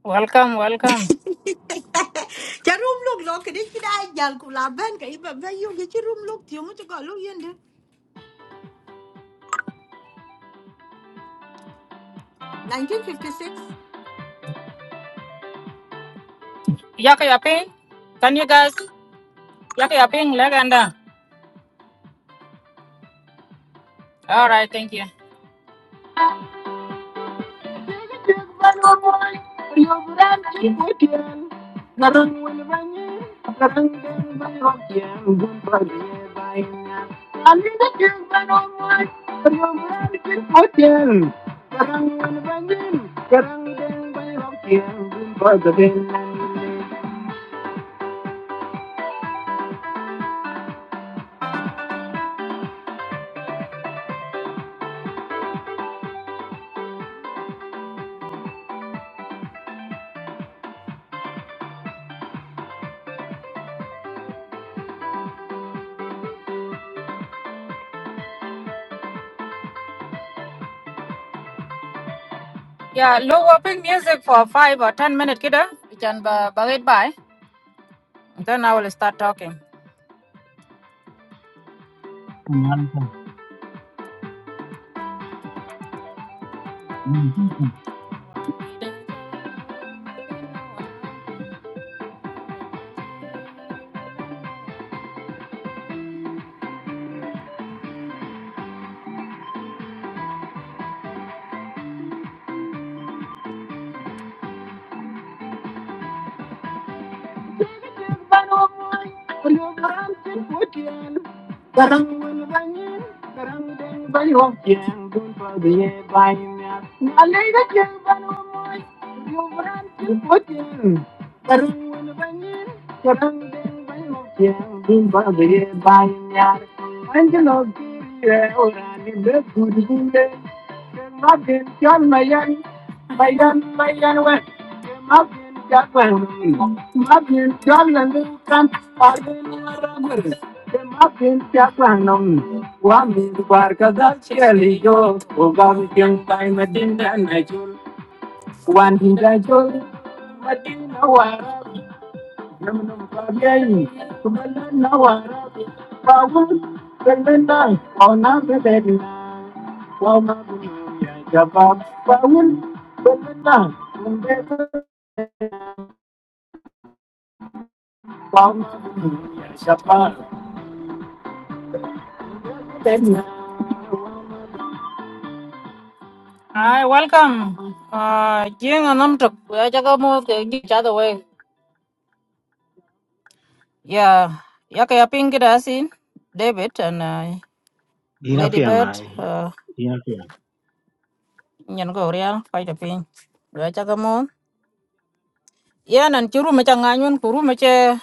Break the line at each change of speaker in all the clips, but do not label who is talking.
Welcome, welcome.
cha room look đó cái đấy cái đại giờ cũng làm bên cái bà bây giờ cái chứ room look. thiếu mới cho gọi lúc yên đấy 1956
Yaka yaping? Can you guys? Yaka yaping, leganda. All right, thank you. Yeah, low whopping music for five or ten minutes, kiddo. We can ba- ba- it by. Then I will start talking.
man ka ni ku ku
Barang bangin, barang deng bani wong jeng dun pa biye bani na. Alay ga jeng bani wong moy, yo baran tin potin. Barang bangin, barang deng bani wong jeng dun pa biye bani na. Angelo giye orani be gudgule. Magin mayan, mayan mayan we. Magin chan mayan, magin chan lalu kan. Argen waragure. Wow, Hi, welcome. Uh, jing anam tuk. Aja kamu ke each other way. Yeah, ya kayak pinggir asin. David and uh,
ina
Lady
piang
Bird.
ai
Uh,
ina piang
nyan go real fight a ping. Aja kamu. Ya nan curu macam nganyun kuru macam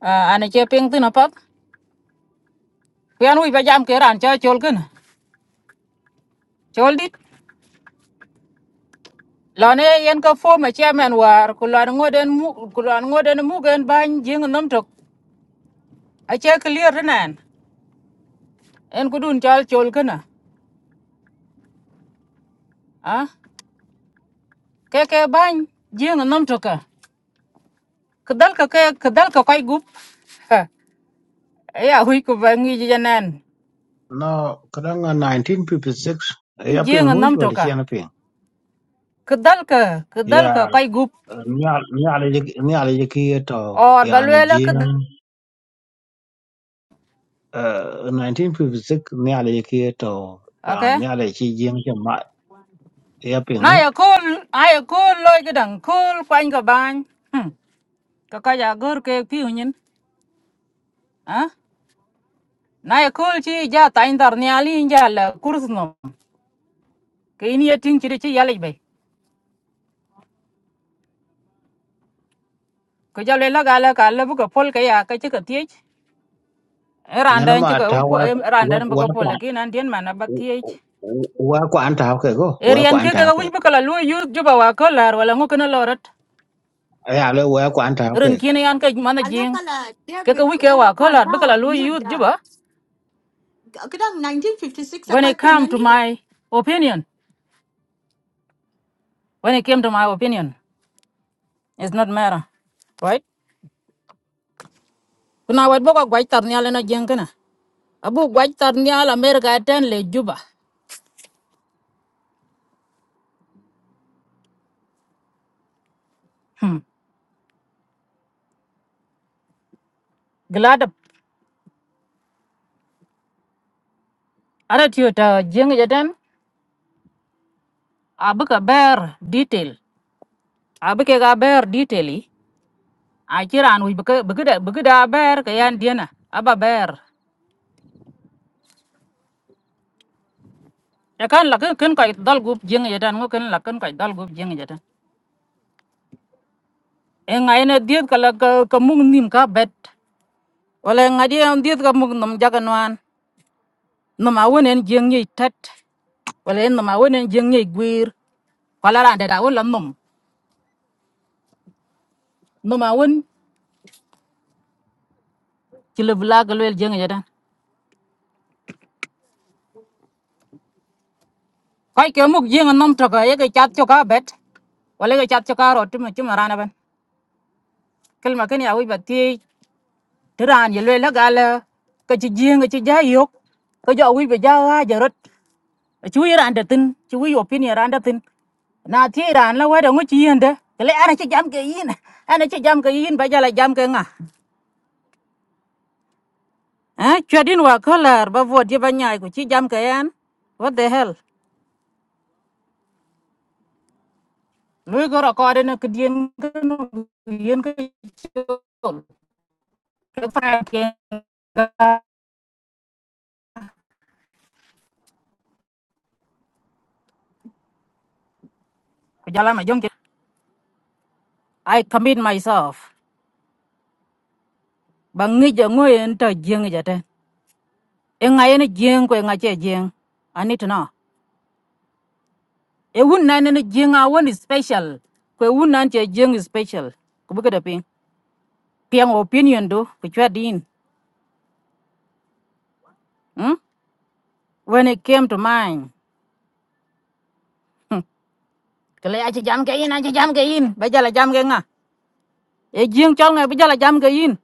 uh, ane cie ping tu napak. Kian wi bajam keran cie chol kan. Chol dit. Lane yen ka fo ma chairman war kulan ngoden mu kulan ngoden mu gen ban jing anam tuk. Aja clear nan. En kudun chal chol kana. cái ke ke bany jeng nom toka kedal ka ke kedal ka kai gup Ha, ya hui ku bangi janan
no kadang 1956 ya piang
jeng
mo
nom
wal chi
toka
na piang
kedal ka
ya
kedal ka kai gup
nyal nyal nyal ki to
or
ya na
balwela
ji
ke
1956 nyal ki to ya
okay
nyal chi ji ma ma ya piang
na
mo
ya kul ay kul loy gedang kul kwany ka bany hmm ka ka cái gor ke piu nyin nhân à ya kul chi ja tain dar ni ali ja giờ là no ke ini ya ting chỉ chi ya le bai ko ja le la ga la ka la bu ka pol ka ya ka chi ka tiech
nyana
Randa en
ma
chika
ta wa
randa
wa
en
wa
baka pola ki nan dien mana bak tiech.
kwa wa kwa an ta ke go wa kwa
Erian
an
ke
ta
ka
ke
wich baka la lu yu juba wa kolar wala ngu kana lorat.
ya le wa kwa an
Rin kini yan ka mana
anh
jing.
ta là
Ke
David
ka wich
của
ke wa
Aeropan
kolar baka la lu
Tower nhớ
yu
đã
juba.
cái đó 1956 là
When
coi
it
phim
come
anh
to my opinion, when it came to my opinion, it's not matter. Right? Kuna wat baka gwaj tar nyal na jing kana. Abu gwaj tar nyal Amerika eten le juba. Hmm. Gladap. Ara tiyo ta jing jaten. Abu ka bear detail. Abu ke ka bear detail i. achiran wic bïkï da bër kï ën dyena aba bër ëkan lakin kën köc dhöl gup jïŋ jötën ŋö kën lakën köc dhöl gup jïŋ jötën ëŋa ën edhieth ka ka muk nim ka bët wëla ëŋa dyë edhieth ka muk nom jaka nwan nom awen ën jïŋ nyec tët wëla ën nom awen ën jïŋ nyec gwir kwalara dada wun la num num a wun chile bila ga lwel jeng yadan kai ke muk jeng nom to ka ye ke chat cho ka bet wala ke chat cho ka ro tum chum rana ban kel ma ken ya wi ba ti Thế ra như lê là gà là cái chị riêng cái chị giá yok cái giờ quý về giờ à giờ rất chú ý ran đặt tin chú ý opinion ran đặt tin na thi ran là quay đồng cái chị yên đấy cái lẽ anh chị jam cái gì yên anh chị jam cái yên bây giờ lại jam cái ngà à chuyện đi qua khó là bà vợ đi bà nhà, của chị jam cái anh what the hell lùi cái rắc ở đây nó cái điên cái nó điên cái cái phải cái cái jalan mà giống cái I commit myself bằng nghĩ cho ngồi enter riêng cái gì đấy e nga yene jeng kwe nga che jeng i need to know e wun na ne jeng a won is special kwe wun nan che jeng is special ku bu kada ping piang opinion do ku chwa din hmm? when it came to mind hmm. kale a che jam ke yin a che jam ke yin ba jala jam ke nga e jeng chol nga ba jala jam ke yin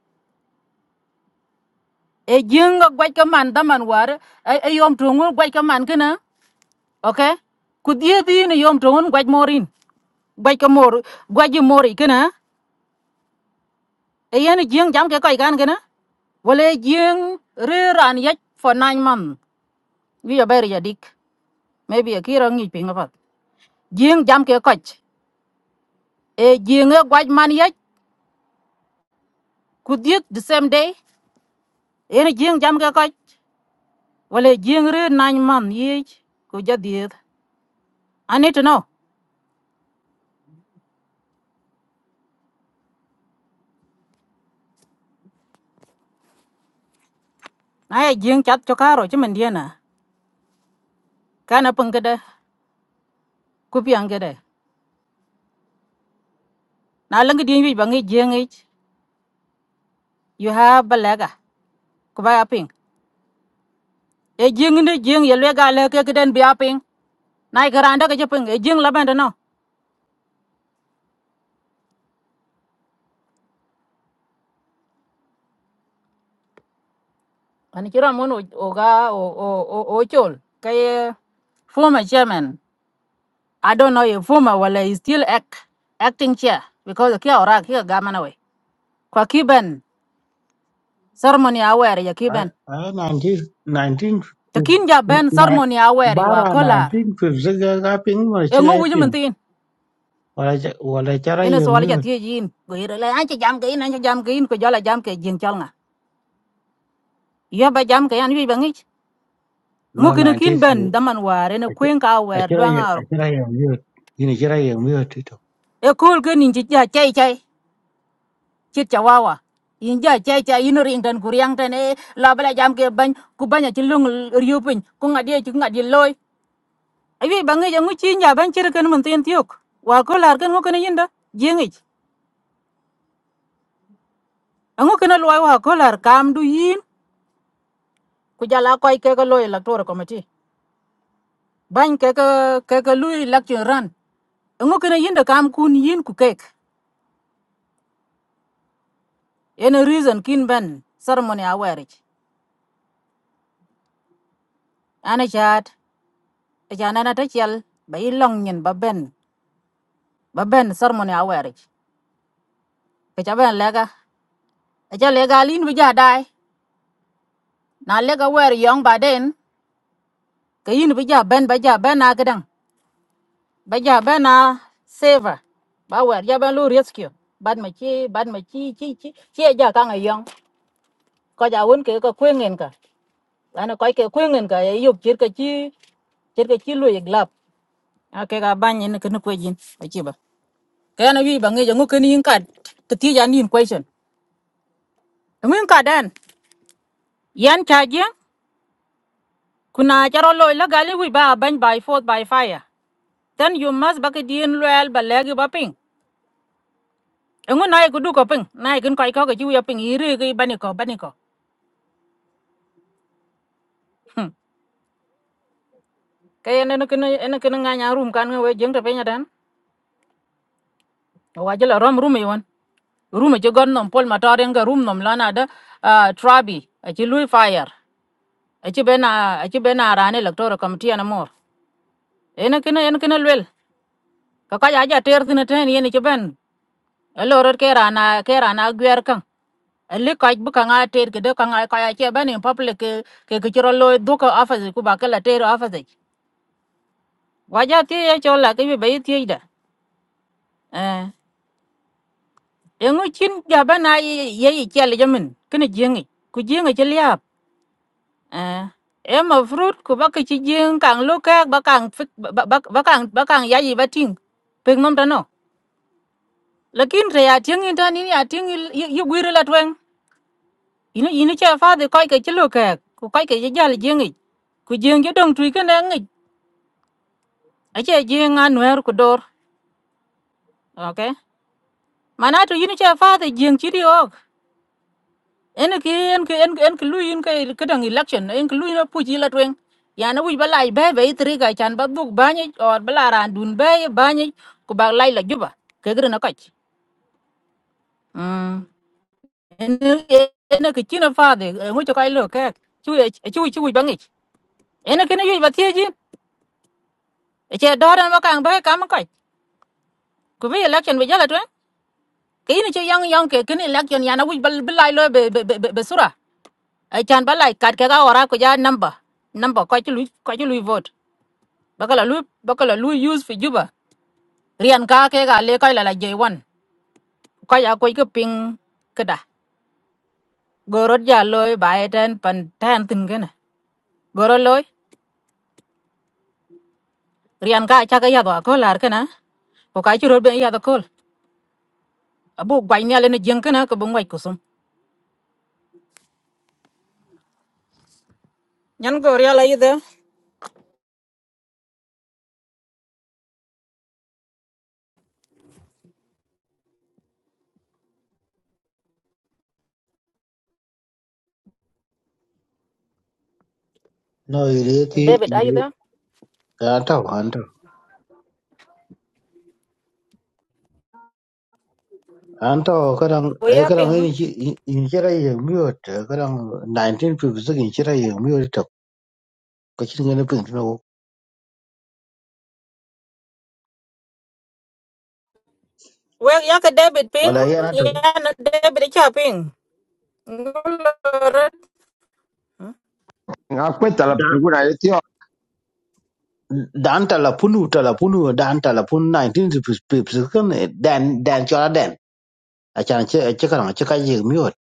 e jeng ga gwa ka man da man war e e yom tu ngun gwa ka man kana okay ku die di ne yom tu ngun gwa morin gwa ka mor gwa ji mori kana e yen jing jam ke ko ikan gena wale jing re ran ye for nine month wi ya ber ya dik maybe a kira ngi pinga pat jing jam ke ko e jing e gwaj man ye kudiet the same day yen jing jam ke ko wale jing re nine month ye ku ja diet i need to know na ye jing chat cho karo chimen diena kana pengede kupiang gede na lengi dien wi bangi jing ich you have balaga ku ba ya ping e jing ni jing ye le ga le ke den bia ping nai karanda ke ping e jing la ban no ani kira mon o o ga o o o o chol ke former chairman i don't know if former wala is still act, acting chair because the kia ora kia ga mana we kwa kiben ceremony aware ya
I,
kiben
I 19, 19,
to kin ja ben
nine-
ceremony aware wa
bara
kolar
1950 ga ga ping wala
e
ci ga
ngo wuju
ping
mentin
wala ca- wala cara
ene so
yang
wala ja
miut
tie yin go ire la an cha jam ke ina cha jam ke in ko jala jam ke jing chal nga ya ba jam ke an wi ba ngi
no
ngukini kin
19
ben daman war ene
a ca-
kwen ka
a
wer
cara
dwang
yang a
arop
cara yang miut ini cara yang miut itu
e kol ke ninji ja chai chai chit chawawa in ja chai chai ino ring dan kuriang ten e la bala jam ke ban ku banya chi lung riu pin ku ngadie chi ngadie loy ayi bangi ja nguchi ja ban chir ken mun tin tiok wa ko lar ken ngukini yinda jengi ngukini loy wa ko lar kam du yin ku jala koy ke ko loy electoral committee ban ke ke ke lui election run ngukini yinda kam kun yin ku kek Any reason kin ben ceremony awerich. Ana chat, jana na tachel, ba Long nyin ba ben, ba ben ceremony awerich. Kecha ben lega, aja lega lin bija dai. Na lega wer Young ba den, ke yin bija ben ba ja ben na kedang. Ba ja ben na saver. Ba wer ja ben lu rescue. Bad ma chi, bad ma chi chi chi. Chi aja ka ngayong. Ko ja won ke ko kwengen ka. Ana ko ke kwengen ka e yuk chir ka chi. Chir ka chi lu iglap. Ake ka banyin ke nu kwejin. kaya na bi bange jango keni in kad to ti jan in question to min kadan yan chaje kuna jaro loy la gali wi ba ban by force by fire then you must back din loyal ba legi ba ping engu nai ku du ko ping nai kin koi ko ga ju ya ping iri ki bani ko bani ko Hmm. kaya na kin na kin nga nya rum kan nga we jeng to pe nya dan wa jela rom rum yon rum ci gon nom pol matoren ga rum nom lana da ah, trabi a ci lui fire a ci bena a ci bena rane electoral committee na mor ene kina ene kina lwel kaka jaja ter thin ten yen ci ben elorot ke rana ke rana gwer kan li kaj bu kanga ter ke de kanga kaya ce ben in public ke ke ke chiro loy duka afaze ku ba kala ter afaze waja ti ye chola ke be bayi ti da eh yengu chin ja ben ay ye ye chele jamin kene jengi ku jengi ce liap eh em mà fruit ku ba cái ci jeng kang lo ka ba kang fik- ba ba ba- ba kang ba kang ya yi ba ting pek nom ta no lakin re ya ting in ta ni ya ting yu gwir la ino ino che fa de kai ke chilo ke ku kai ke ja le jengi ku jeng jo dong tui ke na ngi a che jeng an wer ku dor okay mana to ino che fa de jeng chi dio en ki en ki en ke en ki lu in ke ke dang election en ki lu ino pu chi la twen ya na wi balai be be tri ga chan ba duk ba ni or bala ran dun be ba ni ku ba lai la juba ke gre na kach mm en en ki chino fa de ngi to kai lo ke chu chu chu ba ngi en ke ne yu ba tie ji che doran ma kang ba kam ko ku bi election bi jala twen ke ni che yang yang ke kini election yana wi bal bilai lo be be be be sura ai chan balai kat ke ga ora ko ja number number ko chi lu ko chi lu vote bakala lu bakala lu use fi juba rian ka ke ga le ko la la je wan ko ya ko ke ping kada gorot ja loy bae ten pan ten tin gena goro loy rian ka cha ga ya do ko lar kana ko ka chi ro be ya do ko abu gwai ni ale ni jeng kana ko bu ngai kusum nyan go ria la ide
no ile ti
David, are you
ile
there?
anto anto anto kadang
We
eh
are
kadang
ping.
ini ci- ini cara yang miut eh, kadang 1950 ini cara yang miut to ko ci ngene ping no
Well, yaka David ping.
wala yana to
Yeah, na- David cha ping. Ngulorot. Hmm?
nga kweta la penguna yeti wa
dan talapunu talapunu dan talapunu 1956 kan eh, dan dan chola den achan che che kan che ka ye miot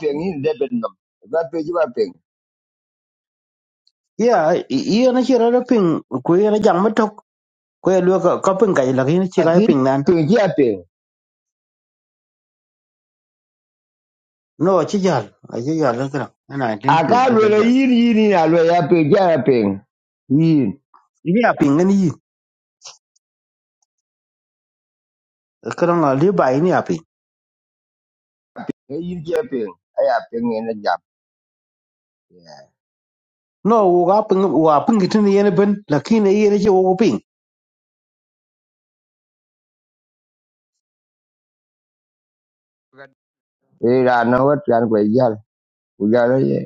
pengi de bennom ba peji ba peng
ya ye na che ra ping ku ye na jam matok ku ye lu ka ka ping ka ye la ni che ka
ati
ping nan
pengi ya peng
no che jal a che jal la kan na
aka
1956 ka
lwele
jal
yin yin yin alwe ya pengi ya peng yin
ni ya ping ni kan na le bai ni ya ping
ya yin ya peng aya peng ene jam
no wo ga ping wo a ping tin ye ne ben la ki ne ye ne che wo ping
e ra na wat yan ko yal ku yal ye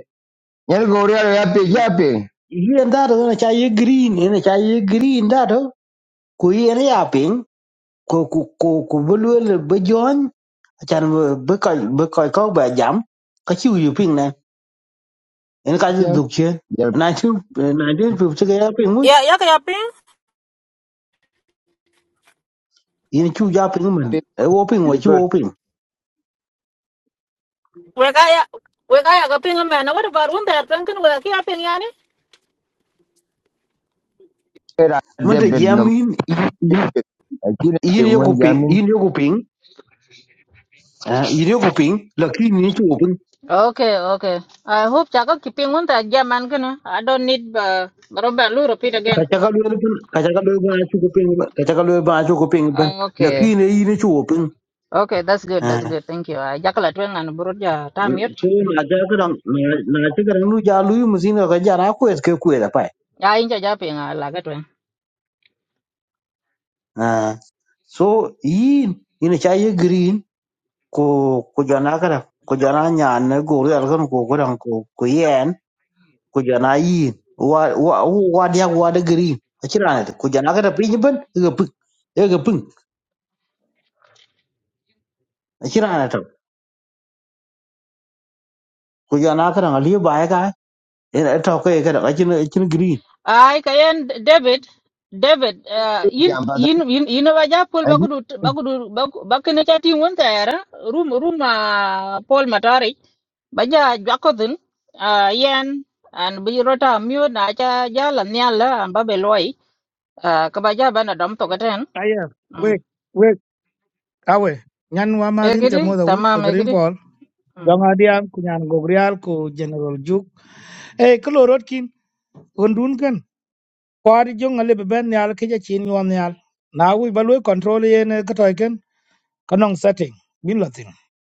nyen go ria ya pengi ya peng
ye nda do na cha ye green ye na cha ye green da do ku ye ne ya ping ku ku ku bu là bu jon chan bu ko bu ko ko ba jam ka chu yu ping na en ka
chen
du che
ya
na chu na de pu che ga ping mu
Yeah, yaka ya ping.
yin chu ja ping men
peng
e wo ping wo
de
chu
got
wo ping
Weka ya weka ya ka ping man. What about one that ping kan weka ya ping yani?
era de
mun de jam
bennom
yin
ati na
yin
peng
yo
wan
ku ping
jamin
yin yo ku ping yin yêu ku ping la ki ni chu wo ping
Okay, okay. I hope chaka keeping one that jaman kan. I don't need uh, Robert Lou repeat
ka
again.
cha ka luel pin ka cha ka luel ba chu ku ping ka cha ka luel ba chu ku ping ben
Uh,
la ki
okay.
ni yin chu wo
Okay, that's good.
à
That's good. Thank you. I jakala twen an burut ja tamit.
so na ja kadan na ja kadan lu ja lu mu zin ga ja na ko es ke ku da pai
Ya inja ja ping la
ah so yin ina cha ye green ko ko ja na kada ko ja na nya na go ri al kan ko ko dan ko ko yen ko ja na yin wa wa wa dia wa da green a kira na ko ja na kada pin ban ga pin ga pin a kira na ta ko ja na kada ali ba ya ga ina ta ko ya kada a kin kin green
Ai kayen David, David, uh, yin
jam ba da
yin yin yin ba ja Paul ba
anji
kudu ba kudu ba kene cha tin won tayara room room uh, Paul Matari ba ja jakodin uh, yen an bi rota mute na cha ja la nyala an ba beloi uh, ka ba ja ba na dom to gaten
Aya,
mm.
wek, wek, awe. Nyan wamadin
egidi
chamoda ut,
tamam
garin
egidi
pol.
mm.
Yongadiam, kunyan gogrial, ku general juk. Eh, kalorotkin, undun kan. Kwari jong ale beben nyal keja chin yuan nyal. Na wi balwe control yen katoiken, kanong setting, bilotin.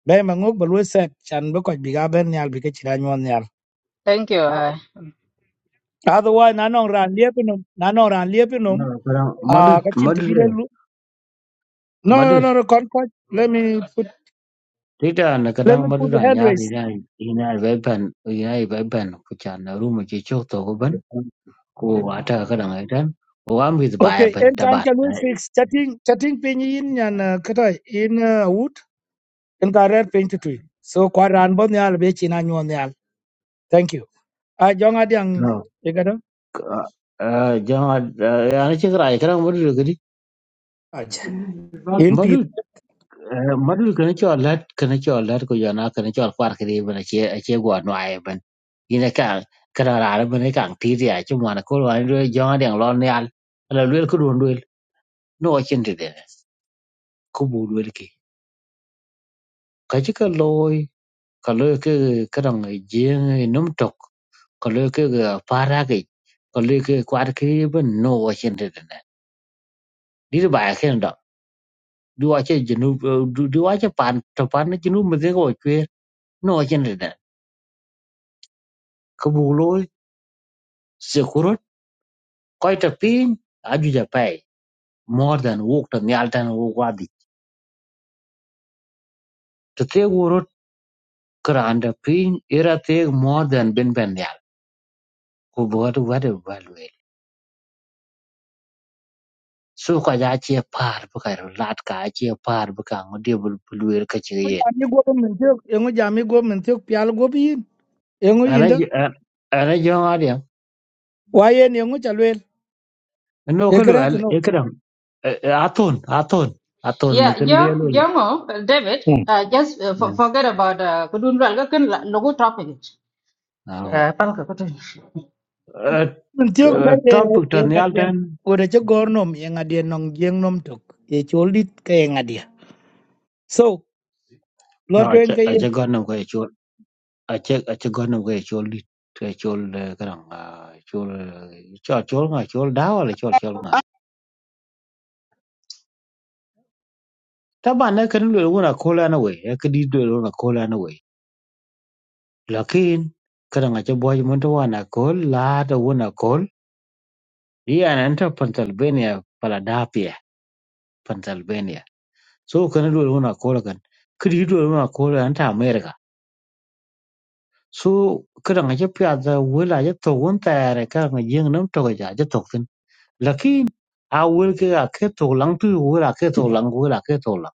Be mangok balwe set, chan be koj biga ben nyal bike chiran yuan nyal.
thank you uh,
Otherwise, nanong ran liepinum, nanong ran liepinum,
na kadan madu
ah, kachin
madu
tibile lu. No, no,
madu
no, no, kon koj. Let me put,
Twitter na
let
kadang
me put the
madura
hand
nyar
raise.
ina ina wepen ina wepen ku chan na room chi chok to ko ban ku ata kadang aitan o am with bai
Okay,
ban
en kan
tabat
ta lui fix chatting chatting pin yin nyan uh, kata in uh, wood en ka rer pin tu tui. So kwa ran bon nyal be china nyon nyal. Thank you. A jong adiang
no
e kada
eh jama ana chi kra kadang madura gidi
Acha. in
madu
pi.
madu kana cho lat kana cho lat ko yana kana cho kwar kri ban che che go no ai ban ina ka kana ra ban ka ti ya chu mana ko wan ro jama dang lon yal la lwel ku don lwel no chin ti de ku bu lwel ki ka chi ka loy ka lo ke ka dang jing num tok ka lo ke ga para ke ka lo ke kwar ke ben no wa chen de na di ba ke da du wa che jinu du wa che pan to pan jinu me de go che no wa chen de na ka bu lo se kurut ko ta pin a ju ja pai more than walk to nyal tan wo wa di to te go rut kra and pin era te more than ben ben ya ko bo wa de su ko ja che par bu ka lat ka che par bu ka ngo de bul bul wer ka che
Ngo
ye
jami go men tiok, ngo jami go men tiok pial go bi yin. Ngo
ana
yinda.
ji- a- ana jo ngari
Wa yen ngo chalwel.
no
E
ko lu
kra to
al
no.
e kram aton aton aton no
yeah
kan
jo
de lo ni
jongo David
Hmm.
uh, just uh, for, forget about uh, kudun ral ga ken la- logo topic
ah we
uh, pal ka kutu
Men tiok da e
topic
e
tan yal
ngadien.
tan
Ore che gornom e ngadien nong jeng nom tok. E choldit ke ngadien. So, lo
no
to
a
en
che gon no ko e chul a che a che gon no ko e chul dit e chul kram chul chul chul nga chul da wala chul chul nga taba na kan lu na ko la na we e ka di do na ko la na we Lakin kadang aja boy munto wana kol la ta wana kol yana anta Pennsylvania Philadelphia Pennsylvania so kana do wana kol kan kidi do wana kol anta America so kadang aja piada wala aja to won ta re kadang aja nam to ga aja to tin lakin a wul ke a ke to lang tu wala ke to lang wala ke to lang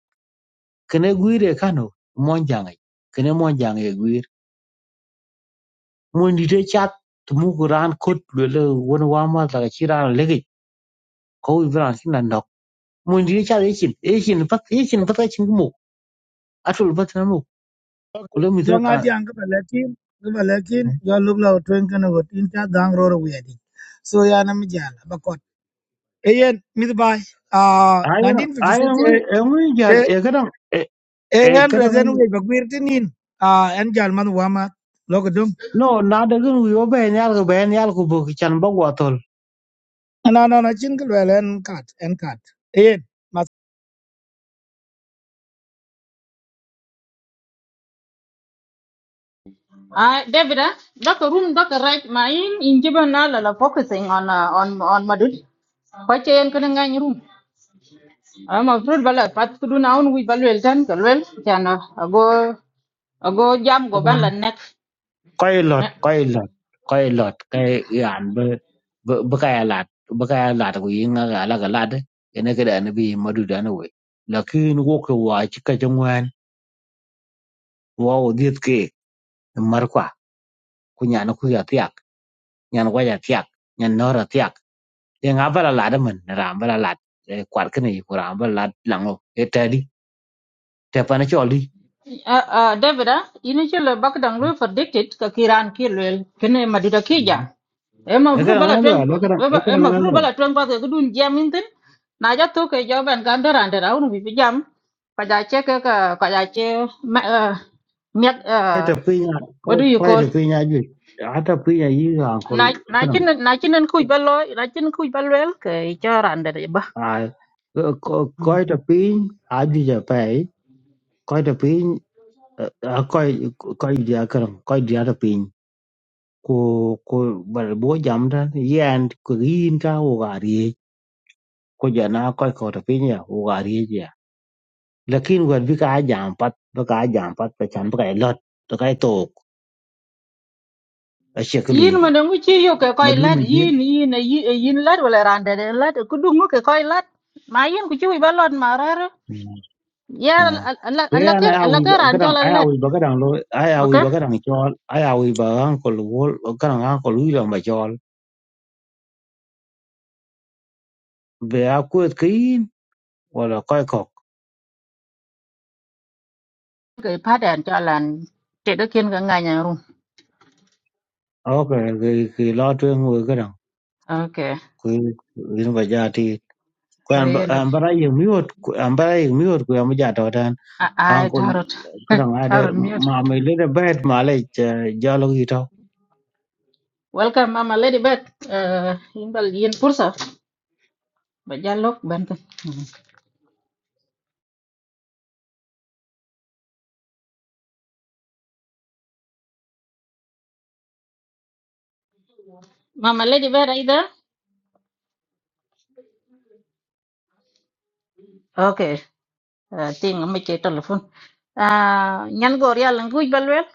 kene guire kano mon jangai kene mon jangai guir mon dite chat tumu kuran kot lele won wa ma ta chiran ko ibran kila ndok mun di cha echin echin pat echin pat echin mo atul pat na mo
Okay.
kula mi tra
Jong
ka
adiang ke balakin, ke balakin, jauh lu belau tuan kena got inta dang roro wedi. So ya nama jalan, bakot. Ayen, mit bay. Ah,
ayan
1956
ayan wi
eh
enwi jal
eh
e kadam e e
ayen
kadam
rezen we bagwir tinin. Ah, en jalan man wama logo dum.
no na da gun wi obe nyal ko ben nyal ko bu chan bo
Ana ana na chin ke en kat, en kat. Ayen,
Uh, David, uh, Dr. Room, Dr. Right, my in in Jibana la focusing on uh, on on Madud. Kwache yen kene ngany room. I'm afraid bala pat kudu na un wi balwel tan kalwel go ago go jam go ban
cái
la nek.
koy lot koy lot koy lot kay yan be be kay lat be cái lat ko yinga ga la ga lat ene kada ne bi madu da ne we lakin wo ko wa chi ka jangwan wa o dit ke mar kwa ku nyana ku ya nyan waja tiak nyan nora tiak ye nga bala lada man ram bala lad e kwat kene yi ko ram bala lad lango e tadi te pana choli
Uh, uh, David, uh, ini chile bak dang lu predicted ka kiran ki lel kene maduda ki jam. Ema
le
fru
kala
bala
ngalo
twen
le kala e kala
ema
ngalo
fru bala twen pa ke dun jam intin. Na ja to ke jo ben kan daran dara unu bi jam. Ka ja che ke ka ka ja che ma- eh, miak
ai ta
eh,
pinya
what do you
koi
call?
ta pinya ju ata pinya yi ran ko
Na na
kana
chin na chin ku ballo na chin ku balwel ke jo ran dara ba.
a koi ta pin a ju ja pai koi ta pin a koi koi dia kana koi dia ta pin ko ko bal bo jam ta yan ko yin ka wo ko jana koy ko to pinya u ga ri je lakin wer bi ka jam pat ba ka jam pat pa chan ba lot to kai to a che ku lu
yin
yu
ma ngu chi yo ke koy
madu
lat
me je
yin yin a yi- a yin lat wala rande de lat ku dungu ke koy lat ma yin ku chi wi ba lot ma rar
à
ya alla
thế
alla
anh
ker
ai
alla
ui
ker
cái
an cho
đằng
la
ai
lat
ui bà cái đằng lối ai ui
okay
bà cái đằng cho ai ui bà ăn có lúa cái đằng ăn có lúa là mà cho về áo quê kín hoặc là coi cọc
ke pa dan cho lan te do ken ga nganya ru
ok cái cái lo chuyện người cái đằng
okay
cái cái nó bây giờ thì cái anh
hey ndo
anh bà ra dùng miốt anh bà ra dùng miốt cái anh bây giờ
a a
Uncle
tarot
kadang ade
tarot mute
mama lena bad malay jalo gito.
welcome mama lady back uh yin bal yin pursa ba jallok ban ka mama lady back ai da okay uh, ting mi che telephone uh nyan gor ya language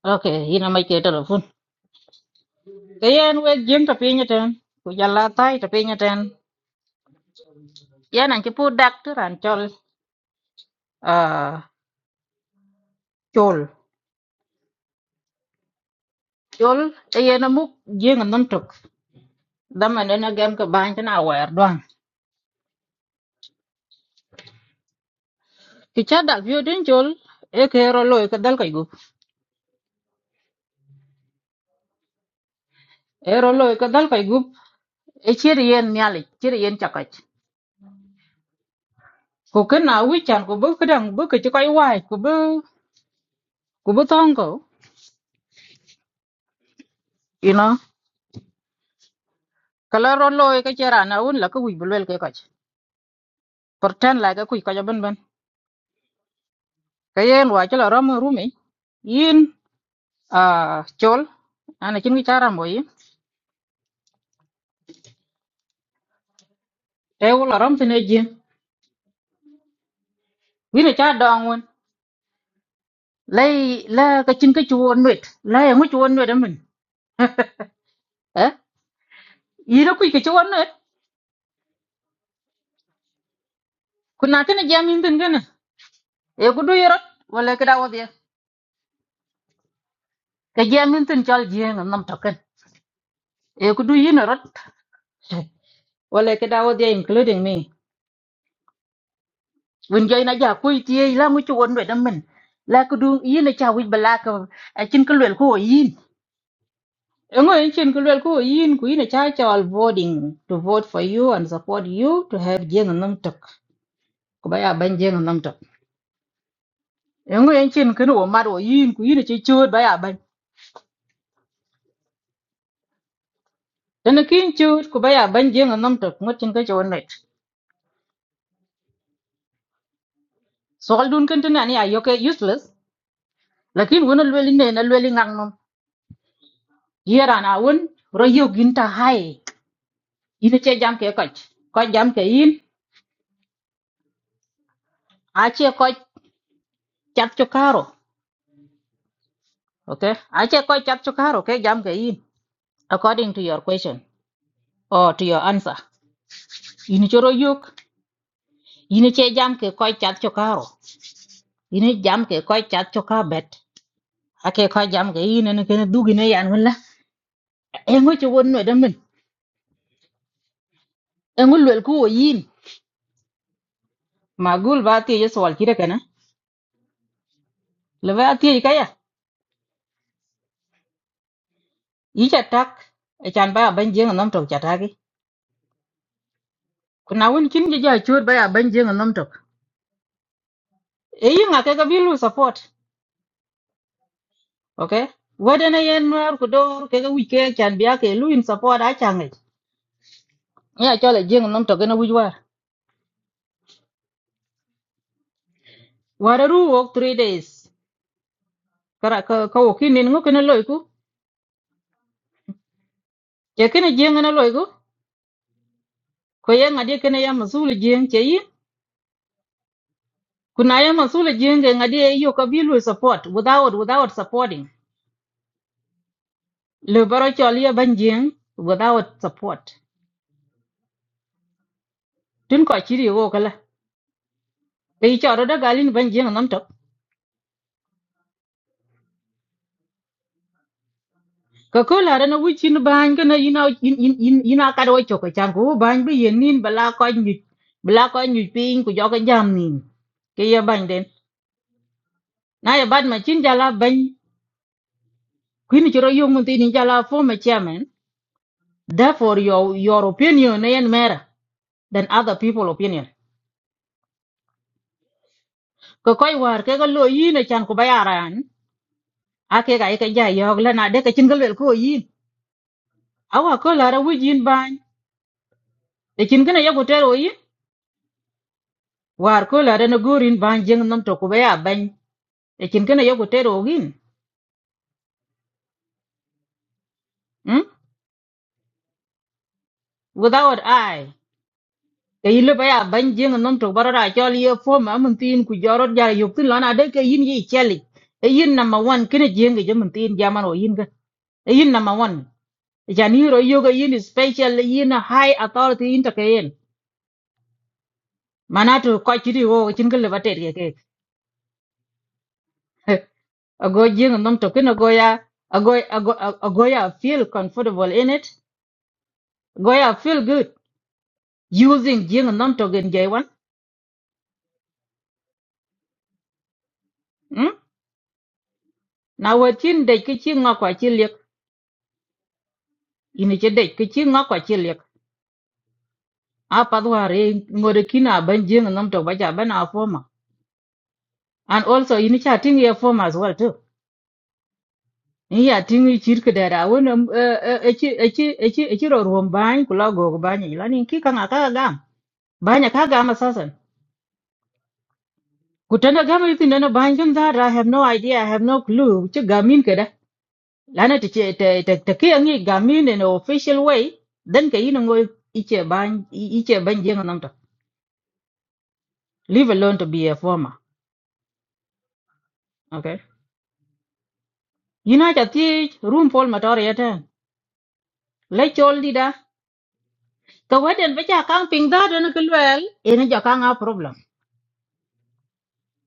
Okay, ina mai ke telefon. Kayen we jeng tapi nya ten. Ku jala tai tapi nya ten. Ya nan ki pu dak tu ran chol. Ah, chol. Chol e ye na muk jeng nan tok. Dam an na gam ka ban tan awer doang. Ki cha dak vio den chol. E ke ro loy ka dal kai gup. E ro loy ka dal kai gup. E chir yen nyali, chir yen chakach. Ku ken na wi chan ku bu kedang bu ke chi kai wai ku bu ku bu tong ko. You know. Kala ro loy ka chera na un la ka wi bulwel ke kach. pretend like ku ko ben ben kayen wa chelo rom rumi yin a chol ana chin ki chara mo yin e wala rom tene jin wina cha dong won lay la ka chin ka chuon wet la ya ngu chuon wet min eh yira ku ki chuon wet kuna tene jamin tin gana e ku du yorot wala ka dawo dia ka jamin tin chal jien nam token e ku du yin rot wala ka dawo dia including me Vun jay na ja koi tie la ngu chu won we dam men. La ku du yin na cha wi bala ka a chin ko lel ko yin. Ngo yin chin ko lel ko yin ku yin cha cha all voting to vote for you and support you to have jeng nam tok. Ku ba ya ban jeng nam tok. Ngo yin chin ko no ma do yin ku yin chi chu ba ya ban. Dan kin chu ku ba ya ban jeng nam tok ngot chin ka chon net. So al dun kan tana ni ayoke useless. Lakin wona lweli ne na lweli ngang nom. Yera na won ro yogin ta hai ina che jam ke koch koch jam ke in a che koch chat cho karo okay a che koch chat cho karo ke jam ke in according to your question or to your answer ina choro yuk ina che jam ke koch chat cho karo ina jam ke koch chat cho ka bet a ke koch jam ke in Ini kene dugi ne ken du gine yan wala e ngo che won no damen e ngo lwel ku wo yin magul ba ti yes wal kire kana le ba ti ka ya i cha tak e chan ba ban jeng nom tok cha ta gi kuna won kin je ja chur ba ya ban jeng nom tok e yinga ke ga bilu support okay wedene yen nuar ku dor ke ga wike chan bia ke lu in support a change ya chole jing nom to gena wujwa wara ru wok three days kara ka ka wokin nin ngok na loiku ke kene jing na loiku ko yen ngadi kene ya masul jing ke yi kuna ya masul jing ke ngadi e yo ka bilu support without without supporting le baro chole ya ban jing without support tun ko chiri wo kala be choro da galin ban jing nom ka ko la na wi chin ban ka na ina in in in ina ka ro cho ka chang ko ban bi yen nin bala ko nyu bala ko nyu pin ku jo ka jam nin ke ya ban den na ya bad ma chin jala ban kuin chro yo mun tin jala for ma chairman therefore your your opinion yen mera than other people opinion ko koi war ke ga lo yin chan ku bayaran ake ga ke ja yo la na de ka chin gal ko yin awa ko la ra wi jin ban de chin kana ya ko tero yin war ko la ra na gorin ban jeng nam to ku baya ban ekin kene yoku tero ogin mm? without i ke yile baya ban jing nom to barara chol ye fo ma mun tin ku jorot ja yok tin lana de ke yin yi cheli e yin number 1 kene jing ge mun tin jaman o yin ga e yin number 1 jani ro yoga yin special e yin high authority in to ke yin manato ko chiri wo chin ke lebate ke ke ago jing nom to kene go ya ago ago ago ya feel comfortable in it go ya feel good using jing nom to gen jay wan Na wetyin dec kï cïng ökö acëlïëk, gïnï cë dec kï cïng ökö acëlïëk, aa pathwar ï ngot kino na bën jeng nom tök ba cë bën a former. And also in cë atïng ïë former as well too. Ï atïng ï cït kïdëë dha awën ëcïrö rwöm bany kula ögök bany ï lani kï ka ngat ka gam, bany aka gam assassin. Ku tënë gam ïthïnö bany kën that I have no idea, I have no clue cë gam in këdë. Lani tëkï angec gam in in an official way, then ke in ongo ïcë bany ïcë bën jeng nom tök. Leave alone to be a farmer. Okay. You know that the room for Matoria ten. Let you all leader. The wedding which I can't ping that and it well. In a Jakanga problem.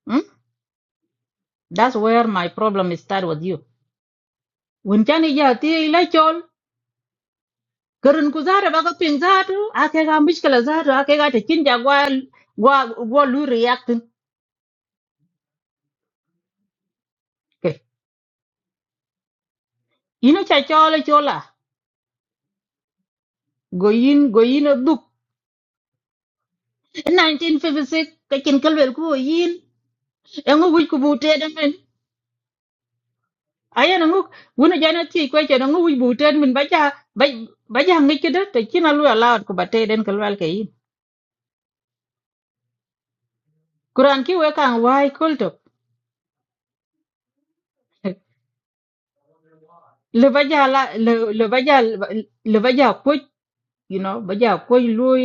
Hmm? That's where my problem is start with you. When Chani Jati let you all. Karun Kuzara Baka ping that. Akega Mishkala Zatu. Akega to Chinja wa wa lu reacting. Okay. You know Chachola Chola. Go in, go in a book. 1956 ka cin kelwel ku wo yin e ŋo wic ku bu aya na nguk wuna jana ti ko che na ngu wi buten min baja baja ngi ke de te kina lu ala ko bate den ko wal ke yin kuran ki we kan wai kol to le baja la le le baja le baja ko you know baja ko lui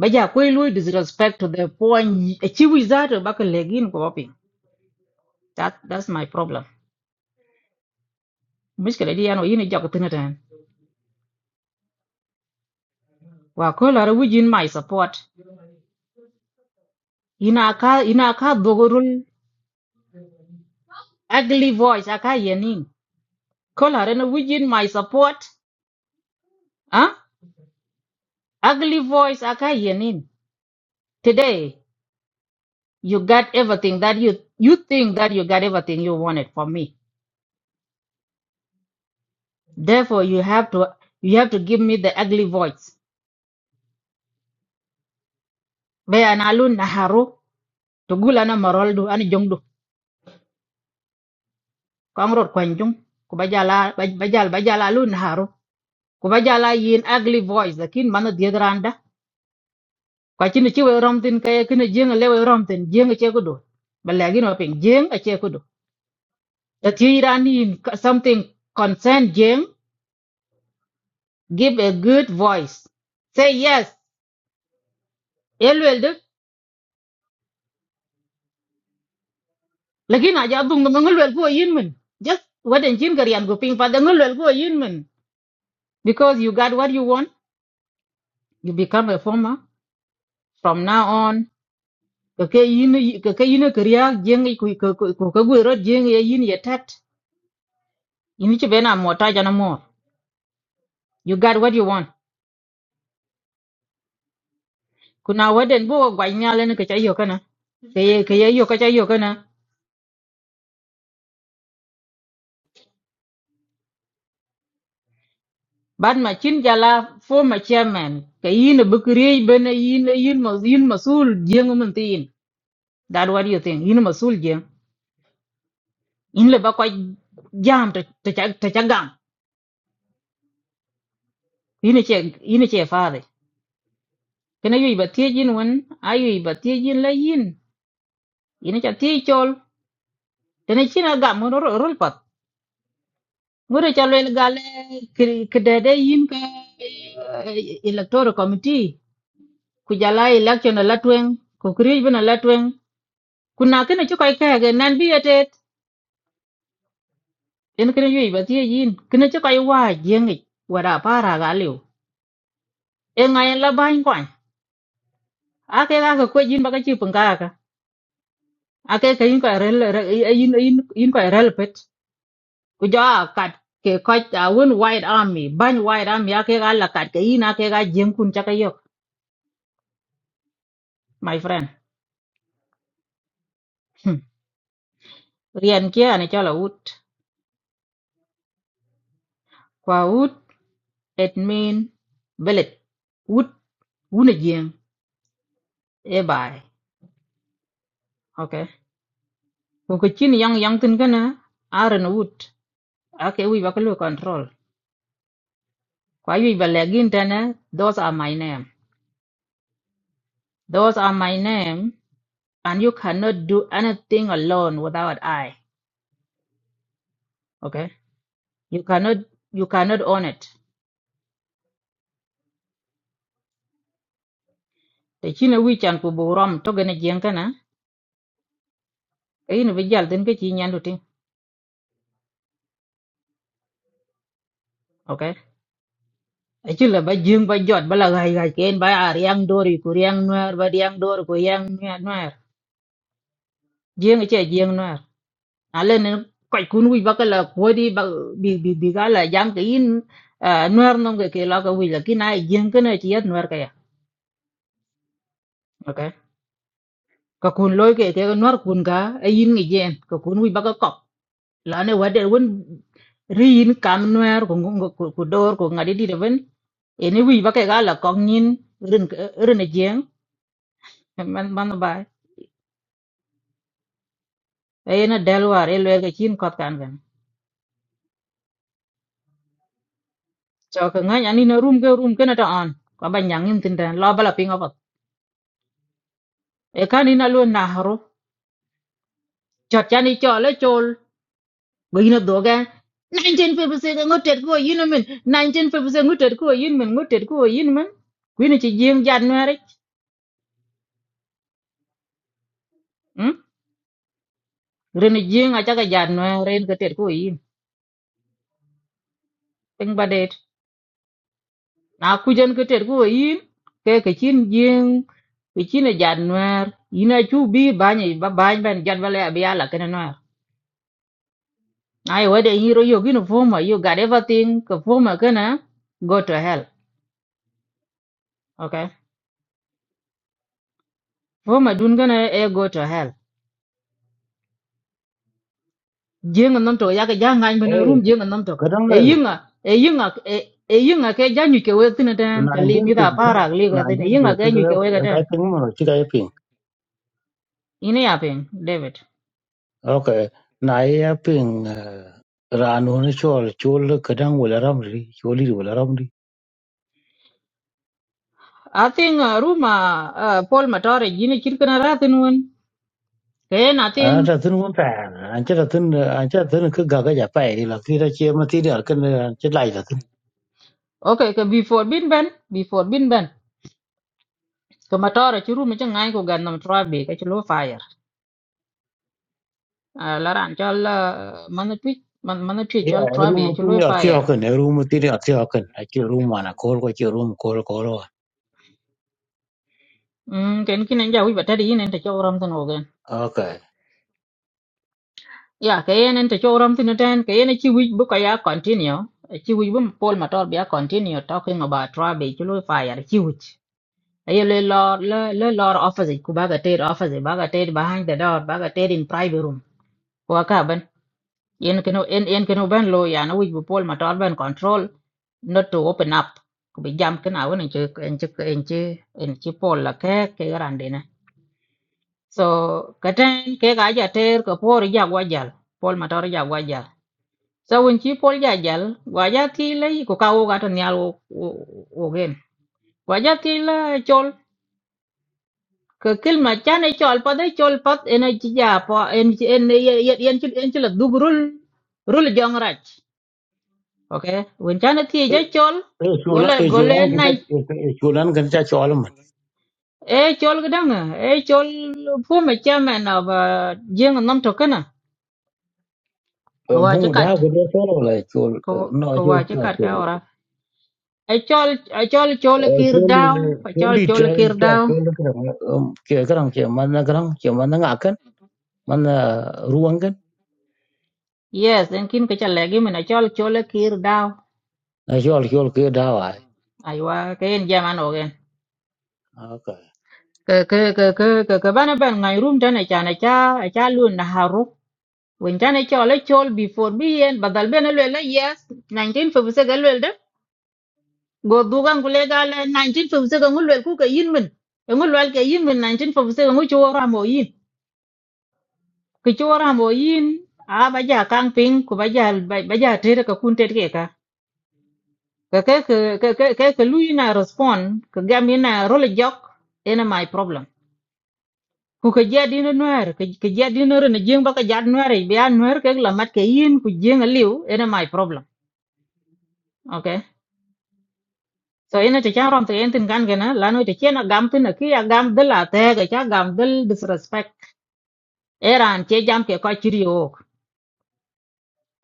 baja ko lui disrespect to the point e chi wi za to ba ko legin ko pin that that's my problem mishkele di ano yini jago tinatan wa ko la ru jin my support ina ka ina ka dogorul ugly voice aka yenin Color within my support. Huh? Ugly voice akayenin. Today you got everything that you you think that you got everything you wanted from me. Therefore you have to you have to give me the ugly voice. Baya na alun na haru tugula na maroldu ani jongdu. Kwangrot kwanjung kubajala baj- bajal bajala alun na haru kubajala yin ugly voice lakin mana diadranda. Kwa chini chiwe romtin kaya kini jeng lewe romtin jeng chekudu. Balagino ping jeng The three running something concern Jing, give a good voice. Say yes, elwel de. Lakin aja dung dung elwel ko yin min. Just what in Jin karian go ping pa dung elwel ko yin min. Because you got what you want, you become a farmer. From now on, kake yin kake yin karia Jing ku ku ku ku gu ro Jing ye yin ye tat. Yin che bena mota jana mo. You got what you want. Kuna waden bo gwa nyale ne kacha yo kana. Kaye kaye yo kacha yo kana. Ban ma chin jala former chairman ka yin bu create bene yin yin ma yin masul jeng mun tin. That what you think? Yin masul jeng. In le ba kwa jam ta ta cha- ta cha gam. Yin e che yin e che faade. Kana yui ba tie jin won ayu ba tie jin la yin. Yin e cha tie chol. Tene chin a gam ro ro rol pat. Ngure cha le gale kedede yin ka eh, electoral committee ku jala election la twen ku create bene la twen kuna kene ci koy kege nan bi yetet en kene yoy ba tie yin kene ci koy wa jengi wara para ga lew e ngayen la bañ kwan ake ga ko ko jin baga ci punga ka ake ka yin koy rel re- e, yin yin yin koy rel pet ku ja kat ke ko ta won wide army bañ wide army ake ga la kat ke yin ake ga jeng kun ta ka yok my friend Hmm. rian kia ne chala wut kwa wut it mean bullet wut wuna jeng e bai okay kokochin yang yang tin kana aran wood ake wi bakalo control kwa wi balagin tana those are my name those are my name and you cannot do anything alone without i okay you cannot you cannot own it te chine wi chan ku buram to gane jeng kana kayin bi jal tin ke chi nyandu tin okay achila ba jeng ba jot bala gai gai ken ba ar yang dori ku yang nuer ba yang dor ku yang nuer jeng che jeng nuer à lên nó quậy cún quy bắc là quay đi bắc bị bị bị cái là giang cái in à nuar nông cái cái là cái quy là cái này giang cái này chỉ ăn nuar cái à ok cái cún lôi cái cái nuar cún cả ấy in cái giang cái cún quy bắc cái cọc là này vậy để vẫn riêng cam nuar cũng cũng cũng cũng đor cũng ngã đi đi đâu vẫn ini wi ba là con kong nyin rin cái jeng man man ba e na delwar e lwe cái chin kot kan gan cho cái ngay anh ani na room cái room ke na ta on ko ba nyang nim tin dan lo bao là ping up e kan ina lo nahru chot chani chole chol go ina doga 1950 ngutet ko yin men 1950 ngutet ko yin men ngutet ko yin men kwini chi jing january hm ren jing a chaga january ren ketet ko yin ping badet na kujen ketet ko yin ke ke chin jing ke chin january ina chu bi banye ba bany ban jan bale abiala kana no ai wede hiro yo gino forma you got everything ko forma kana go to hell okay Wo ma dun gana e go to hell. Jeng nam to ya ga ja ngan bana
Eh
room jeng nam to.
kadang
E
le
yinga e yinga e e yinga ke ja nyu ke we tin den te li mi da
1956
para li ga den yinga ke nyu ke we ga
1956 kai
den.
ping mo chi kai ping.
Ine ya pen David.
Okay. Na ya ping eh, ranu ne chol chol kadang wala ramri choli wala ramri.
I think uh, room uh, uh, Paul Matore jini kirkana ratin won. Ke na
Ana
think
ta tun mun ta an ta tun an ta tun ka ga ga ja pai la ti ra che ma ti ra kan an ta lai ta tun.
okay ke before bin ben before bin ben. Ke Matore ci room ci ngan ko gan nam trabe ke ci lo fire. Uh, laran chol uh, man tweet man man tweet
Ya
chol trabe
room
ci
ti
lo
ni arti
fire.
hokan room ti ni arti hokan. Aki room ana kol ko chi room kol kol.
Mm, ken kinen ja wiba tadi inen ta chowram tan ogen.
Okay.
Ya ke inen ta chowram tan ten ke inen chi wich bu ka ya continue. Chi wich bu pol motor bi continue talking about trabe chulo fire chi wich. Ayo le lor le le lor office ku baga ted office baga ted behind the door baga ted in private room. Ko ka ban yen keno en en keno ban lo ya na wich bu pol motor ban control not to open up. Ku bi jam kana wona che en che en che en che pol la ke ke rande So katen ke ga ja ter ko por ja gwajal. Pol matar ja gwajal. So when chi pol ja jal, gwaja ti le ko ka wo ga to nyal wo wo- wo gen. Gwaja ti le chol ke kil ma chane chol pa de chol pat en chi ja pa en chi en en en chi en chi la dugrul rul jong rach. Okay. When chane ti ja chol
e cholan
gole
e
gole
cholan ke ta
nai
e cholan ke ta chol
e chol gdang e chol fu ma chairman of jing nam to kana. Ko
man
wa
bu
chi
da go do chol la chol
ko
no
ko
je
waje
chol
kat ka
chol
ora ai chol ai chol chol
e
kir
chol
daw ai
chol
chol
di
chol
te
kir
chol
daw
chol ke ke gran ke man na gran ke man na kan man ruang kan
yes en kin ka chal legi min ai chol chol kir daw
na chol chol ke da wa
ai wa ka en jaman ogen
okay
ka ka ka ka ka ka bana ban ngai rum tan ai chana cha ai cha lu na haru wen tan ai chol chol before bi en badal ben le la yes 1956 ga le de go dugan gule ga le 1956 ngul le ku ka yin min ngul wal ka yin min 1956 ngu chu ra mo yin ki chora mo yin a ba ja kang ping ku ba ja ba ba ja tere ka kun tet ke ka ka ke ke ke ke ke lu ina respond ka gam ina role jok ena my problem ku ka ja dino nuer ka ka ja dino re na jeng ba ka ja nuer be an nuer ke la mat ke yin ku jeng aliu ena my problem okay so ina te cha rom te entin kan gena lanu te chena gam tin ki ya gam de la te ga cha gam del disrespect era an che jam ke ka chirio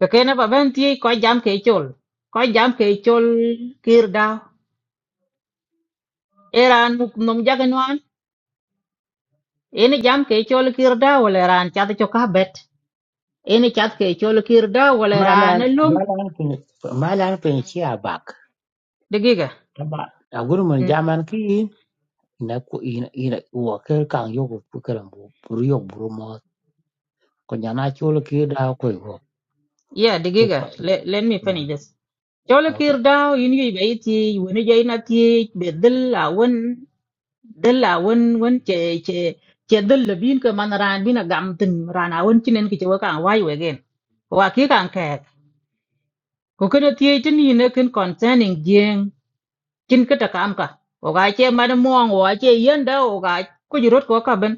to kena ba ben ti ko jam ke chol ko jam ke chol kir da eran num jaganwan ene jam ke chol kir da wala ran chat cho ka bet ene chat ke chol kir da wala
mana
ran lum
mana ke mana pe chi a bak
digiga
ta ba a guru man
Mm,
jaman ki na ku ina ina wa ke kan yo ku ke ran bu ru yo bu mo ko nyana chol ke da ko ko
yeah digiga let, let me finish this chol
okay
kir da yin yi be ti woni jay na ti be dil awon dil awon won che che che dil bin ka man ran bin gam tin ran awon chinen ki che wa kan wai wegen wa ki kan ko kana tie tin ni ne kin concerning jeng kin ka ta kam ka o ga che ma de mo o ga che yen da o ga ku ji rot ko ka ben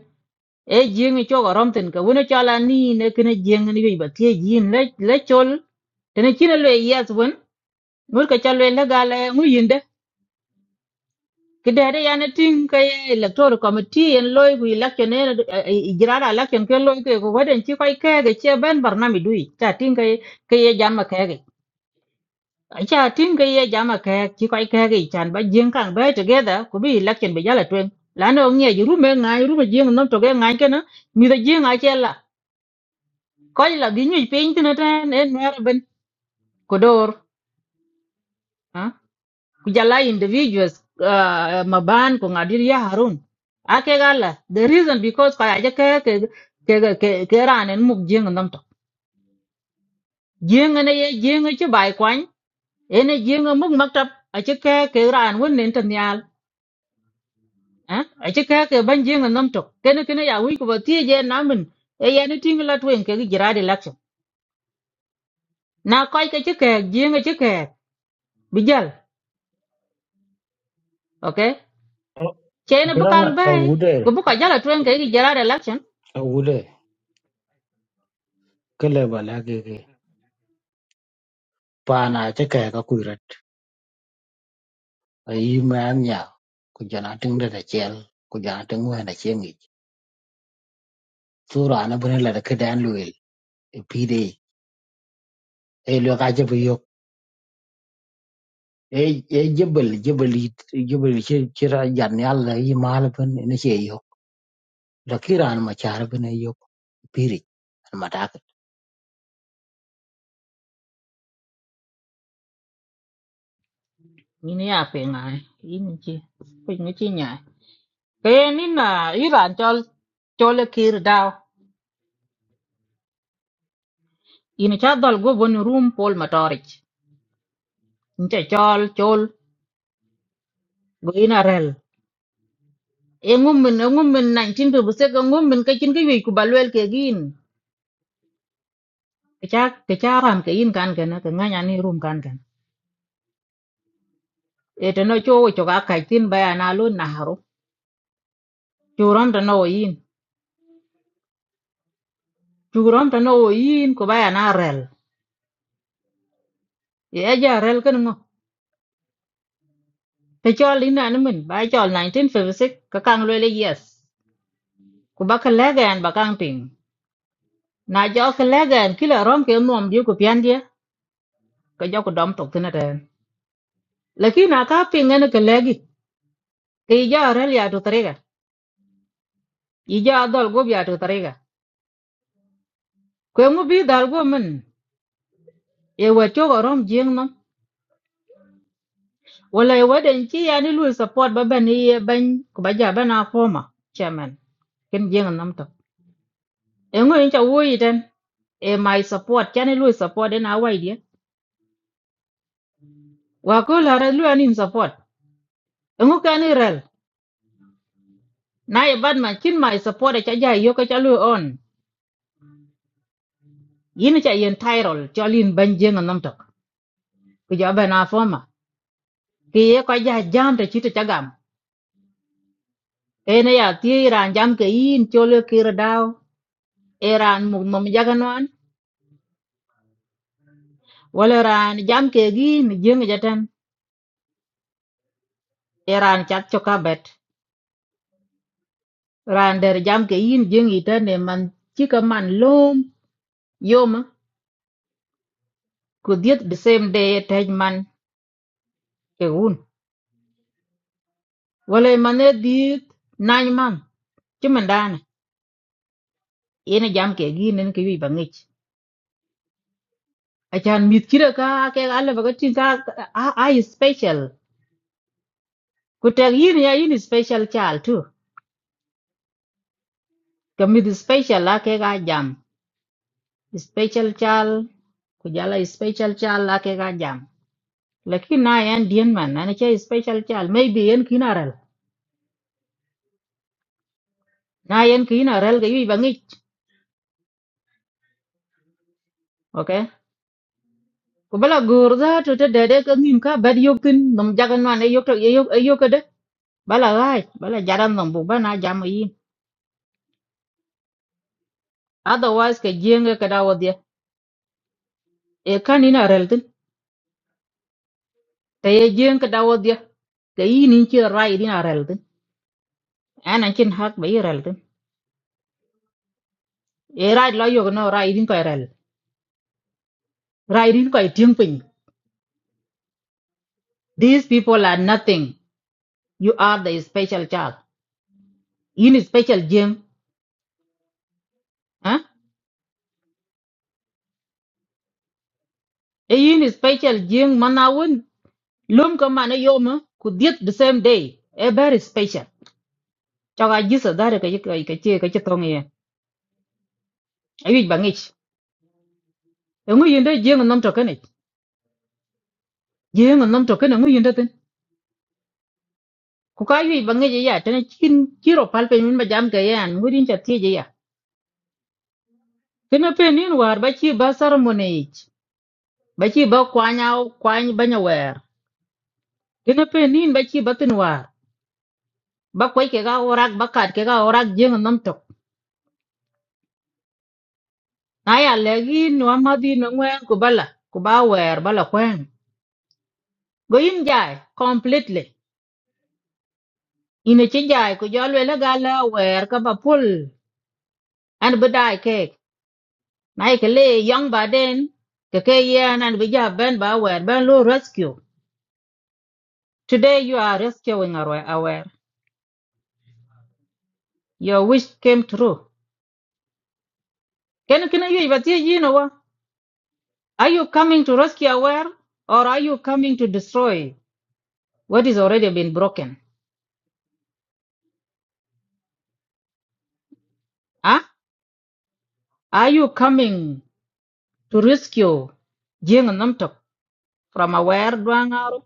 e jeng cho ga rom tin ka wona cha la ni ne kin jeng ni bi ba tie jin le le chol tene kina le yes won mur ka cha le la ga le ngu yinde ki de de ya ne tin ka ye electoral committee en loy ku election ne jirara election ke loy ke ko waden chi kai ke ge che ben barnami dui ta tin ka ye ke ye jam ma ke acha tim ga ye jama ka ki kwai ka ga chan ba jing kang ba together ku bi election be jala twen la no nge yu rume nga yu rume jing nom to ga nga ke na mi da jing a che la ko la bi nyu pe intin ta ne no ben ko dor ha ku jala individuals ah, ma ban ko ngadir ya harun a ke ga la the reason because ka aja ke ke ke ke ke ran en muk jing nom to jing ne ye jing che bai kwan ene jing muk maktab a che ke ke ran won nen tan à ở chỗ cái cái ban riêng là năm chục cái nó cái nó giải quyết của thì giờ nó mình ấy anh tin là tụi cái cái gì ra đi lắc xong na coi cái chắc cái riêng cái chắc cái bây giờ ok
Ɔ-
chế nó bắt
Gudan
càng
a
bay của
wude
bắt cái là tụi cái cái gì ra đi lắc xong
a wude kele bala gege pana che ke ka kuiret a yi ma nya ku jana ting de de chel ku jana ting wa na che ngi sura na bune la ke dan luil e pide e lo ka je bu yok e e jebel jebel it- jebel che che ra jan yal la yi ma la bun ne che yok la kiran ma char bune yok piri ma ta ka
mình này à phải ngài in chi phải nghe chi nhỉ cái này là Iran cho cho là kia đào in cha dal go bon room pol motorich in cha chol chol go in arel e ngum min e ngum min 1956 ngum min cái chính cái gì của bà lùel kia Kecha kecha ram ke in kan kana ke nganya ni rum kan kan. E to no cho cho ka kai tin ba ya na lu na haro. Churam to no in. Churam to no in ko ba ya na rel. E ja rel kan ngo. Te cho lin na min ba cho six ka kang le yes. Ku ba ka le gan ba kang ping. Na jo ka le gan kila rom ke nom di ku pian dia. Ka jo ku dom tok tin ta. Lakin na ka ping ne ke le gi. Ke ja rel ya to trega. Ija dol go ya to trega. Ko mu bi dal go min. ewe chogo rom jing no wala ewe den chi ya ni lui support ba ban ye ban ko ba ja bana former chairman ken jing nam to e ngo in cha wo yi den e my support cha ni lui support den awai dia wa ko la ra lui anin support e ngo ka ni rel na e bad man kin my support e cha ja yo ka cha lui on yin cha yen tyrol cho lin ban jing nam to ko ja bana former ki ye ka ja jam te chi te cha gam e ne ya ti ran jam ke yin cho le kir dao e ran mum mum jaga Wala ran jam ke gi ni jeng jaten iran chat choka bet. Ran der jam ke yin jeng iten ne man chika man lom yom ku diet the same day e tej man ke un. Wala e man ne diet nany man cuman dana ina jam ke gi nen ke wi bangich. Achan mit kira ka ke ala baga tin ka a special. Ku tag yin ya yin is special chal tu. Ka mit special la ke ga jam. Special chal ku jala special chal la ke ga jam. lakin na yan dien man na cha special chal maybe yan kinaral na yan kinaral ga yi okay ko bala gur za to te dede ka nim ka bad yok tin nom jagan man e yok to e yok e yok de bala rai bala jaran nom bu bana jam yi otherwise ka jeng ka dawo dia e kan ina tin te ye jeng ka dawo dia ka yi nin chi rai din rel tin An chin hak ba yi tin e rai lo yok no rai din ko rel rai din ko tieng pin these people are nothing you are the special child yin special jeng ha e yin special jeng manawun lum ko mane yoma ku diet the same day e very special chaga jisa dare ka yika ka che ka che tong ye ayi bangich e ngu yinde jeng nom to kane jeng nom to kane ngu yinde ten ku ka yi bangich ya tan chin kiro palpe min ba jam ga yan ngu din cha tie je ya kena pe nin war ba chi ba ceremony ba chi ba kwanya kwany banya wer kena pe nin ba chi ba tin war ba kwai ke ga orak ba kat ke ga orak jeng nom to na ya legi no amadi no ngwen ko bala ko ba wer bala kwen go in jai completely ina chi jai ko jolwe la gala wer ka ba pul an bedai ke na ke le young baden ke ke yan an bija ben ba wer ben lo rescue today you are rescuing our aware your wish came true can can you but you know what are you coming to rescue aware or are you coming to destroy what is already been broken huh are you coming to rescue Jing Namtok from a were dwang Arab?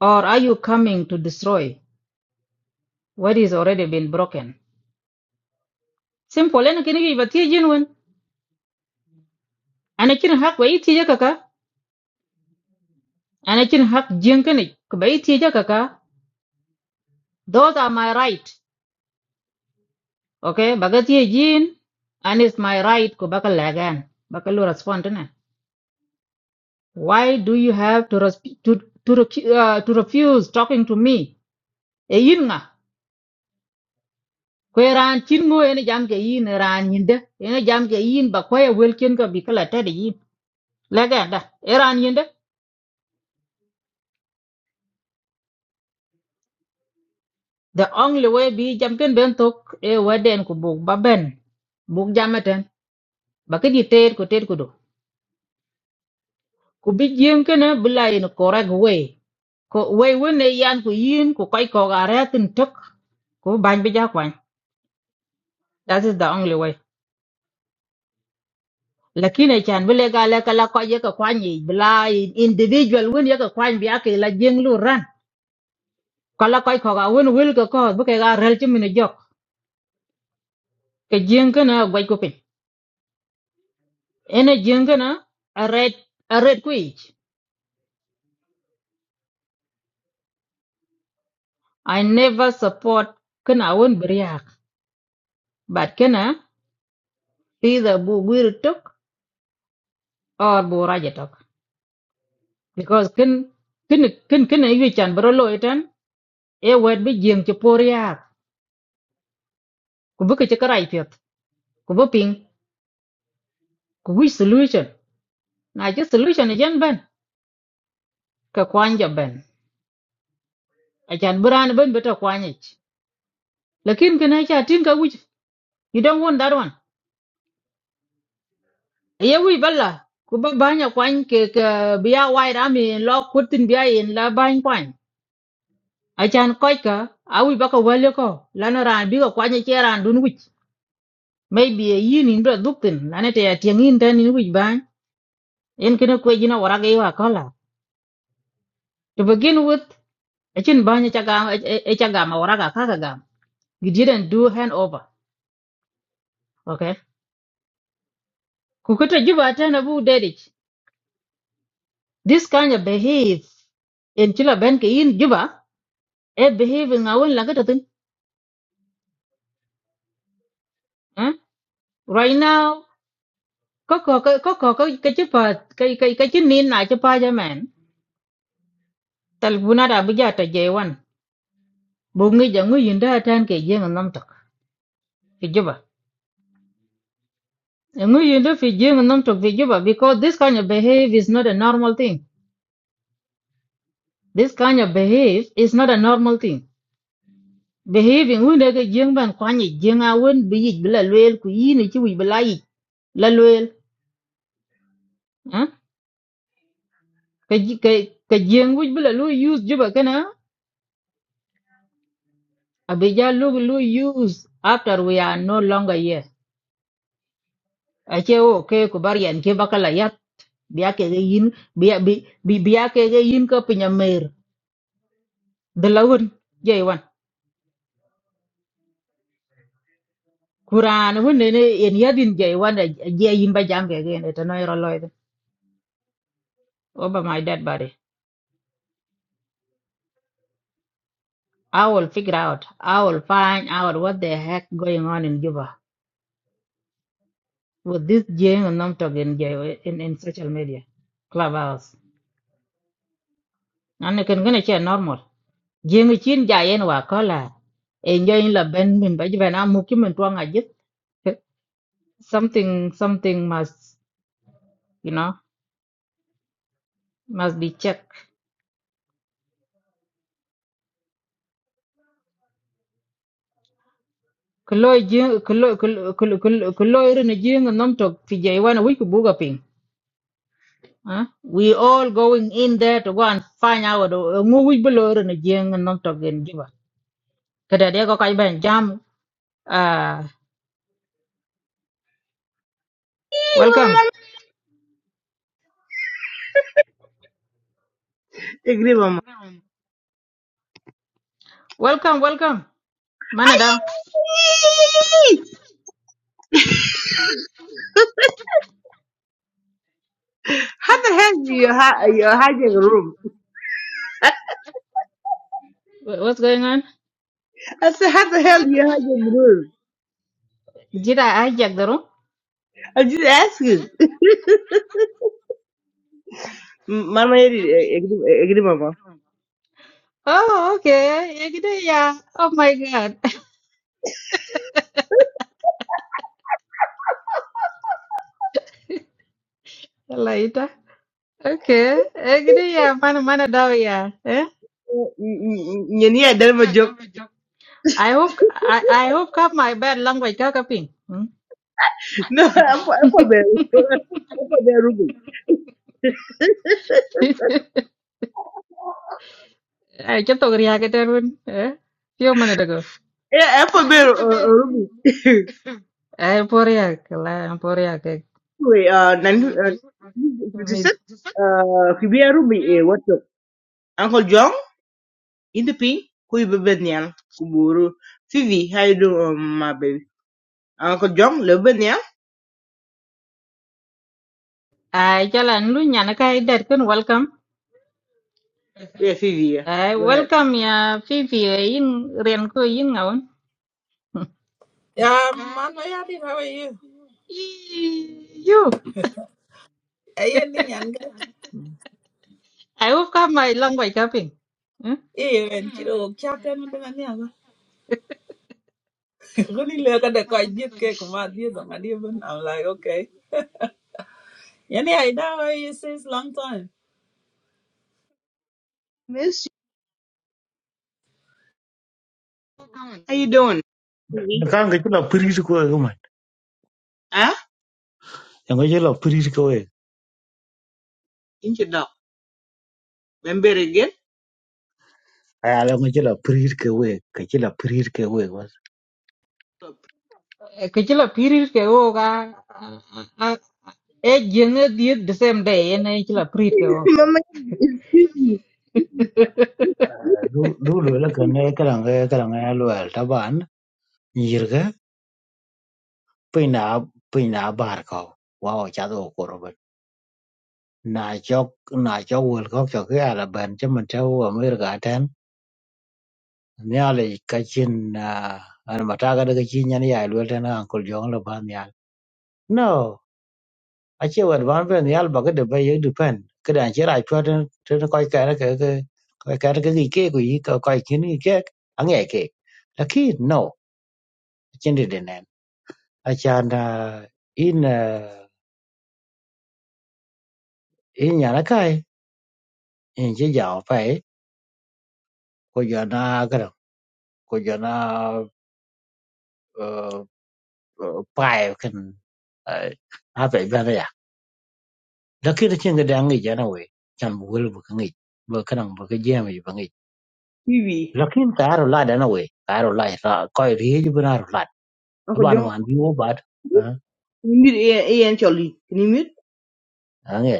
Or are you coming to destroy what is already been broken? Simple en kini ki bati jin wen. Ana kin hak bai ti kaka. Ana kin hak jin kani ku bai ti kaka. Those are my right. Okay, bagati jin and it's my right ku bakal lagan. Bakalu respond na. Why do you have to res- to to, recu- uh, to refuse talking to me? E yin nga. kwe ran chin ngo ene jam ke yin ran yinde ene jam ke yin ba kwe welkin ka bi kala tedi yin lega da e ran yinde the only way bi jam ken ben tok e waden ku buk ba ben buk jamaten ba ke di ter ku ter ku do ku bi jiem ken e, bla in correct way ko way won e yan ku yin ku kai ko ga retin tok ku ban bi ja kwan that is the only way lakini chan bile ga la kala ko ye ka kwan yi bla individual won ye ka kwan bi ake la jeng lu ran kala kai khoga wen wil ka ko bu ke ga rel chi min jok ke jeng kana gwai ko pin ene jeng kana a red a red quich i never support kana won briak but kana either bu wir tok or bu raja tok because kin kin kin kin yu chan bro lo etan e wet bi jeng chi por yak ku bu ke chi karai pet ku bu ping ku wi solution na chi solution jen ben ka kwanja ben a chan buran ben beta kwanyich lakin kana cha tin ka wi You don't want that one. Yeah, we bella. Kuba banya kwan ke ke biya white army in law kutin biya in la bany kwan. Achan koi ka awi baka wale ko lana ran biga kwanye cheran dun wich. Maybe a yin in bra duktin lana te atiang in ten in wich bany. En kena kwe jina waraga iwa kola. To begin with, achin banya chagam echagam a waraga kakagam. You didn't do handover. Okay. Kukuta juba atana bu dedich. This kind of behave in chila ben in juba e behaving a wen la ka tin eh right now ko ko ko ko ko ko ka chi pa ka ka ka chi nin na chi pa ja man tal bu na da bu ja ta je wan bu ngi ja ngi yin da tan ke je ngam tok fi ju ngi yin da fi je ngam tok fi ju because this kind of behave is not a normal thing this kind of behave is not a normal thing behaving wen da ke je ban kwa ni je nga wen bi yi bi lwel ku yi ni chi wi bi la yi la lwel eh ka ji- ka ka je ngi bi lu use ju ba abija look lu use after we are no longer here ache o ke Kubarian, barian ke bakala yat biya ke ga yin biya bi bi- biya ke ga yin ko pinya mer de lawun jey wan kuran won ne en yadin jey wan da je yin ba jam ke gen to no ro loy over my dead body i will figure out i will find out what the heck going on in juba with this jeng and namtok in in, in social media clubhouse and it can gonna share normal jeng chin ja yen wa kola là em như là bên mình ben min ba jiben amu ki mình tuang a jit something something must you know must be checked kuloy jeng kuloy kuloy rin jeng nom tok fi jay wana wi ku buga ping Huh? We all going in there to go and find out uh, ngu wi below rin jeng nom tok gen juba kada de có cái bên jam ah welcome
تقريبا ما
welcome welcome manada
how the hell do you hi- you hijack a room
what's going on
I said how the hell do you hijack the room
did ai hijack đó room
I just asked it M- mama yeri agree agree, mama
Oh, okay. Ya gitu ya. Oh my God. Lah itu. Okay. Ya gitu ya. Mana mana dah ya. Eh?
N- n- n- n- yeah. ya dalma jok
I hope I, I hope kau my bad language kau kaping. Hmm?
no I'm for I'm for apo apo beru apo beru
Ay, kita ria ke terun. Eh? Yo mana dah kau?
yeah I'm for beru uh, uh, ruby.
Ay, poria ke lah, poria ke.
wait uh
Mid.
1956 uh kibiya ruby. eh what the uncle john Into P, who Independent Quebecoian Kuburu Fifi How you doing, um, my baby? Uncle John, little bit now.
Ay, jalan lu nyana kai dar kan welcome.
Yeah, Fifi, yeah.
Ay,
Go ahead.
welcome ya Fifi. In rian ko in ngaun.
Um, man, my yard, how are you?
Ih, Yo,
Are you in Yanga?
I hope kau my language kaping.
Eh, and kiddo, captain, and then I'm young. Really look at the quite deep cake, my dear, my dear, I'm like, okay. Yani, I know where you since long time.
Miss you. How you doing? Fifi.
kan ga la piri ko e ma
Ah,
ya ga je la piri ko e
Inch it up. Remember again?
aya la ga je la piri ko e ka je la piri ko e
cái chỉ là period cái ô cả e giếng ở địa the same day e này chỉ là period cái ô
Mama, it's Fifi.
du lwela kene kalange kalange lwel taban yirge pina pina bar ko wa o cha do ko robe na chok na chok wel ko chok ya la ben che man te wo mer ga ten nyale ka chin na an mata ga daga chin yan ya lwel ten an kol jong la ban yal no a che wad ban ben yal ba ga de ba ye du pen ka dan che ra chwa ten ten ko ka ra ka ka ka ka ga ki ke ku yi ka ka kin ki ke an ye ke lakin no chin de acan uh, in uh, in nyana kai in chi jao pai ko jona kadam ko jona uh, uh, pai kan cái a pai bana ya lakin chin ga dangi jana we chan bu wel bu kangi bu kanang bu buồn jem ji bangi
Fifi.
lakin ka ro la dana we ka ro la ra ko ri ji bu na ro la
Uncle
ban
John,
man bi wo bat ha
can you mute Ian Ian Charlie? Can you mute?
ange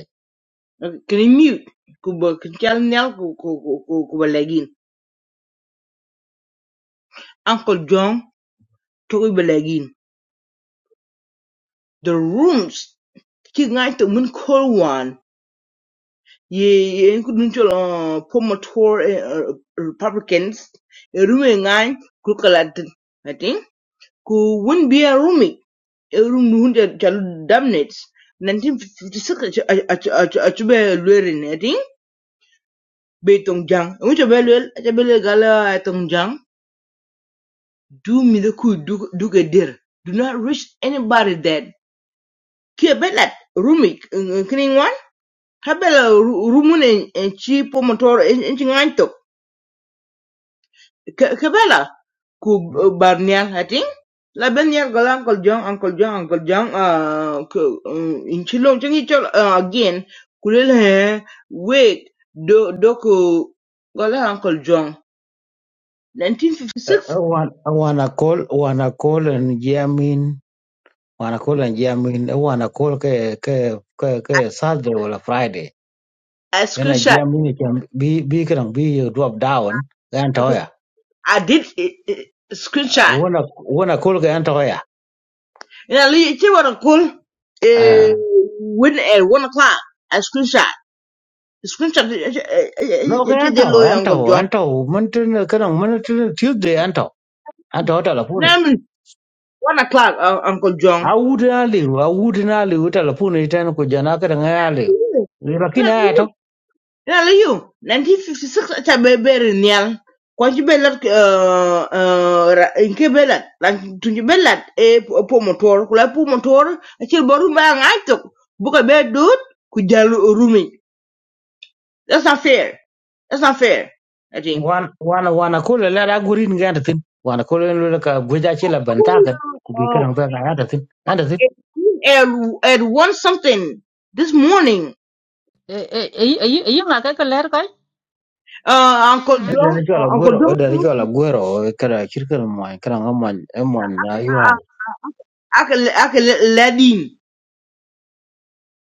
Okay, Can you mute? Kuba, can you tell ku ku ku ku kuba lagin. Uncle John, to kuba lagin. The rooms. Kiki ngai to mun call one. ye including former tour uh, Republicans rumi ngai kukalat I think ku win be a rumi room hunde chalu damnits 1956 achube lwerin I think be tong jang unche be lwel achebe le gala tong jang do me the ku du du ke dir do not reach anybody that ke belat rumi kini wan habela rumune chi pomotor Ke- Kebela ku uh, Barnial Hating. La Benial got Uncle John, Uncle John, Uncle John, uh, ku- um, in Chilong, Changi Chol, uh, again, Kulil he, wait, do, do ku, gola Uncle John. 1956,
wan wana kol wana kol en jamin wanakula njia mini au wanakula ke ke ke
I,
ke Saturday wala Friday
I
yana
screenshot.
njia mini cha bi bi kana bi you drop down yan
Okay,
toya
I did it. eh, screenshot.
wana wana kula ga yan toya
And I leave it what cool. uh, when at one o'clock, I screenshot. Screenshot, eh, eh, eh,
no
eh, eh,
ga
eh,
yan
the
to
lawyer,
yan
Uncle
to
John.
yan to mun tun kana mun tun Tuesday yan to yan to telefoni
Now, one o'clock, uh, Uncle John.
awudi na liu awudi na liu telefoni tena kujana kana ya liu lakini haya
Ina
to
la you. 1956 acha be beri nial. Kwa ji uh uh inke belat. Lan tunji e po motor. Kula po motor acha boru ba ngaito. Buka be dut ku jalu rumi. That's not fair. That's not fair. I think.
wana wana wanakula la da gurin ga yan to tin wanakula la ka gwaja ce la bantaka kubi
Uh,
kana ba ga ya to tin
Ed, Ed won something this morning.
Eh, eh, eh, eh, eh, yung cái kay kaler kay?
Uh, Uncle
Ede ni
John,
chwal
uh, Uncle
Agüero,
John,
ede ni chwal Agüero, kada kirkan mwany, kada nga mwany, e mwany na yuan.
I can, I can let in.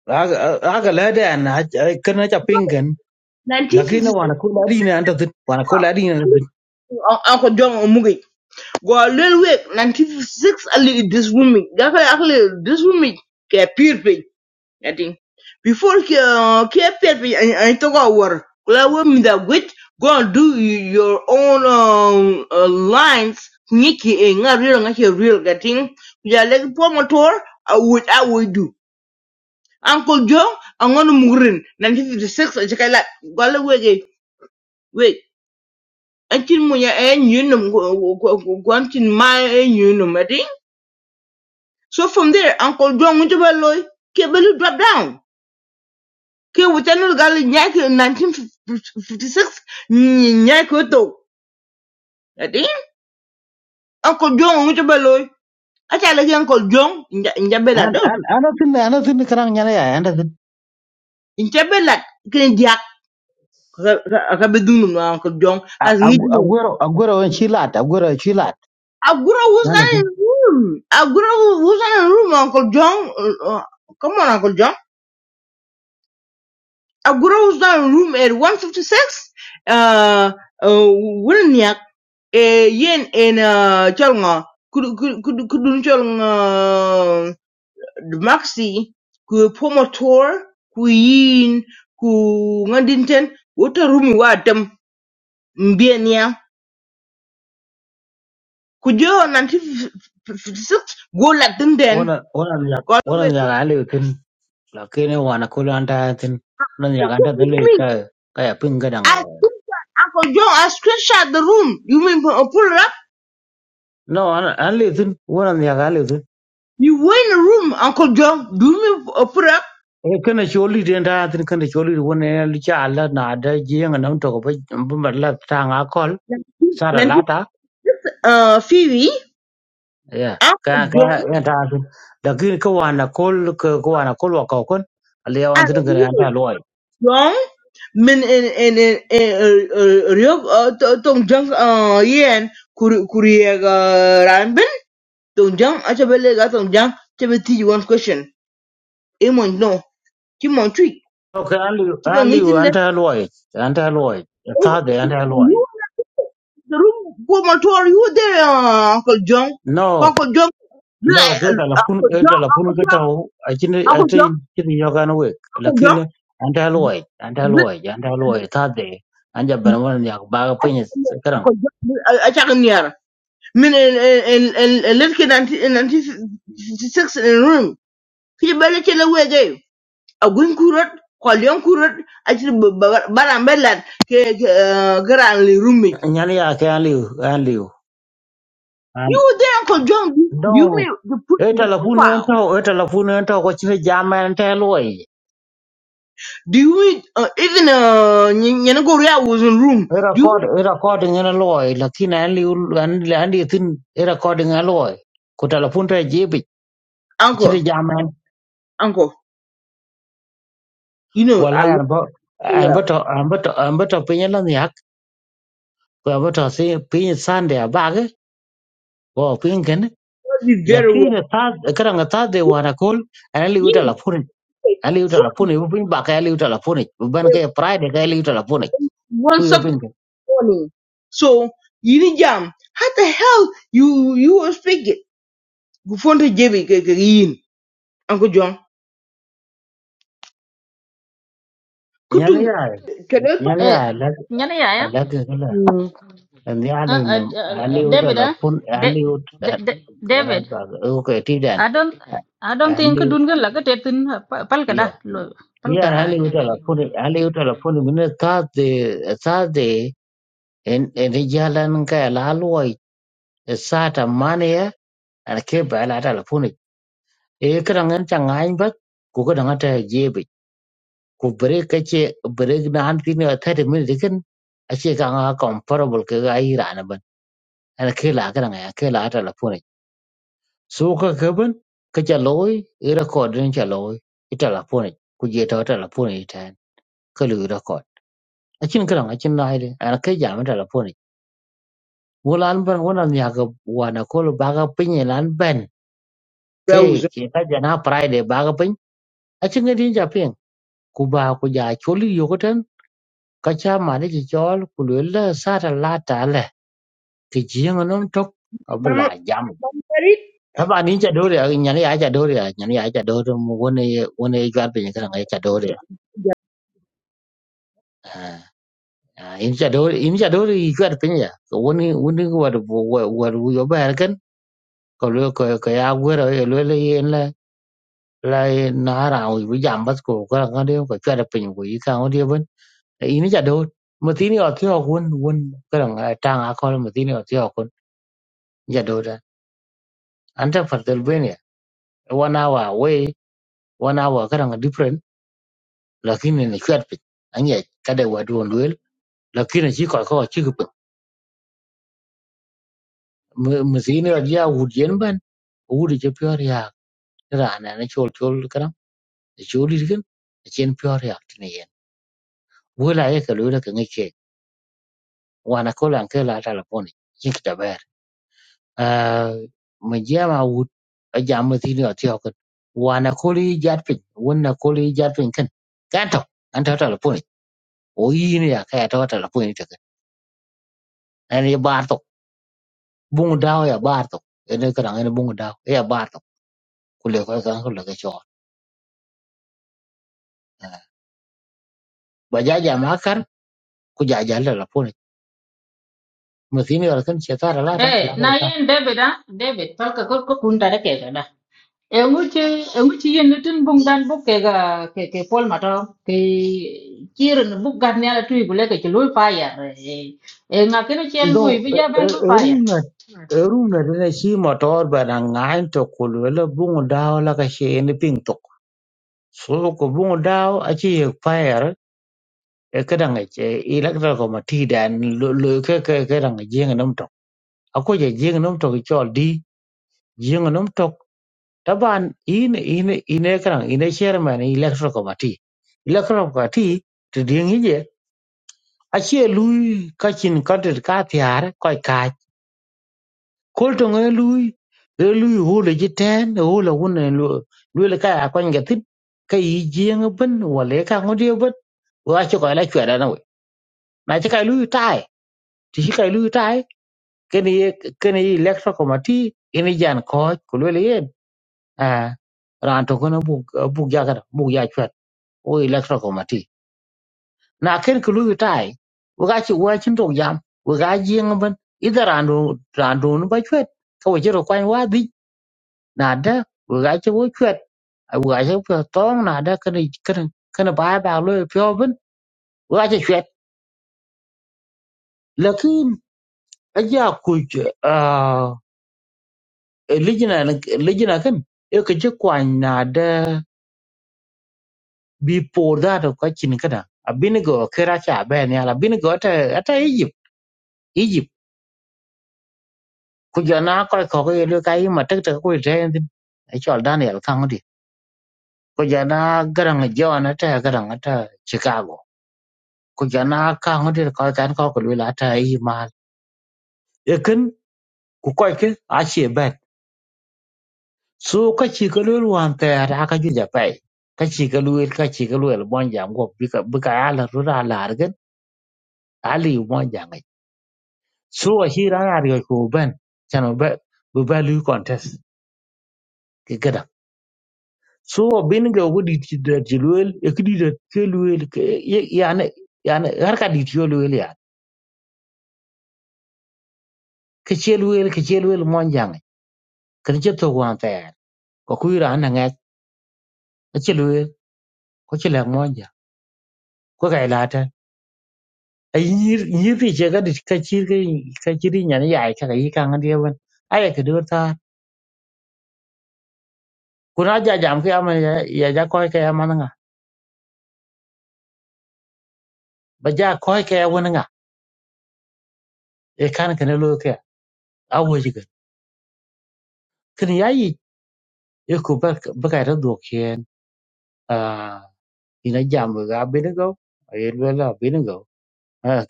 Aga aga lede an, kana cha pingan, lakini wana kula adina anda zin, wana kula adina anda tin.
Uncle John Omuge. Go a little week, 96 a little this woman. Gakale akle this woman ke pirpe. I think. Before ke ke pirpe and and talk about war. Kula women that wit. go and do y- your own um, uh, lines. Niki e nga real nga ke real getting. Ya like promotor I would I would do. Uncle John, I'm gonna murin. 1956 a chakalat. Gala wege. until when your end you num go go go go go until my end you num I think. So from there, Uncle John went to Belloy, Kebelu dropped down. Ke within the galley nyak in 1956, nyak to. I think Uncle John went to Belloy. I tell again Uncle John in the in the Bella
An,
do.
an, ana zin, ana zin kana nyana ya, anda zin.
In the Bella, can Jack, Rabidunum, Uncle John has needed. me.
Agüero, Agüero en chilat, Agüero en chilat,
Agura was
anda
not in
zin.
the room. Agura was not in the room, Uncle John. Uh, uh, come on, Uncle John. a grows down room at 156 uh uh wilniak Eh, yen en uh cholnga kudu kudu kudu cholnga maxi ku promotor ku yin ku ngandinten wota rumi wa dem mbienia ku jo 1956 go latin den
Wana, wana nyak,
go
wana
away
nyak ali tin, lakini wana kula anda zin. Wana nyak anda zin le ka, kaya pingan anga
I
ya.
think that Uncle John, I screenshot the room. You mean uh, pull it up?
No, ana, ana le zin, wana nyak ali tin.
You were in a room, Uncle John. Do me uh, put up?
e kana choli den da tin kana choli won e li cha la na da ji nga nam to ba ba ma la ta nga kol sara la
Nanti,
ta
uh, Phoebe,
ya ka
Uncle
ka
John,
ya ta tin da kin ko wa na kol ko ko wa na kol wa ko kon ali ya wan
and
tin kana an ta
you,
loy
John, min in in in in Ryok uh, Tong Jang uh Yen Kuri Kuriega Ranbin Tong Jang Achabele got Tong Jang Chabeti you one question. Emon no, Kimon tree.
to ka ali
Keep on
ali
eating
an
that.
ta loy an ta loy ta
Oh,
de an
you
ta loy
were in the room go my tour. You were there, uh, Uncle John.
no
Uncle John,
no
yeah,
ko ta la pun e ta la pun
Uncle
ko
John.
ta o a chin a
اخذ جم
tin chin yo ga no we
اخذ
lakin
جم
an ta loy an ta loy
بت-
an ta loy ta de an ja ban won ya ba pin
اخذ جم اشغل النيارة من ال ال ال الليل كده انت انت سكس روم في بالك لو جاي اقول كورت قال يوم كورت اجل بران بلد جران لرومي
nyani yake an liw an liw an
You were there, Uncle John. Do you
no
mean the put
e
the
telefon en
profile?
to e telefon en to ko chine jama en te loy
Do you mean uh, even uh Nyanagoria was in room?
e
Do you
record
mean
e recording en loy lakini an liw an an di tin e recording en loy ko telefon te jibi
Uncle
chine jama en
Uncle? You know
wala
I
an
love
bo
you
an bo
well.
to an bo to an bo to pinye lan yak ko an bo to si pinye sande abage ko pinken
Love you very well.
lakini ta karanga ta de wana kol an liw telefon aliu telefoni bu piny bak aliu telefoni bu ben
You
ke pride ke aliu telefoni
one
ku yo
o'clock
piny
morning. So yini jam how the hell you you will speak it gufonte jebi ke ke yin anko jong
nyan
kutung
ya
kene pa
nyan ya alag
nhớ này à ya?
alag kala
Uh,
Mm.
and ya aliu nam
uh, uh,
aliu
David, ah?
telefon
De,
aliu
de, de, David,
okay ti dan
I don't, I don't think
aliu
đun cái là cái laga tetin pal ka
ya
da, lo, pal
ya
ka.
aliu telefoni aliu telefoni min ta de ta de en en jalan ka la loi sa ta mane ya an ke ba la telefoni e kran an chang ai ba ku ka dang ta ku break kace break na han tini a 30 minute kin ace kan ha comparable ka ga yi rana ban ana kai la kan ya kai la ta lafone so ka ka ban ka ce loy i record din ce loy ita lafone ku je ta wata lafone ita yan ka lu record akin kan akin na haide ana kai jami'a ta lafone wala an ban wannan ya ga wana ko ba ga pinye lan ban kai
bauzo
ke ka jana friday ba ga pin akin ga din ja pin ku ba ku ja choli yo ko ka cha mani chi chol ku lwe la sa ta la ta le ki ji ng nom tok ka bla
mam
jam
mam
ta ba ni cha do ri nya ni a cha do ri nya ni a cha do ri mu won e won e jwat pe ni ka ngai cha do ri a in cha do in cha do ri jwat pe ni ya ko won ni won ni wa wo wa wa ru yo ba kan ko lwe ko ko ya gwe ro lwe le yen la la na ra u bu jam bas ko ka ka de ko cha da pe ni ko yi ka o de ben in cha do ma ti ni o ti o won won ka ngai ta nga ko ma ti ni o ti o ko anta Pennsylvania one hour away one hour kadang different lakini ni chat pin anya kada wadu luel lakini chi ko ko chi kup musini ya wudien ban wudi je pior ya rana ne chol chol kadang choli gen chen pior ya tine yen wala ye ka luel ka ngike wana ko lan ka la telefoni chi kitaber majama wud ajama tini atio kan wana koli jat pin wona koli jat pin kan kanto anta telefoni oyin ya ka to ta la puin te an ye bar to bung dao ya bar to ene ka ran ene bung dao ya bar to ku le ko ka ko le ka cho ba ja ja ma kar ku ja ja la la puin mo sin yo kan che ta la ta
Eh,
la ka
na
ta
yen David, ah? David, pal ka có ko kun ta cái ke ka En uche, en uche yen lutin bung dan buk cái ga ke ke pol mato ke kiren buk gan ne ala tui gule ke chulu fire e e nga kene che lui
do
bi ja ben lu fire
runa runa de shi motor ba na ngai to ku le bung dao la ka she ene ping to so ko bung dao a chi ye fire e ka dan e electrical ko ma ti dan lo lo ka ka ka dan jing nam to ako je jing nam to ki cho jiŋa num tok taban ine ine ine karan ine chairman i electoral committee electoral committee ti ding hije achie lui kachin kantit ka de ka tiar koi kaj kol tong e lui e lui hule ji ten e hule wune lui le kaya kwen gatin ka yi jiŋa bin wale ka ngudi bin wa chi koi la chwera na we na chi kai lui tai ti chi kai lui tai kene ye kene i electoral committee ine jan koj kulwele eh ran to kono buk buk jagada buk ya chwet o electro committee na ken ku lu tai wo ga chi wa chin to jam wo ga jing ban ida ran do ran do no ba chwet ka wo jero kwan wa di na da wo ga chi wo chwet wo ga chi pyo tong na da ken ken ken ba ba lo pyo ban wo ga chi chwet lakin a ja ku eh ligina ligina kan e ka chi kwan na da before that of kachin kada abinigo kera cha ben yala abinigo ata ata egypt egypt kujana ko ko yelo kai matak ta ko ten e chol daniel kangodi kujana garang jona ta garang ata chicago kujana kangodi ko kan ko ko lula ta yi ma ekin ku ko ke a che ben so ka chi ko lul wan ta ra ka ju ja pai ka chi ka lul ka chi ka lul bon jam go bika bika ala rura largen ali mon Suwa hira na riga ko ben chano be be value contest ke gada. Suwa bin ga wudi ti da jiluel e kidi da keluel ke yani yani har ka di ti yoluel ya. Ke cheluel ke cheluel monjang. Ke je to wan ta ya. Ko ku ira na ngat ke cheluel ko chele monja. Ko ga ila ta. Ai yir yir ti je ga di ka chir ke ka chiri nyani ya ka ga yi kan adiyan. Aya ka ngadi ban. Ai ke do ta. Kuna ja jam ke ama ya ya ja ko ke ama nga. Ba ja ko ke wona nga. E kan ke ne lo awojiga kin ya yi iko baka ta dokiyen a ina jamu ga binigo a yi lola binigo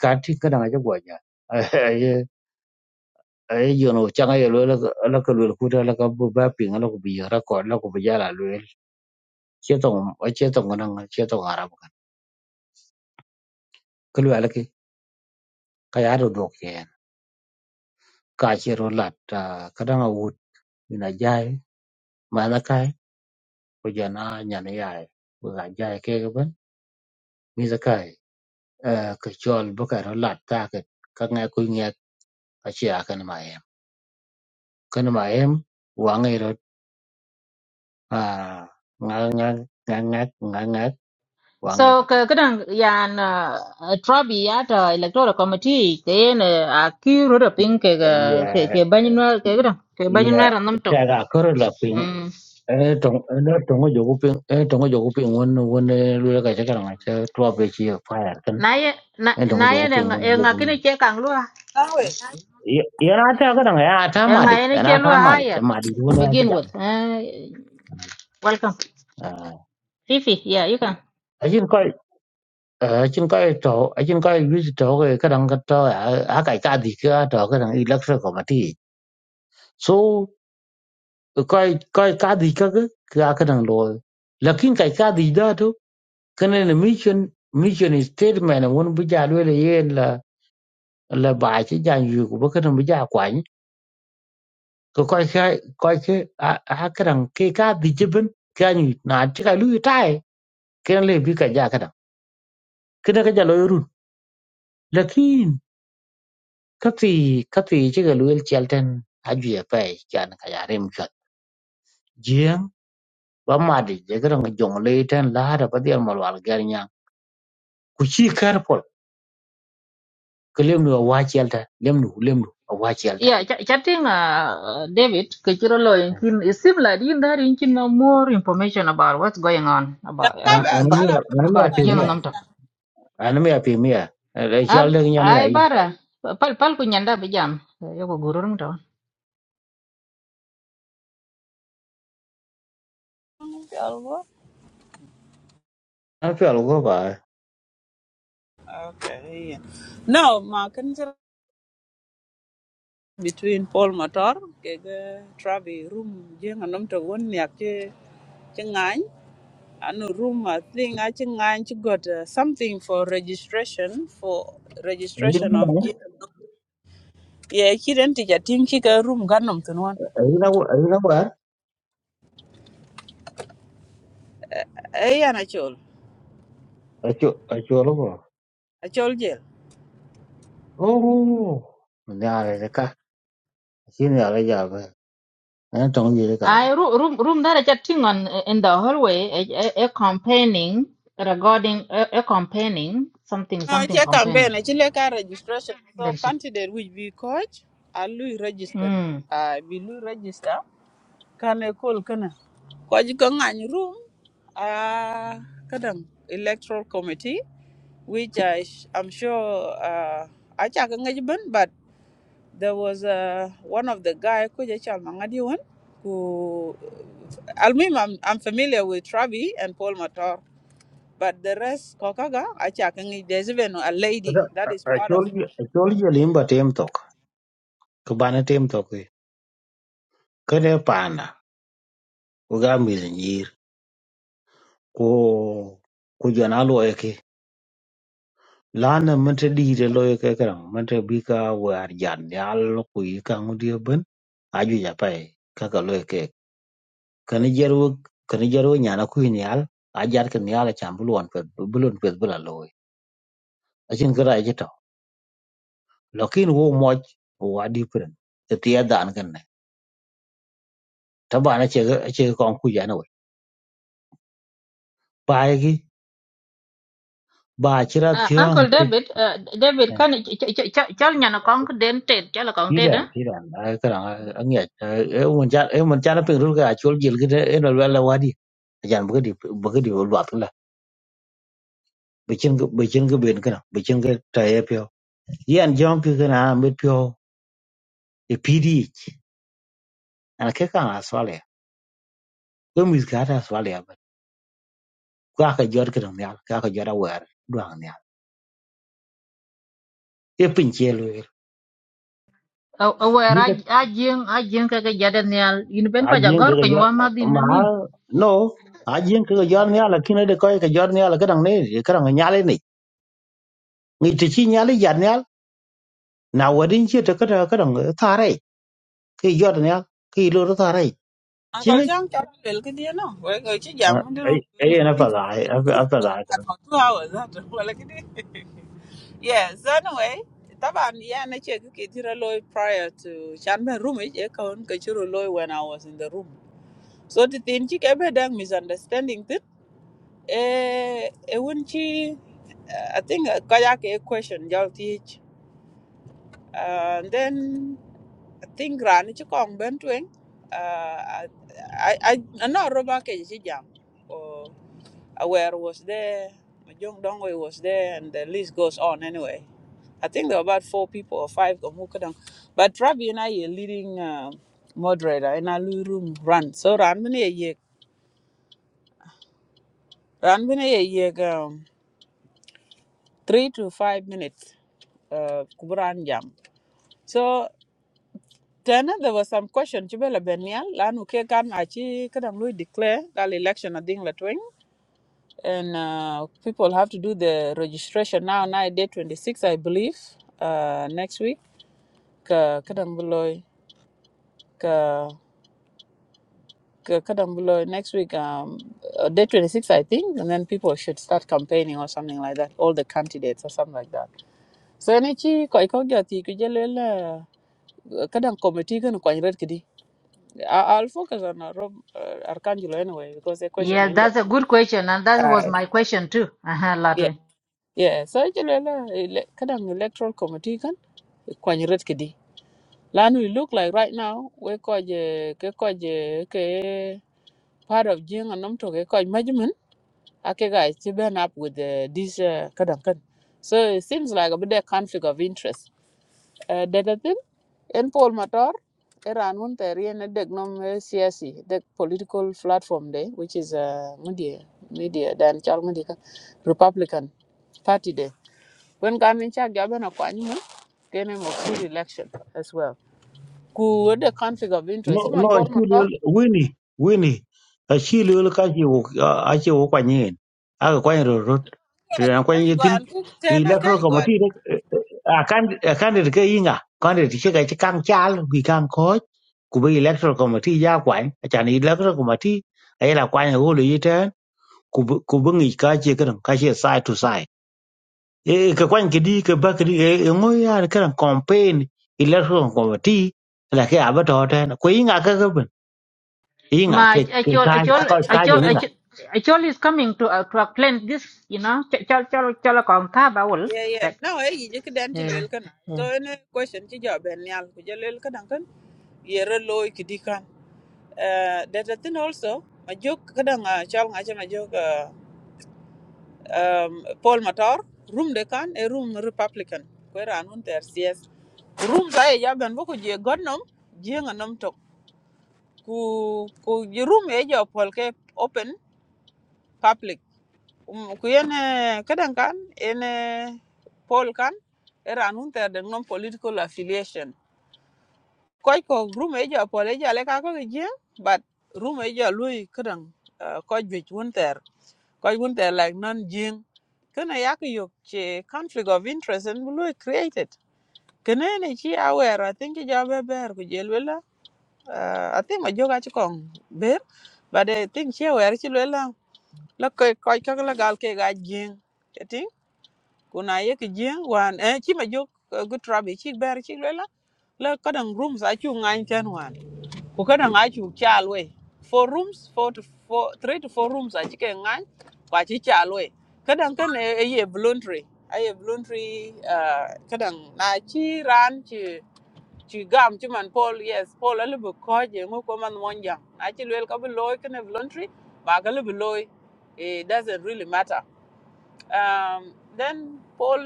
ka ti kana ga gwaja a yi yono changa yi lola la ka lola kuta la ka bu ba pinga la ku bi ra ko la ku bi ya la lola chetong a chetong nan chetong arab kan kulu alaki ka ya do dokiyen ka che ro lat ka da nga wut ina jai ma na kai ko jana nyane yae ko ga jai ke ga ban mi eh, ke chol cái ka ro lat ta ke ka nga ku nge ka chi a kan ma em kan ma em wa nge rồi a nga nga nga nga nga nga wa nge
so
ro
ke kedang yan uh, trabi á đó electoral committee ke yen uh, a kiru ro ping ke ga
ya
ke ke cái cái ke kedang ke banyu
ya
na ram to
ta ga ko ro la pin
mm
e tong no tong jo ku pin e tong jo ku pin won won lu ka cái ka ma cha to be chi fa ya kan
na ye na
e tong
na
jo
ye
ku
ne
pin
nga
won
e
wo ku
cái nó
yi
che kang luôn à
No way.
ya na ta ka nga ya ta
em
ma
nga
de
ye ne
na
che lu
ta ma de
higher
ma de
to
won ya chi
begin
jam
with uh, welcome Fifi, yeah, you can.
a ở trên coi chỗ ở trên coi ví chỗ cái cái đằng cái trò à à cái cá đi cái trò cái đằng electric committee số ừ, coi coi cá đi cái cái cái đằng rồi nhưng cái cá đi đó thôi cái này là mission mission statement là muốn bây giờ đưa là yên là là bài chứ nhà nhiều của cái đằng bây giờ quản cái coi cái coi cái à à cái đằng cái cá đi chứ bên cái như nà chứ cái lưỡi tai cái này bị cái gì cái đằng cái này cái gì lôi nhưng ka tùy ka tùy cï ka luel cël tën ajwia pë can ka ya rem cuöth jïëng ba madï jëkë dong jöngö lee tën laada ba dhiël ma lwal gër nyan ku cï kër pol kï lem nu awa cël tën lem nu lem nu awa cël tën
Yeah, ch- chatting, uh, uh, David, Kichirolo, in Kin- it seems like in there, you no more information about what's going on
Y'all
about
an
uh,
an
have
about
y'all
mïa
have
an
my
mïa pï
about
time
young
mïa
going
Namto.
an mïa pï mïa cöl
I
dëk nyan ya
I
yï
bara pal pal kunyanda bijam yoko gurung to.
down. Y'all what?
an pïöl ögö ba
Okay. Yeah. No, ma can you between Paul Motor, kega Travi room, jeng anom to one yak che And room, I think I think I got uh, something for registration for registration of. G-
ïn
yeah, she didn't teach a team. She got room. Got to one.
awar
Hey, and I told,
acol ögö
I told jail.
oo nyarï ka cïn ökö jabë ën töngö jïrï ka
I ru- room room that chatting on uh, in the hallway a, a, a campaigning regarding a, a campaigning something
No, it's
something
a
campaigning.
campaign. It's like a registration. So
That's it.
candidate will be coach. I will register.
Mm.
I will register. Can I call? Can I? Coach, can any room? Ah, kadang electoral committee, which I, I'm sure. Uh, I check ban, but. there was uh, one of the guy kuja Chalmangadi who Almim I'm, I'm familiar with Travi and Paul Mator but the rest Kokaga Achakangi there's even a lady
Kada
that is part of
achol achol jolim ba tem tok ko bana tem tok e kene pana ko ga mi nyir ko ko jana lo e ke lana man te di de lo e ke kan man te bi ka war jan yal ku yi ka mu di ben aju ja pai ka ka lo e ke kan jeru kan jeru nyana ku ni yal a jar kan yal a cham bulon pe bulon pe bula lo e achin kra e to lakin wo moj wo adi pren te ti dan kan ne ta bana che che kon ku jana we pai bà chỉ là
Uh,
thiếu một
Uncle
cái
David, uh, David,
Ờ,
can ch ch ch ch chal nyana kong den ted, chala kong
tí
ted,
đèn
eh?
tí đèn Ờ, cái đó anh nghe em mình cha em mình cha nó pin rút cái chuột gì cái ấy nó là là wadi chẳng bữa đi bữa đi vào loạt là bị chân bị chân cái bên cái nào bị chân cái trái phiếu ý anh jong cái cái nào mới phiếu thì pd anh cái cái nào xóa lẻ cái mình cái nào xóa lẻ vậy qua cái giờ cái đồng nào qua cái giọt đâu vậy đoàn nào cái pin chia luôn
awɛɛr
biết là
a jiŋ a jiŋ kɛkɛ jadɛ nial yin bɛn
à
kɔc
riêng
agɔr
cái cái
piny wa
giờ
madhin
mà
nin
no à riêng cái cái giờ này là khi nó được coi cái giờ này là cái đồng này cái đồng này nhá lên ngi te chi nyali jan nyal na wadin chi te kada kada ngi thare ki yod nyal ki lo ro thare chi
Uncle
ngi
John Chapel Kidiano we're going to jam
ai
do
ai na fa dai a fa dai
about two hours that well, like it is. yes so anyway Taban yeah na check kitira loy prior to Chanben room e kaun kachiro loy when I was in the room so the thing chikebe dang misunderstanding Eh, e wun chi, I think eh, kaya a question jal teach. Uh, and then I think ran chi kong ben Uh, I I I know roba ke chi jam. Oh, aware was there. Jung Dongwei was there, and the list goes on anyway. I think there were about four people or five of Mukadam. But Rabi and I are leading uh, moderator in a room run. So Ran Bene Yek. Ran Bene Yek. um, three to five minutes uh, kuburan jam so then there was some question chibela benial lanu ke kan achi kadang lui declare that election ading la twing and uh, people have to do the registration now now day 26 i believe uh, next week ka kadang buloy ka ka- kadang buloy next week um, uh, day 26 i think and then people should start campaigning or something like that all the candidates or something like that so any chi ko ko kadang committee kan kwany red kidi I- i'll focus on uh, rob uh, arcangelo anyway because the question
yeah
and
that's a good question and that was
uh,
my question too uh-huh, latwe
yeah yeah so jelala ele- kadang electoral committee kan kwany red kidi lanu it look like right now we koje ke koje ke part of jing and to ke koje management ake guys to burn up with uh, this uh, kadang kan so it seems like a bit of conflict of interest Eh, Dedatin, en Paul Matar, Iran won terien a deg nom eh, siyasi, deg political platform de, which is uh, media, media, dan chal media, Republican Party de. When gamin chak jaben a kwanyi mo, kene mo free election as well. Ku with the conflict of
no
interest,
no
man Paul
chi lo
Matar,
wini wini a chi lo ka chi wo a chi wo kwa nyen a ka kwa ro ro te
Yeah,
na kwa
can you
nyen
go
tin
and cook ten?
electoral
Can you go? and-
committee a kan a kan de ke inga kan de chi ka chi kang chal wi kang ko ku bi electoral committee ya kwa a chan electoral committee ai la kwa nyen wo lo ku bu- ku bungi ka che kan ka side to side e ka kwan ki di ka ba ki di e ngo ya kan campaign election committee la ke aba to ta na ko inga ka ka ben inga
ma
ke ke
achol
ka
achol
Uh,
ka
any
ka je
achol
inga
question?
achol Achol is coming to uh, to explain this, you know. Ch- Chol chol chol kong ka bawol.
Yeah, yeah.
Tek.
No, hey, you just dance
Eh,
to
eh.
So any question, you job and yal, you can. Yere loy Uh, that the thing also, majuk kadang uh, chal ngacha majuk uh, um, Paul Matar, room de a room Republican. Kwera anun ter CS. Room sa e jaban boko je godnom, je nganom tok. Ku, ku je room e jo Paul ke open public. Um, ku yen eh, kadang kan, en eh, Paul kan, era anun ter de political affiliation. Koi ko room e jo Paul e jo le kako ke je, but room e jo lui kadang uh, koi jwech wun ter. Because when they're like non jing, can I yak yok che conflict of interest and will created. Can I chi aware? I think you job a bear with Jelwilla. I think my joke at Kong bear, but I think she aware she Look, quite kakala galke got jing. I think when I jing one, eh, chi my joke good rubbish, she bear she will. Look, got rooms at you nine ten one ku kana ŋa chu cha lwe four rooms four to four three to four rooms a chike ŋa kwa chi cha lwe kada kan e e ye voluntary a ye voluntary uh, kada na chi ran chi chi gam chi man Paul yes Paul a bu ko je ngo ko man mon jang a chi lwe ka bu loy kana voluntary ba ka lu bu loy it doesn't really matter um then Paul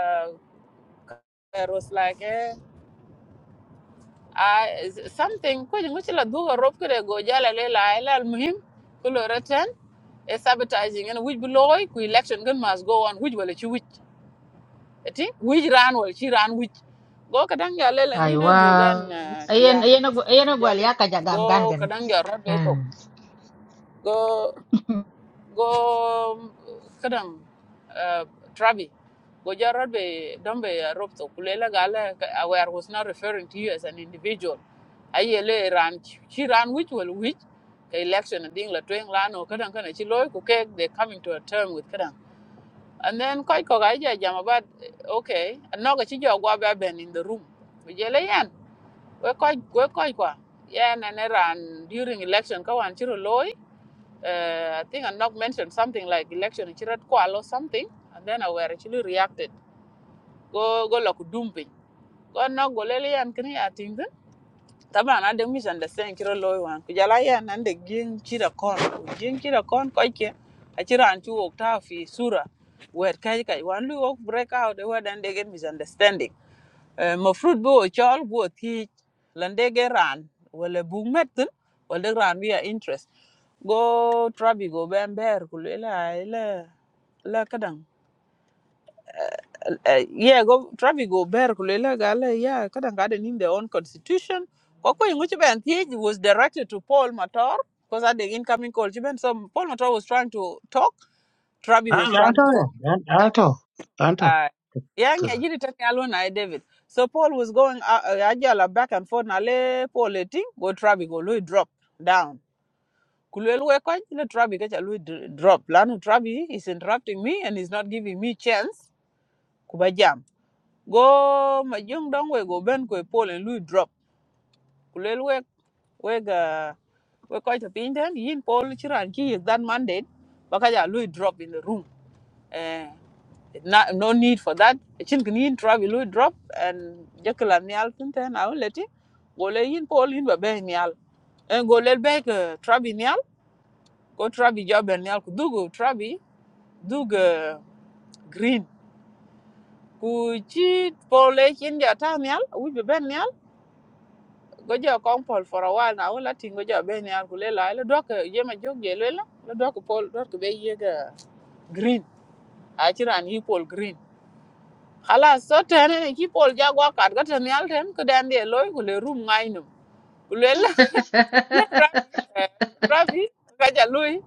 uh, was like eh I something ko jingu chila duga rob kire go jala le la ila al muhim kulo return a sabotaging and which beloy ku election gun must go on which wala chi which ati which ran wala chi ran which go kadang ya le
Aiwa.
ngine duga an
Ayen
kia
ayen agu-
chi
ayen gwal
jale
ya ka jagam gan
go
gana.
kadang ya rob to
Hmm.
go go kadang uh, Travi. Go jarod be don be rob to kulela gala aware was not referring to you as an individual. Ayele ran she ran which will which the election ding la twing la no kadang kana chi loy ku kek they coming to a term with kadang. And then koi ko ga ja jam about okay no ga chi jo gwa ba ben in the room. We jele yan we koi we koi kwa. Yan and ran during election ka wan chiro uh, I think Anok mentioned something like election in Chirat Kuala or something, and then I were actually reacted. Go go look dumping. Go Anok go lele and kini atingden. Taba na de misunderstand Chiro loy wan. Kujala ya na de jing Chira kon. Jing Chira kon koi ke. Achira anchu okta fi sura. Where kai kai one lu ok break out. They then they get misunderstanding mafrut bi wo chol wo thic lan de ge ran wala buk met thin wala ran wi interest go trabi go ben ber ku le la la la kadang Eh, eh, yeah go trabi go ber ku le la yeah kadang ga de their own constitution ko ko ngu chi ben was directed to paul Matar because at the incoming call chi so paul Matar was trying to talk trabi
a
was
na
trying
to
to talk
ya a to an to
uh, yang
to
ya jiri tan yalo na David. So Paul was going uh, uh, ajala back and forth na le Paul eting go Trabi go Louis drop down. Kulelwe kwa le Trabi kacha Louis dr- drop. Lanu Trabi is interrupting me and is not giving me chance kubajam. Go majung dong we go ben kwe Paul and Louis drop. Kulelwe we ga we kwa cha pinten yin Paul chiran ki is that mandate bakaja Louis drop in the room. Eh, na no need for that chin kin yin drop ilu drop and jekla nial tin ten a uleti gole yin pol yin ba be nial en gole be ke trabi nial ko trabi job en nial ku dugu trabi dug eh, green ku chi pole chin ja ta nial u be ben nial go jo kon pol for a while na uleti go jo be nial ku le la le dok ye ma jog ye le la le dok pol dok be ye ke green a chiran yi pol green Khalas, so tene ni ki pol ja gwa kat gata ni alten ko dan de loy ko le rum ngai no. Ko le la la travi eh le travi ka ja loy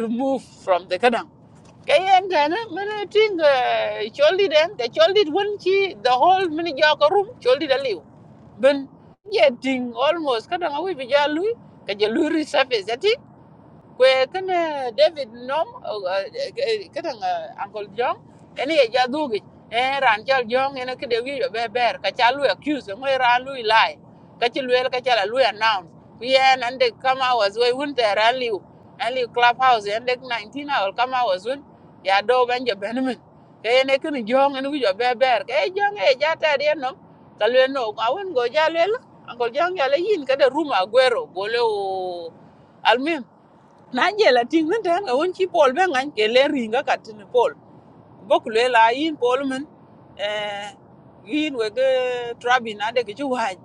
remove from the kadam. Ke yen tene mene ting eh, choldi den te choldi won chi the whole mini ja ko rum choldi da liu. Ben ye ting almost kadam awi bi ja loy ka ja loy resurface kwe kene David nom kadang Uncle John ene ye jadugi eh ran chal John ene kede wi be ber ka chalu accuse ngwe ran lu lie ka chi lwel ka chala lu announce we en and they come hours we won there and liu and liu clubhouse and they 19 hour come hours won ya do banje benmen ke ene kene John ene wi be ber ke e John e jata de nom ka lwe no awon go jalwel Uncle John yale yin kede room agwero gole o almim na je la ting nan tan a won chi pol be ngan ke le ringa kat ni pol bokule la yin polman eh yin wege trabi na de kichu waj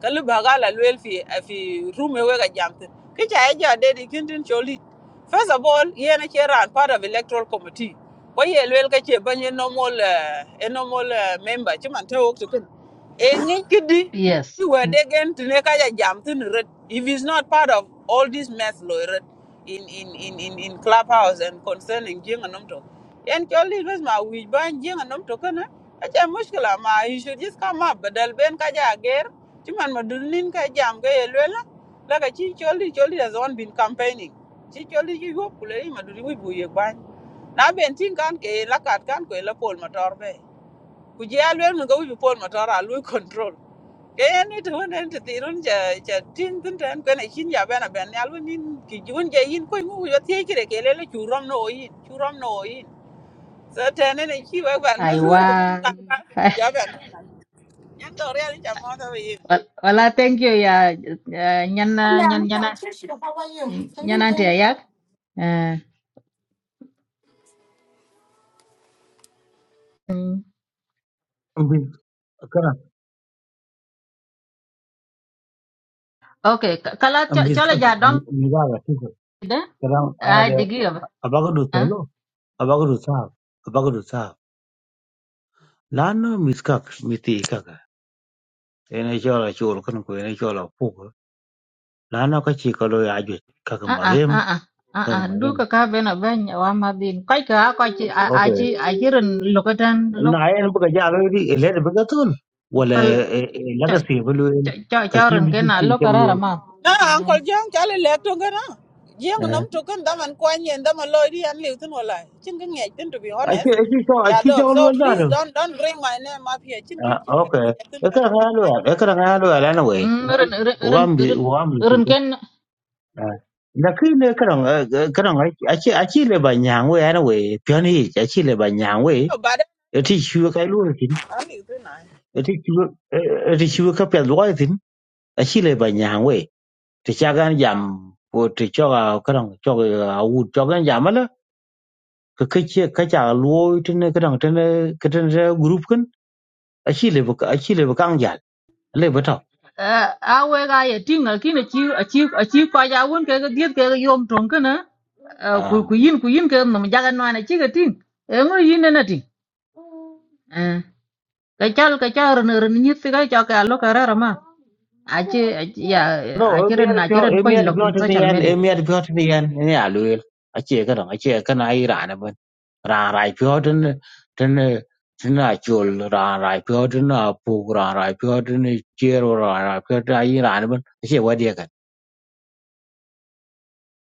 kalu baga la room fi eh, fi rume wega jamtin kicha eja de di kintin choli first of all he yen a cheran part of electoral committee Why ye luel ka a banye normal eh, a normal eh, member chiman te wok tukun e ngi kidi
Yeah,
you were again to make a jam to red. If he's not part of all this mess, Lord, in in in in in clubhouse and concerning Jing and Namto. Yan cholli bas ma wij ban jing anom token na. Acha muskila ma you should just come up badal ben ka ja ger. Chuman ma dunin ka jam ga yelwela. Laka chi cholli cholli has on been campaigning. Chi cholli ji yop kule yi ma duri wi bu ban. Na ben tin kan ke lakat kan ko la pol motor be. Ku ji alwel mun ga wi pol motor a lu control. Ke ni to nen ti tirun ja ja tin tin tan ko na chin ya ben ben alwin ki jun ja yin ko ngu yo tie kire ke le chu rom no yin chu rom no yin so tene ne chi wa ban ma
Aiwa.
nun ku ban ka ka ya ban yan do re ni cha mo do yi
Wal- Wala thank you ya nyan
Yeah,
nyan
I'm
nyan
sorry. Tricia, How are you?
nyananti ayak uh,
ambi kana
okay ka- kala cho-
ambi ka
chola ja dom
ni ba ga ti ko
de
kan a
ai
de
digi yob
aba ga du to
ah
lo aba ga du sa aba ga du sa la no mi ka mi ti ka ka ene chola chol kan ko ene chola pu lano ka ci ka lo ya jwe ka ka
ah
ma
ah
yem
ah ah
ka ka
ah
ma
du
yem
ka ka bena ben wa ma bin kai ka ka chi a a
okay
chi a chi ren lokatan
na
lok
ayen bu ka ja lo di ele de ga tun wala
tal
la
cho
ga se bu lo yel
cho cho
ka
cho
ci
ren
mi
ken
ci
a
ci
lo
ka lo
karara
yel
ma
no uncle jong cha le le to ga na jeng nam to kan da man kwa nyen da ma lo ri an le tin wala chin ga nge tin to be
a ci
honest
a ci to a
ya
ci
do
ja lo
so
na
please
do
don't don't bring my name up here chin ki
Ah,
chin ka tu
okay
ya tin
e
na
ka ga lo
thank
ya e
you
ka ga lo ya lano we
ren ren
o
ren
gam bi o gam bi
ren
ko
ren
Ah. na ki ne ka ran ka ran a ci a ci le ba nyang we ya na we pian hi a ci le ba nyang we
no bad.
e ti chu ka lo tin
da an le tin na
e ti chu e ti chu ka pe lo tin a ci le ba nyang we ti cha gan jam ko ti cho ga kadang cho ga u cho gan jam la cái ka che ka cha luo tin ka dang tin cái tin group kan a chi le ka a chi le ka ngal le ba
Ờ, à awe ga ye ting al kin achi achi achi kwa ja won ke ga diet ke ga yom tong ke na ku
à,
ku yin ku yin ke no ma jaga no na chi ga ting e ngo yin na ting ka chal ka char ne ren ni ti ga cha ka lo ka ra ma achi ya
no e
achi
mi
ren
ar
na chi
pyo
ren
e
ko
mi ar
lo kin
pyo tin
social
yan
media
e mi ar pyo tin yan ne a lu a che cái dang a che ka na i ra na ban ra ra pyo trên tin tin a chul ra ra pyo tin a pu ra ra pyo tin che ro ra ra pyo ta i ra na cái che wa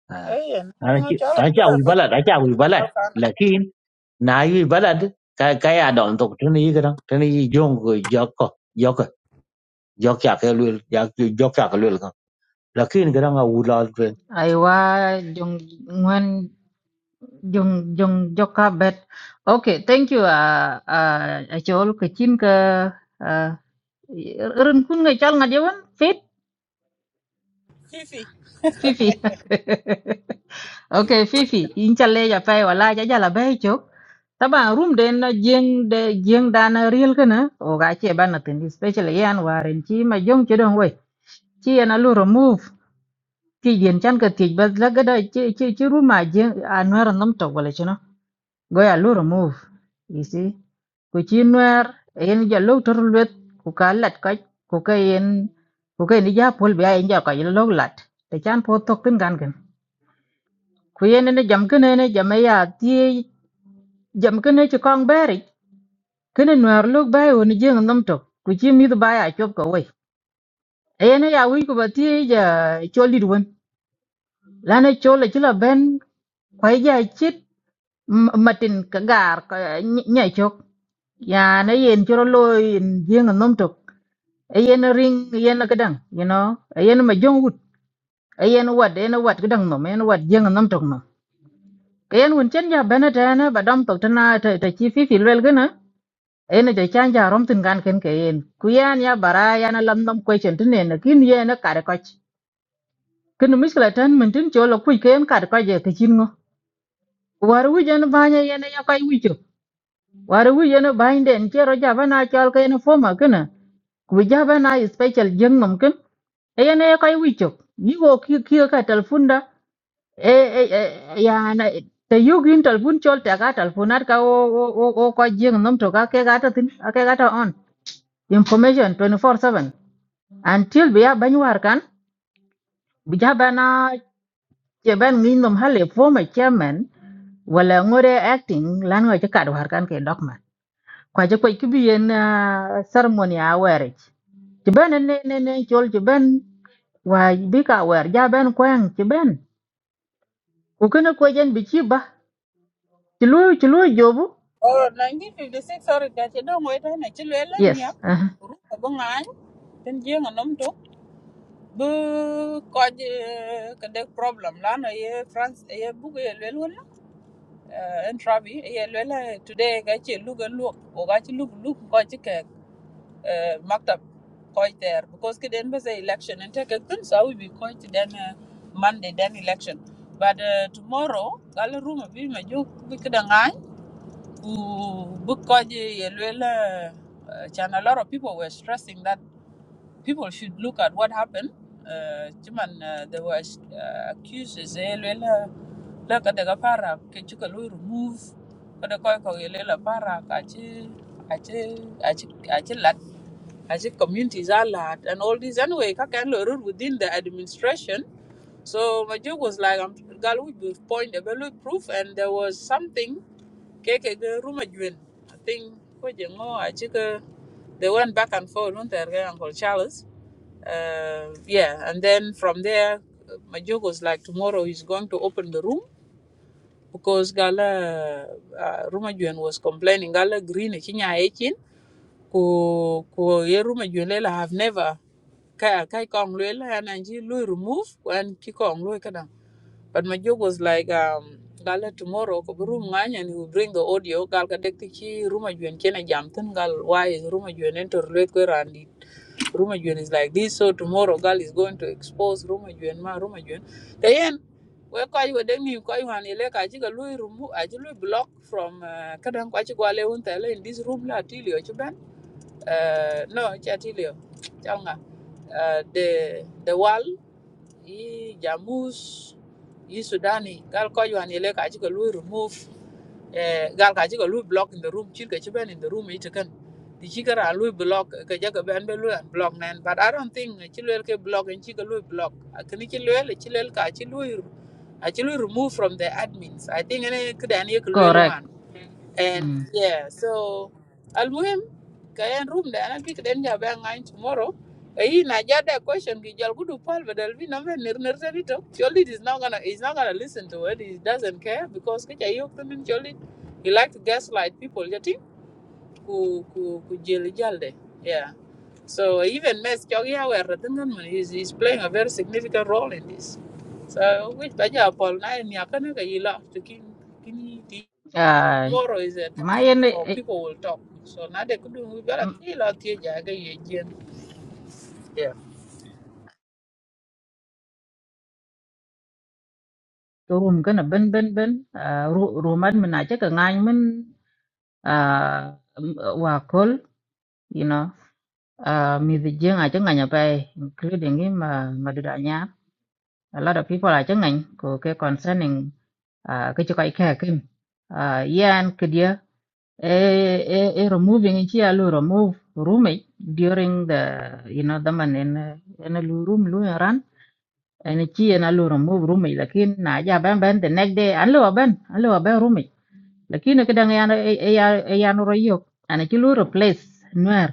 à
eh na
anh
ngo
chỉ
cha lo
anh chỉ hơi bận anh chỉ hơi bận.
ga ba
Lại khiin, naiv hơi bận. Cái cái ở đó, anh thấy có chuyện gì cái đó, chuyện gì Jong cái Jock Jock Jocky ở cái lối Jocky ở cái lối đó. Lại khiin cái đó nghe buồn lắm. Ừ,
ai wa jong ngwan jong jong joka bet okay thank you a a a chol ka chin ka ren kun ga chal nga je fit
fifi
Phi Phi. ok Phi Phi, in challe ya pai wala ja jala bai chok. Taba room den na jeng de jeng dana real kana o ga che ban na tin especially yan waren chi ma jong che dong we. Chi yana lu remove ki yen chan ka ti bas la ga da chi chi chi room ma jeng anwar nam to wala chino. Go ya lu remove. You see? Ku chi nwer en ja lu tor lwet ku ka lat ka ku ka en ku ka ni ja pol ba en ja ka yen lo lat. Te chan po tok tin gan ku yen ne jam kene ne jam e ya ti jam kene ci kong beri kene nuar luk bai woni jeng nam tok ku ci mi ba ya chop ko we yen ya wi ku ba ti ja choli duwen la ne chole ci la ben ko ja chit m- matin ka gar ka nya chok ya ne yen choro loy jeng nam tok E yen ring e yen ka dang you know E yen ma jong wut E yen wat yen wat ka dang no yen wat jeng nam tok no kayen wun chen ja bene tene ba to tok tana ta ta chi fi fi lwel gana ene cho chan ja rom tin gan ken ke en ku yan ya bara ya na lam nam kwe chen tin ne kin ye na kar ko kin mis kala tan min tin cho lo ku ken kar ko je ti chin ngo war wi jan ba nya ye na ya kai wi cho war wi jan ba in den che ro ja ba na chal ke na fo ma kin ku ja ba na special jeng nam kin e ye na ya kai wi cho ni go ki ki ka telefon da e e e- ya na te yugin telefon chol ta ga telefonat ka o o o o ko jeng nam to ka ke ga ta tin ka ke ga ta on information 24/7 until biya banyuar kan bija bana che ben ngin nom hale former chairman wala ngore acting lan ngore kad war kan ke document kwa je kwa kibiyen uh, ceremony a were che ben ne ne ne chol che ben wa bi ka wer ja ben kwang che ben ku kana ko jen bi chi ba che lu che lu jobu
Oh, 1956 sorry da ci don way tan ci le la
yes
miak
uh -huh.
ru ko bo ngan ten je nga nom tok bu ko je ka de problem la no ye france ye bu ye le wala en travi ye le la today ga ci Look ga lu o ga ci lu lu ko ci ke maktab ko ter because ke den be say election and take a kun so we be ko then den eh, monday Then election but uh, tomorrow gal room bi ma jo bi ka Bukoji, Yelwela, uh, and a lot of people were stressing that people should look at what happened. Uh, Cuman uh, there was uh, accusers, Yelwela, look at the Gapara, Kichukalu remove, Kodakoko, Yelwela Para, Achi, Achi, Achi, Achi Lat, Achi communities are lot, and all this. Anyway, Kakan Lorur within the administration. So my joke was like, I'm girl, we will point a value proof, and there was something. Keke the room again. I think Kojengo, I check. uh, They went back and forth, weren't they, Uncle Charles? Uh, yeah, and then from there, my joke was like, tomorrow he's going to open the room because Gala uh, Rumajuan was complaining. Gala Green, Chinya Echin, ko ko ye Rumajuan Lela have never kai kai kong Lela and Angie Louis remove and Kikong Louis but my joke was like, um, Gala tomorrow, ko room ngany and he will bring the audio. Gal ka dek tichi room ajuen kena jamten gal why is room ajuen enter late ko randi. Room ajuen is like this, so tomorrow gal is going to expose room ajuen ma room ajuen. Then yeah, we ko ayu dek ni ko ayu hani le ka chiga lui room aji lui block from uh, kadang ko aji gwale unta le in this room la tilio chuban. Uh, no, cha tilio. Changa. Uh, the the wall i Jamus, i Sudani, gal ko yuan yele ka chika lui remove, eh, gal ka chika lui block in the room, chil ka chiben in the room ita kan. Di chika ra lui block, ka jaka ben be lui block nen, but I don't think chilwel ke block and chika lui block. Kini chilwel, chilwel ka chilui, a chilui remove from the admins. I think ene kida ene ke
correct
luel and
mm.
yeah, so almuhim kayan room da anan pik den ja ba ngai tomorrow. Kayi na ja da question ki jal gudu pal badal bi na men nir nir tani to. Cholit is not gonna he's not gonna listen to it. He doesn't care because kicha yok tanin cholit. He like to gaslight people jati ku ku ku jeli jal de. Yeah. So even Mes Chogia were Ratangan he's he's playing a very significant role in this. So which baja Paul na ni akana ka yila to kin
uh,
tomorrow is a
ma
time
yen
for people will talk. So now they could do we better kill out here jaga ye jen. Yeah.
cái room cái là bên bên bên à, ru- room ăn mình nãy chắc cái ngay mình à m- và call you know à mình thì riêng ai chắc ngày nhập về including cái mà mà được đại nhá a lot of people ai chắc ngành của cái concerning à cái chỗ cái kia kim à yên cái dia e e e removing cái chi alu remove room ấy during the you know the man in in a room lu ran and chi en alu remove room ấy lakin na ja ben ben the next day alu ben alu ben room ấy lakini kadang yana yana royok ana ci lu replace nuar,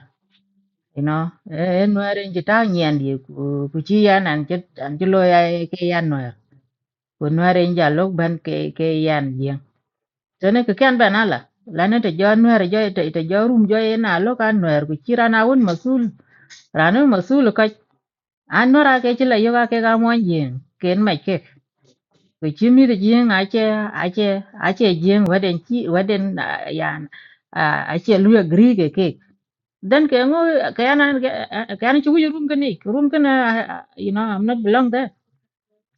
you know e nuer yang jita nyen di ku ku ci lo ya ke yan nuer nuar yang en jalo ban ke ke yan soalnya kekian ne ke kan banala la ne te jo nuer jo te te jo rum jo na lo kan nuar ku awun masul rana masul ka an nuer a ke ci la yo ka ke ga mon ken ma vì chứ mi được riêng ai chơi ai chơi ai chơi riêng và đến chi và đến yàn ai chơi lưu agree cái cái then cái ngô cái anh cái anh chú ý room cái này room cái na, you know I'm not belong there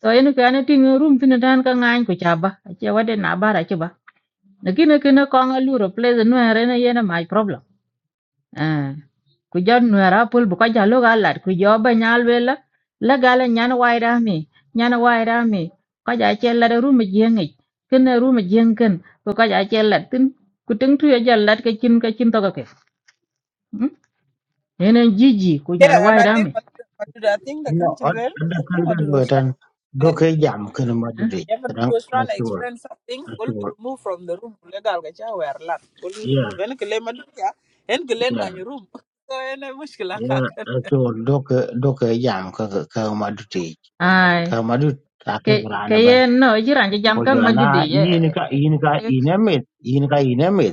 so anh cái anh tiếng room thì nên anh cái ngang của cha ba ai chơi và đến nà ba ai chơi ba nếu cái nó cái nó con lưu replace nó hay là nó là my problem Ah, kujo nwera pul bu ko jalo ga lat kujo ba nyal wela la gala nyana waira mi nyana waira mi ko ja chella de ruma jengi ken na ruma jengken ko ko ja chella tin ku tin tu ya lat ke chin ke chin to ke enen jiji ku
Yeah,
nyana
and I
waira
think
mi
what what did I think the country
anh
well?
anh đã
I
nói
think what it
đến rồi,
was trying to
anh. Đồ
explain.
cái Yam cái người
Eh,
Madrid,
Yeah, but
cái
it
đó.
was
Rất
trying to
nhiều,
explain something.
rất
Will
nhiều.
be removed from the room. Legal gacha were lot. Will be
Yeah
removed. And kile maduya. And kile
yeah
ngani room. So ene mushkila
yeah
kakan.
rất nhiều. Đồ cái Đồ cái Yam cái cái người Madrid,
ai
người Madrid. Tại
ke
cái người
ke
Anh bên.
ye no jiran jam
Hôm
kan
giờ
madudi
na in cái in cái in emid in cái in emid.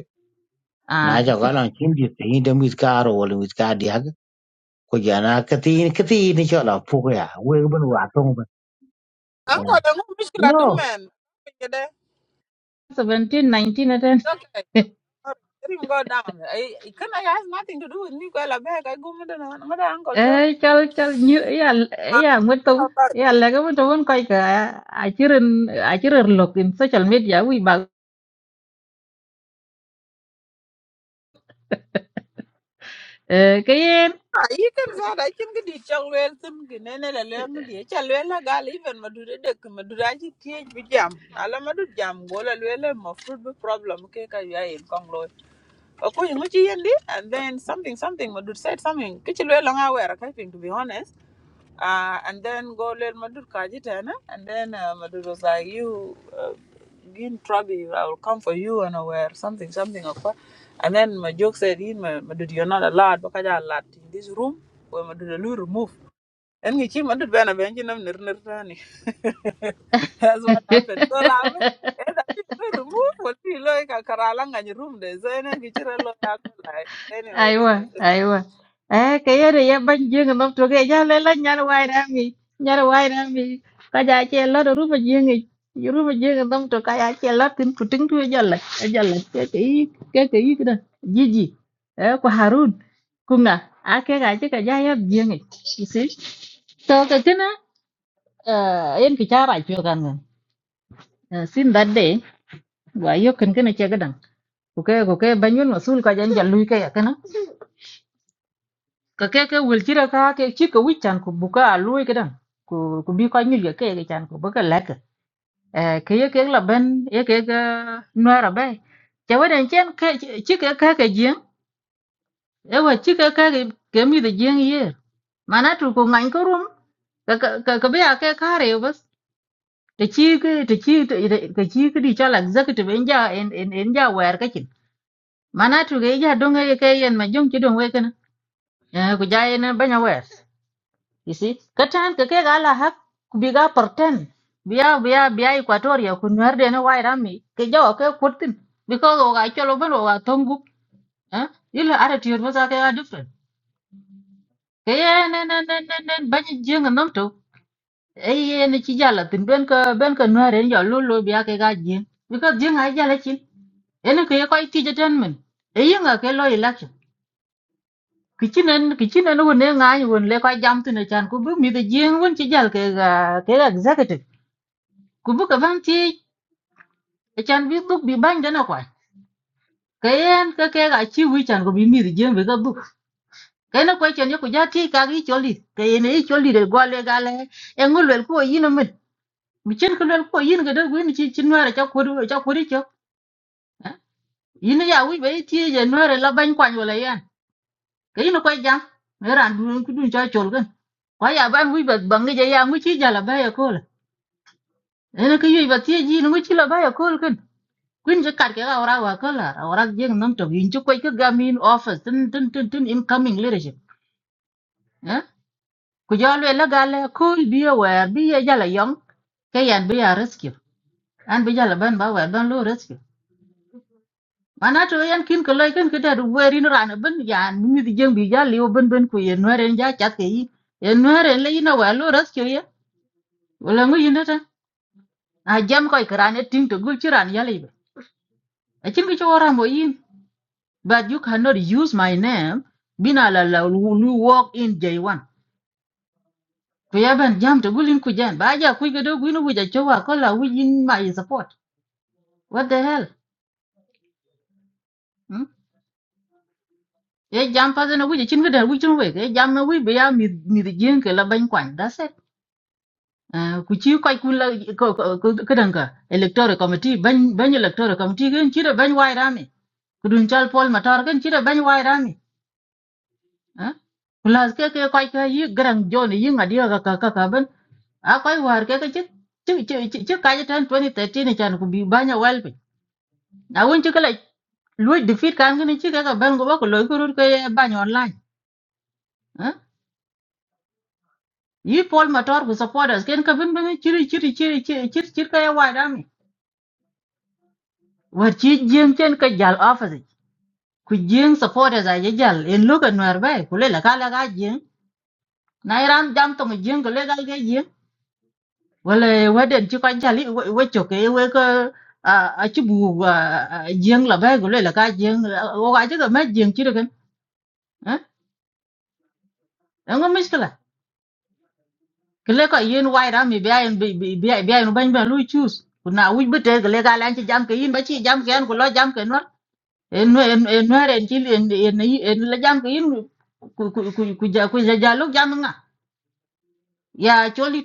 na
ai
ja ga lan chin ji tin da mit ka ro wal mit ka dia ko ja na ka tin ka tin ni cho la pu ya we ban wa tong ba
Anko dangu mushkila
no
do man. Kede.
17 19
Okay. Sorry. Let him go down. I, I can I has nothing to do with me. Well, I beg. I go with the uncle
Ê, cho cho như ý là ý
John.
là Nguyễn Tùng ý là lấy cái Nguyễn Tùng vẫn quay cả à chứ rừng à chứ rừng lục in social media quý bà Ê, cái em
Ayi kan sa da kin ga di chang wel tin gi ne ne la le ngi di cha le la gal even ma du de de ma du da ji ti bi jam na la ma du jam go la le fruit problem ke ka ya in kong Okoye nguchi yendi, and then something, something, Madud said something. Kichi lwe longa aware, I to be honest. Uh, and then go lel Madud kajitana, and then uh, Madud was like, you, uh, in trouble, I will come for you and aware, something, something. Okoye. And then my joke said, "In my Madud, you're not allowed, bakaja allowed in this room, where Madud will remove. En ngi chi man dut bena ben chi nam nir nir tani. That's what happened. So Ram, eh, that is the remove what we like a karalang and room there. So en ngi chi relo ya ko lai. But anyway,
ai mà ai mà à cái em này em bánh dương nó trụ cái giá lên lên nhà nó quay ra mi nhà nó quay ra mi cái giá chè lót rồi rút mà dương này rút mà dương nó trụ cái giá chè lót tính trụ trứng trụ giá lệch giá lệch cái cái cái cái cái đó gì gì Ê, của Harun cùng nè à cái gái chứ cái giá em dương này So kakana uh, yen kichara chwe kanga. Uh, sin that day, wa yo kan kana che gadang. Kuke kuke banyun masul ka janja lui ka ya kana. Kake ke wilchira ka ke chika wichan ku buka lui ka dang. Ku ku bi ka nyu ya ke ke chan ku buka lak. Eh ke ye ke la ben ye ke ga nuara bai. Che wadan chen ke chika ka ke jeng. E wa chika ka ke ke mi de jeng ye. Mana tu ku ngan ko rum. Ka ka ka ka be ya ke kare bas. da ci ga da ci ga ci ga di chola executive in ja in in in ja wer ka kin mana tu ga ja dong ga ka yen ma jong ci dong we kana ku ja yen ba nya wer you see ka tan ka ke ga la hak ku bi ga perten biya biya biya equatoria ku nwer de na wai rami ke ja o ke kutin because o ga cholo ban o ga tongu ha ila ara ti yor ba za ka ga different ke yen nen nen nen nen ba ni jeng nom to e yen ci jala tin ben ka ben ka nwer en ja lo lo biya ke ga jeng because jeng ai jala chin ele ke ko ti jaten men e yinga ke lo election kichinen kichinen won ne ngai won le ko jam tine chan ku bu mi de jing won ti jal ke ga ke ga executive ku bu ka van ti e chan bi duk bi ban dana kwa ke en ke ke ga chi wi chan ku bi mi de jing bi ga bu ke na ko chen yo ku ja ti ka gi choli ke ye ne i choli de go le ga le e ngul le ko yin men mi chen ko le ko yin ga de gu ni chi chin wa ra cha ku ru cha ku ri cha yin ya wi be ti je no re la ban kwa yo le cái yin ko jam ran du ku du cha chol gan ko ya ban wi ba bang ge ya ngu chi ja la ba ya kol ene ke yi ba ti ji ngu chi la ba ya kol kan kun je cái ke ở ra wa kol la ora je nam to yin chu ko ke ga min office tin tin tin tin incoming leadership eh ku ja le la ga là kol bi ya wa bi ya ja la yong ke yan rescue anh bây ja la ban ba wa ban lo rescue mana to yan kin cái lai kan ke da werin ran ban yan mi di jeng bi ja liu ban ban ku ye no ren ja chat ke yi ye no ren lấy nó wa luôn rescue ye wala ngu yin ta a jam koy kran e ting to gul chiran yali be a chin ki chora mo yin but you cannot use my name bina la la lu walk in j1 to ban jam to gulin ku jan ba ja ku gado gu no wuja chowa ko la wi yin my support what the hell hmm? ye jam pa zeno wuja chin gada wi chun we ye jam na wi be ya mi mi de jen ke la ban kwan that's it Ah, ku ci koy ku la ko ko ko- ko dan ka electoral committee ban ban electoral committee gen ci da ban wai rami kudun chal pol matar gen ci da ban wai rami Kulas ke ke koi ke yi garang jon yi ngadia ka ka ka ka ben. A koi war ke ke chik chik chik chik chik ka jatan 2013 ni chan ku bi banya wel pe. Na won chik la luoj defeat kan ni chik ka ka ben go ba ko loy ko rur ke banya online. Eh? Yi Paul Matar ku supporters ken ka ben ben chiri chiri chiri chiri chiri chiri ka ya wa dami. War chi jeng chen ka jal office. Ku jeng supporters a ye jal en lu ka nwer bai ku le la ka la ka jeng. Na iran jam to mo jeng ko le ka ke jeng. Wale waden ci kwan jali wecho ke we ko a a ci bu jeng la bay gule la ka jeng o ga ci ma jeng ci reken ha ngo miskala kle ko yin wai ra mi biya yin bi bi biya biya yin ban ba lu chus kuna wi bete kle ga lan ci jam ke yin ba ci jam ke an ko lo jam ke no en no en en no ren ci en en en la jam ke yin ku ku ku ku ja ku ja lu jam nga ya choli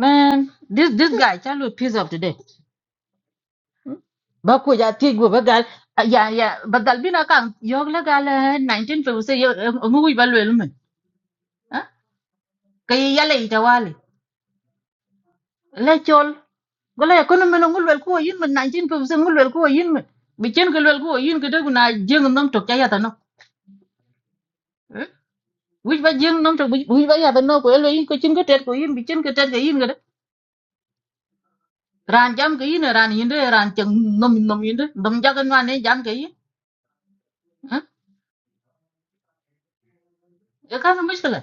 man this this guy chalu piece of today ba ku ja ti gu ba gal ah, ya ya ba dal bina kan yo la gal eh, 1956 yo ngu ba lwel men ha ka ye yale ita wale la chol gola ko no men ngul wel ko yin men 1956 ngul wel ko yin men bi chen ko wel ko yin ko dagu na jeng nam tok ja ya ta no wi ba jeng nam tok wi ba ya ta no ko el yin ko chen ko tet ko yin bi chen ko tet ko yin ko de ran jam ko yin ran yin de ran cheng nom nom yin de dom ja kan ne jam ko yin ha E ka no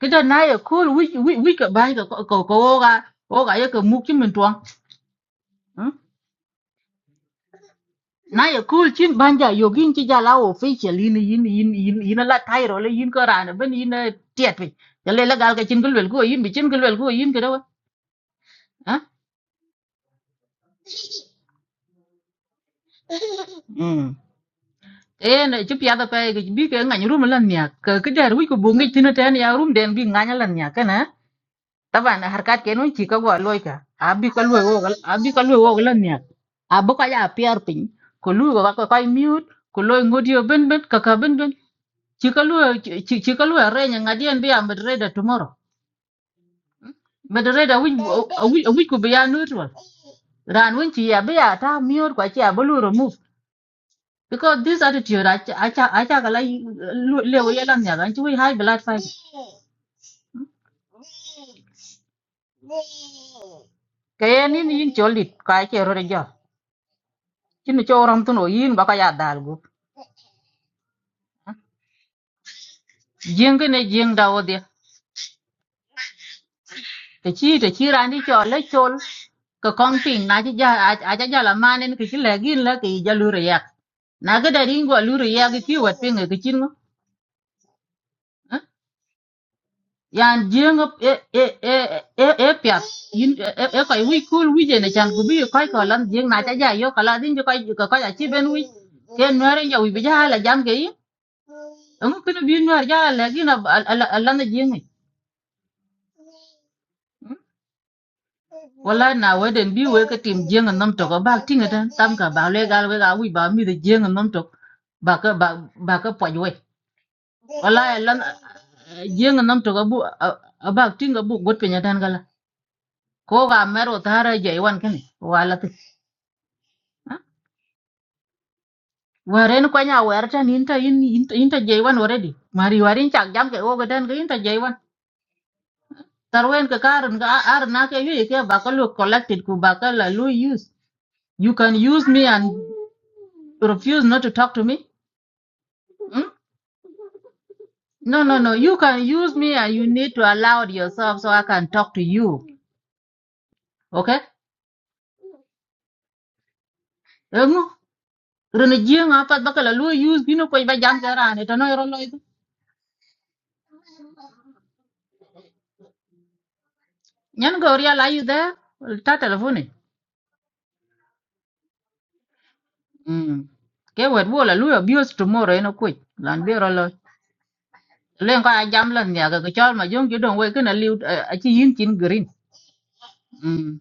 cái đó kita ở cool wi wi wi ka bai ka ko ko ko ga ko ga ye ka mu kin min tuwa naye cool chin banja yogin chi jala official yin yin yin yin yin la thairo le yin ko ran ben yin tiet wi ya le la gal ka chin gulwel ko yin bi chin gulwel ko yin kada wa cái đó e na chi pya da pa ga bi cái ngany rum lan cái ka ka dar wi ko bungi tin tan ya rum den bi nganya cái nya Taban harkat kenun ci ka go loy ka. Abi ka loy wo abi ka loy wo lan nya. Abu ka ya pier pin. Ko lu go ka kai mute ko loy ngodi yo ben ben ka ka ben ben. Ci ka loy ci ci ka loy re nya ngadien bi am reda tomorrow. Medrada wich wich wich ko biya neutral. Ran won ci ya biya ta miur ko ci ya bulu remove. Because this attitude acha acha acha kala lewo yelan nya ran ci wi high blood fiber. Kayen ni ni yin cholit ka ke rore jo. Kin cho ram tuno yin ba ka ya dalgo. riêng cái này jing da đi, cái chi cái chi ra đi cho lấy chôn, cái con ping na chứ giờ à à giờ là mà nên cái chi ja a ja ja la man ne ki le gin le ki ja lu re yak na ga da ringo lu re yak ki wat ping ki chin ngo yan jing e e e e e pya yin e e kai wi kul wi je ne chan ku bi kai ko lam jing na ja ja yo kala din jo kai ko ko ja chi ben wi ke no re ja wi bi ja la jam ge yi ngu kin bi no ja la gin a la la jing Wala na weden bi we ka tim jeng nom tok ba tinga tan tam ka ba le gal we ga wi ba mi de jeng nom tok ba ka ba ba ka poj we wala e lan jeng nom tok bu ba tinga bu got pe nyatan gala ko ga mero tara je wan kan wala ti waren ko nya wer tan inta in- inta inta je wan already mari warin chak jam ke o ga tan ga inta je wan tarwen ka karun ga ar na ke yu e ke ba ka lu collected ku ba ka la lu use you can use me and refuse not to talk to me Hmm? No, no, no. You can use me and you need to allow yourself so I can talk to you. Okay? Engu, rene jieng apat bakala lu use binu koi ba jam kera ane tano yoro lo itu. Nyan go real are you there? Ta telephone. Mm. Ke wet wo la lu abuse tomorrow eno koi. Lan be yoro lo. Len ka jam lan ya ga chol ma jong jidong we kana liu eh, a chi yin chin green. Mm.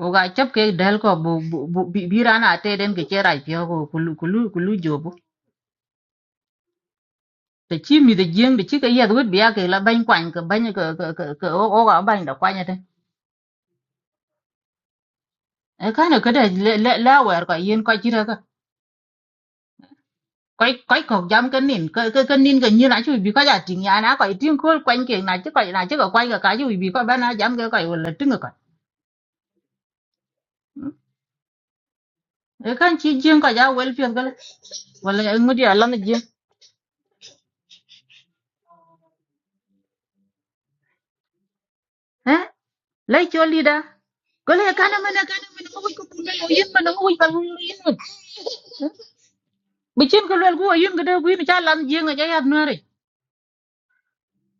Oga chap ke del ko bu bu birana te den ke chera pyo ko kulu kulu kulu te chi mi de jeng de chi ka yed wet biya ke la bany kwany ke bany ke ke ke cái cái o cái bany da kwanya te e ka ne ke de le le la wer ka yin ka chi ra ka kai cái ko jam ka nin ka cái cái nin ka nyi na chu bi ka ja ting ya na ka ting ko kwany ke na chi ka na chi ka kwany ka cái chu bi ka ba na jam ke cái wala ting ka cái kan chi jeng ka ja wel pi ga wala ngudi làm ne jeng he lấy cho đi đó cái này cái lida ko le kana mana kana mana ko ko ko le yin mana ko ko yin bi chen ko le ko yin ga de ku ni cha lan jeng ga ja ya no re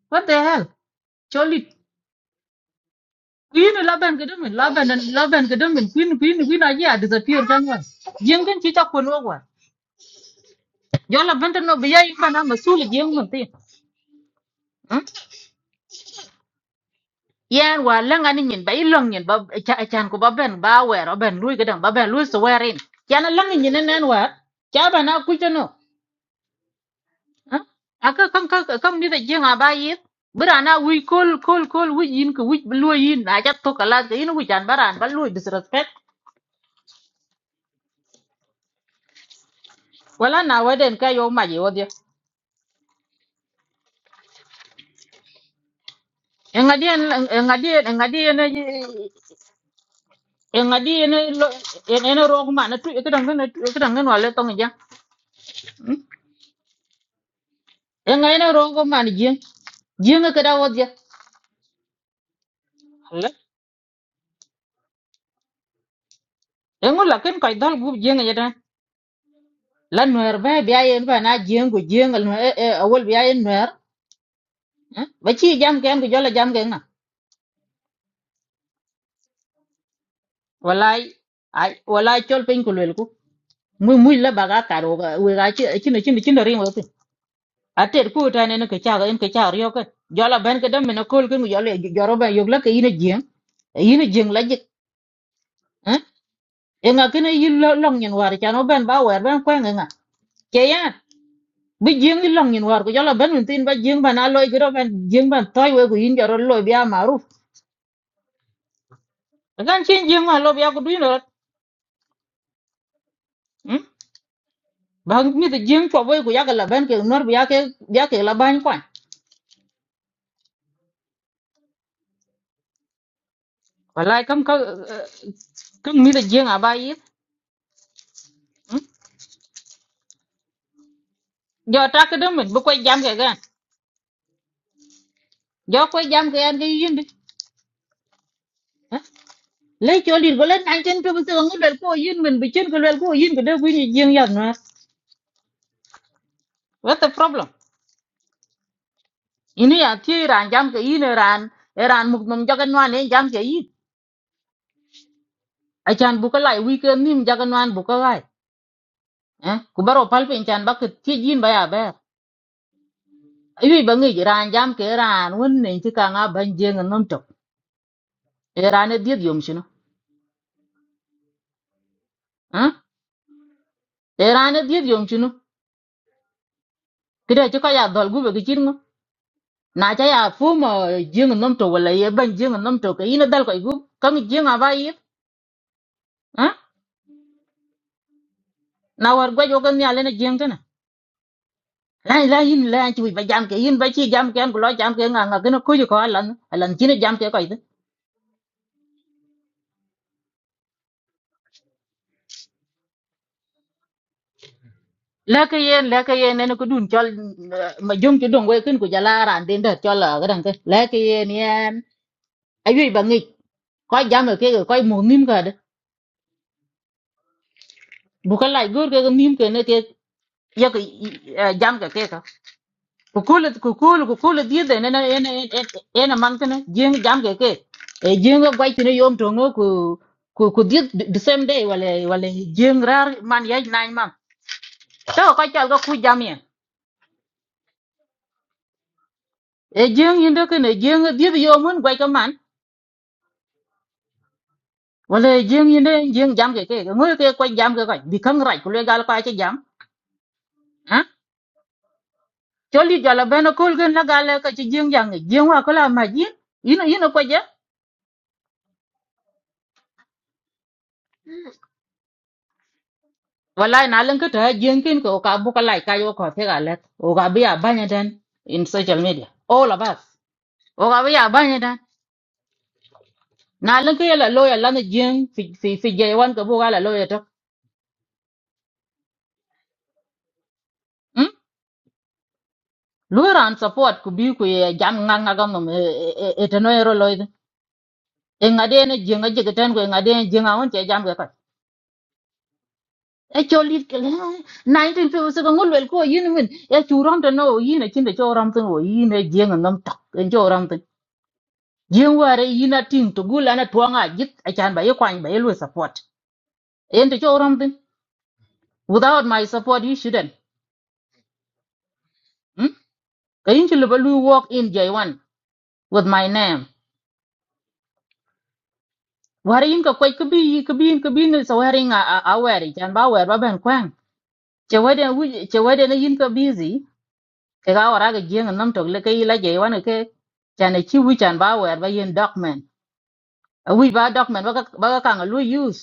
what the hell Choli queen laban ke domin laban laban ke domin queen queen queen aji a disappear kan wa. Jengin ci ta kono wa. Jola banta no biya yi mana masul jeng mun ti. Yan wa langa ni nyin ba ilong nyin ba cha chan ko ba ben ba wer o ben lui gadan ba ben lui so werin. Yana langa nyin nen wa. Cha ba na ku no. Aka kan kan kan mi da jenga ba yi. Birana wi kol kol kol wi yin ko wi lui yin na ja to kala ga yin wi jan baran ba lui disrespect. Wala na waden ka yo ma ye Engadien engadien engadien engadien en en rog man tu ke dang ne ke dang ne wale tong ja. Engadien rog man jing jing ke da wod ja. Alle. Engu la ken kai dal gub jing ja da. La nuer ba bi ayen ba na jing go jing al e e awol bi ayen nuer. Hmm? Ba chi jam ken go jola jam ken na. Walai ai walai chol pen ku lel ku. Mu mu la baga karo ga we ga chi chi chi chi ring atet ku ta ne ke cha en ke cha ryo ke jola ben ke dam na kol ke jola joro ba yogla ke ina jeng ina jeng la jik eh enga ke ne yil long nyen war cha no ben ba wer ben kwen nga ke yan bi jeng yil long nyen war ko jola ben tin ba jeng ba na loy gro ben jeng ban toy we ko yin joro loy bi amaru kan chen jeng ma lo bi ko duin rot hm ba mi te jeng po boy ko ya ga la ben ke nor bi ya ke ya ke la ban kwan wallahi kam ka eh, kam mi te jeng aba yi jo ta ke dam bu ko jam ke ga do ko jam ke an ke yin bi Ha? le cho lir go len an chen to bu se ngi le ko yin men bi chen ko le ko yin ko de bu ni jing yan na what the problem ini ya ti ran jam ke yin ran ran muk mum jagan wan ne jam ke yin a chan bu ko lai wi ke nim jagan wan bu ko lai eh ku baro pal pe chan ba ke ti yin ba ya ba ayi ba ngi ran jam ke ran won ne ti ka nga ban jeng nom to e ran ne diet yom chino eh e ran ne diet yom chino kida ti ka ya dol gu be ki na cha ya fumo jing nom to wala ye ban jing nom to ke ina dal ko gu kan jing aba ye ha na war gwa jo kan ya le na jing ta na la la yin la chu ba jam ke yin ba chi jam ke ko lo jam ke nga nga ke no ku ju ko alan alan chi na jam ke ko ite la ke yen la ke yen ne ko dun chol eh, ma jung chu dong we kin ku jala ran den da chol la ga dan ke la ke yen yen ayu ba ngi ko jam ke ko mu nim ga de bu ka lai gur ke nim ke ne te ye ke jam ke ke kukul kukul kukul diede ene ene ene ene man kene jing jam ke ke e jing ga gwai tine yom tongo ku ku ku diet the same day wale wale jing rar man yai nine man to ko chal ga ku jam yen e jing yinde kene jing diet yomun gwai ka man wale jing yinde jing jam ke ke ngoy ke ko jam ke ko bi kang rai ku le gal ka che jam ha choli jala beno kul gen la gal ka che jing jang jing wa ko la ma jin ino ino ko je wallahi na lin ka ta jenkin ko ka bu ka lai ka yo ko te ga let o ga bi a banya dan in social media all of us o ga bi a banya dan na lin ka la lo ya la na jen fi fi fi je wan ka bu ga la lo ya to hm lu ran support ku bi ku ye jam nga nga ga no e e, e, e, te no ero lo e nga de ne jenga je ga tan ko nga de ne jenga on che jam ga ka e cho li 19 fi so ko ngol wel ko yin min e chu ram to no yin e chin de cho ram to o yin e jenga nam tak en cho ram jin ware yina ting to gul ana tuanga jit I can ba yakwany ba yelwe support ente cho romtin without my support you shouldn't hmm? ka yin chi liba lu walk in j1 with my name ware yin ka kwai kabi kabi kabi ni sa ware nga a a ware can ba ware ba ben kwang che wade wu che wade na yin ka busy ka ga wara ga jin nam to le kai la j1 ke can chi wi can ba ware ba yin document a wi ba document ba ka ba ka nga lu use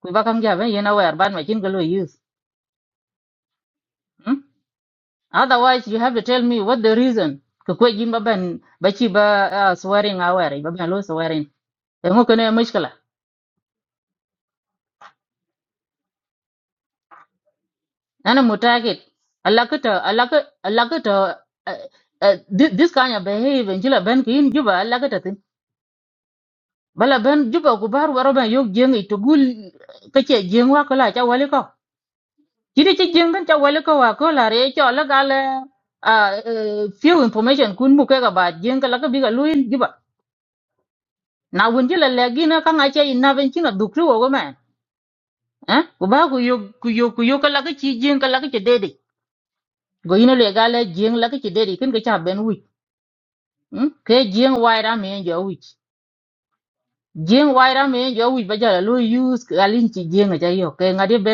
ku ba kan ja ben yin a ware ban ma chin ka lu use Hmm? Otherwise, you have to tell me what the reason. Ka kwe jin ba ban ba ci ba ah, swearing aware ba ban lo swearing. Da mu kana mushkila. Ana mu target. Allah ka ta Allah ka Allah ka ta ah, ah, thi- this kind of behavior jila ban ki in juba Allah ka ta tin. Bala ban juba ku bar waro ban yo jeng to gul kace jeng wa kala cha wali ko. Kidi ci jeng kan cha wali ko wa ko la re cho la gale a few information kun mu kai ga ba jeng kala ka biga luin juba. na wun ci la legi na kan ache ina ben ci na dukri wo go men eh go ba ku yo ku yo ku yo kala ki ci jeng kala ki ci dede go ina le gale jeng la ki ci dede kin ga cha ben wi hm ke jeng waira me jo wi jeng waira me jo wi ba jala lo use galin ci jeng ja yo ke ngade be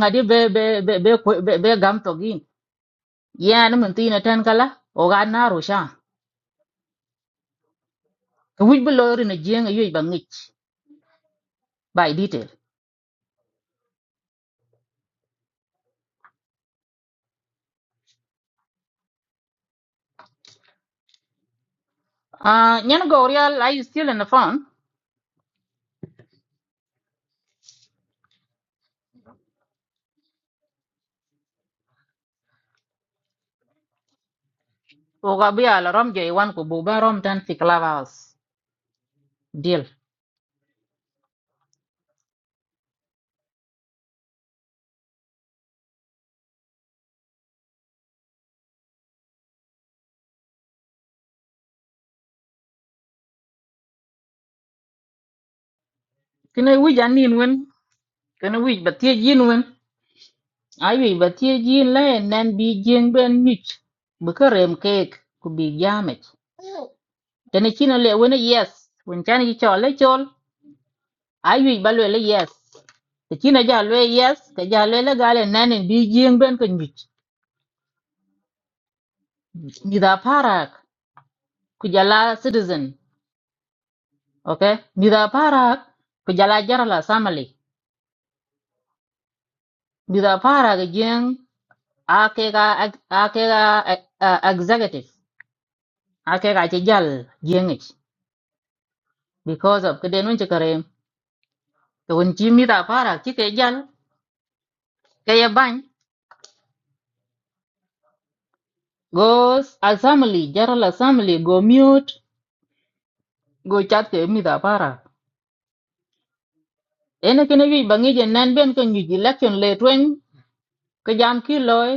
ngade be be be be kwe- be be gam to gin ya na mun tina tan kala o ga na ro sha wi bi lo ri na jeng yo ba ngich by detail ah nyen go real i still in the phone Oga bi ala rom je wan ko buba rom tan fi clubhouse. Deal. Kene wij an nin wen. Kene wij ba tie jin wen. Ayu ba tie jin la en nan bi jin ben nich. Bu ka rem kek ku bi jamech. Tene china le wen yes. Wen chan yi chol le chol. Ayu ba le le yes. Te china ja le yes. Ka ja le le gale bi jin ben ka nich. parak ku jala citizen. Okay? Ni da parak ku jala jarala samali. Ni da parak e jeng akega akega eh, eh, executive akega ci jal jengich because of kede nun ci kare to won ci mi da para ci ke jal ke ye ban, go assembly general assembly go mute go chat ke mi da para ene kene wi bangi je nan ben ko nyu election le twen ko jam ki loy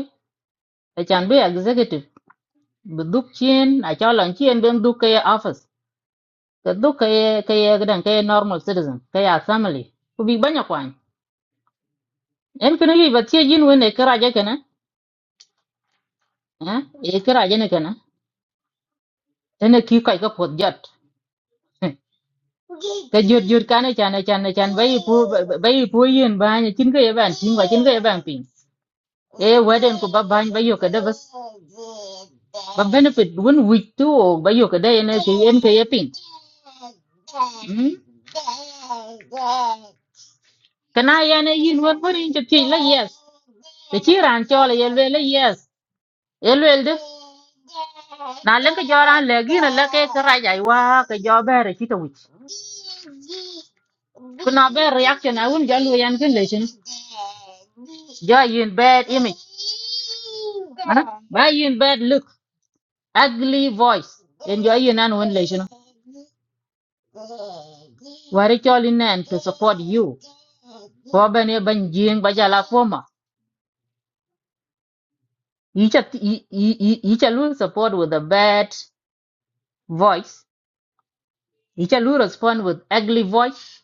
e chan be executive bu duk chien a chalon chien ben duk ke office ke duk ke ke ke dan ke normal citizen ke assembly ku bi banya en kene yi batie yin wene karaje kene eh e karaje ne kene tene ki kai ka pot jot ka jot jot kane chane chane chan bai pu bai pu yin ba ne chin ka yaban chin wa chin ka ban pin e waden ko baban bai yo ka da bas ba benefit won week tu o bai yo ka da ne ke en ka yapin kana ya ne yin won won in je ti la yes te chi ran cho la yel ve la yes Elwel de na lenke joran legi na leke karaja iwa ke jo bere chito wich. Kuna be reaction a wun jalu yan kin lechen. Jo yin bad image. Huh? Ba yin bad look, ugly voice. And jo yin an wun lechen. Wari choli nen to support you. Ko bene ban jing ba jala foma. Yicha yicha lu support with a bad voice. Icha lu respond with ugly voice.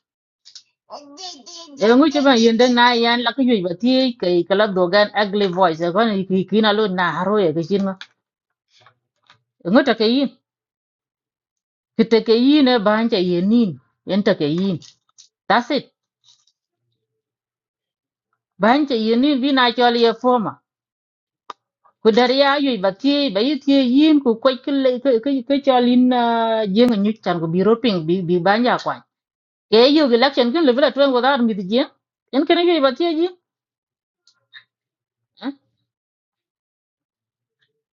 Ele nguche ba yende na yan la kuyuj ba ti kai kala dogan ugly voice. Ko ni ki kina lu na haro ya ke chinma. Ngota ke yin. Kite ke yin e ba hancha yenin. Yenta ke yin. That's it. Ba hancha yenin bi na chol ye forma. Ku dari ya yuj ba ti ba yi ti yin ku kwaj ke le- ke ke ke chol in ah, jeng nyu chan ku bi roping bi bi banja kwa. Ke yu election kin le bila twen go dar mi ti jeng. En kana yuj ba ti yin.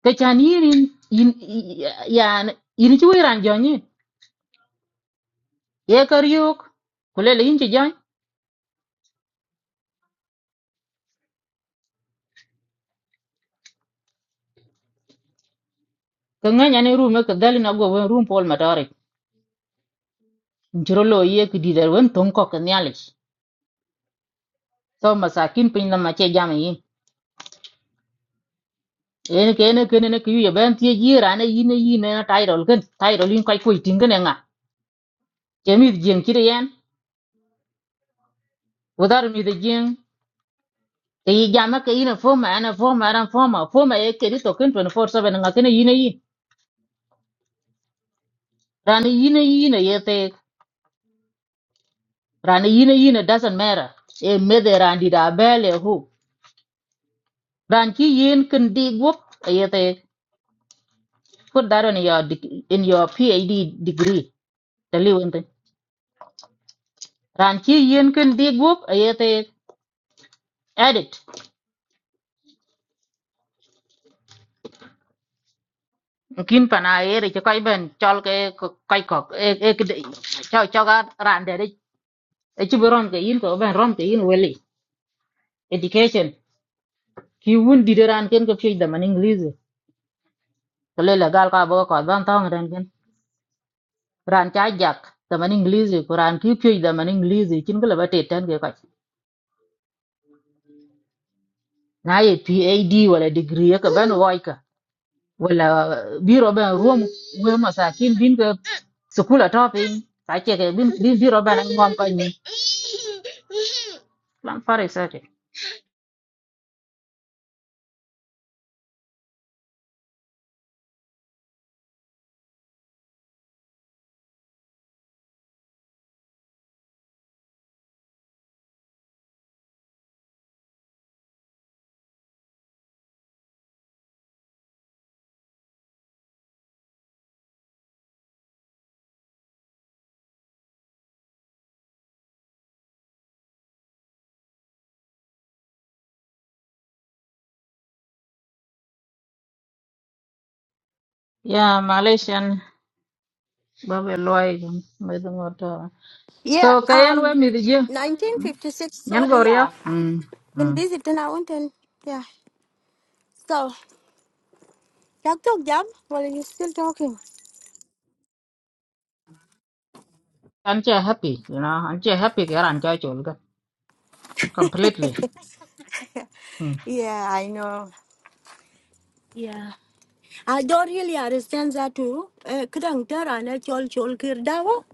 ka chan yirin yin yan yin ci wiran jonyi ye kar yok kulele yin ci jony ka ngany ane rume ka dali na go wen rum pol matore njiro lo ye ki didar wen ton ko ka nyalish so masakin pin na mache jam yin en ke ne ke ne ki ye ben tie yiran yin yin na tairol ken tairol yin kai ku tingene nga kemit jeng ci yen wadar mi de jeng te yi jama ke yin foma ana foma ran foma foma ye ke di to ken 24/7 nga ken yin yin ran yin yin ye te ran yine yine doesn't matter e mede ran di da bele hu ran ki yin kin di gup ayete put that in your deg- in your phd degree tali wente ran ki yin kin di gup ayete edit kin pana ere ke kai ben chol ke ko- kai kok e e chao chao ga ran de de. e chi ron ke yin ko ben ron ke yin weli education ki wun di de ran ken ko fi da man english ko le la gal ka bo ko don tong ran ken. ran cha jak da man english ko ran ki pye da man english kin ko laba te tan ke ko na ye pad wala degree ka ban wai ka wala uh, biro ban ruom we masakin bin ka sukula topping ka che ke bin bin biro ban ngom ko ni lan fare sate ya malaysian babe loy me do ngoto so
Yeah,
kayen we
um,
mi di je
1956.
nyan go
Sorry,
ria
yeah.
mm
Been
mm
busy then I went and yeah. So, that took job while you still talking.
anh chơi happy you know anh chơi happy ke anh chơi chol ga completely Hmm.
yeah, I know. Yeah. I don't really understand that too. Uh, Kadang Tara and Chol Chol Kirdawa.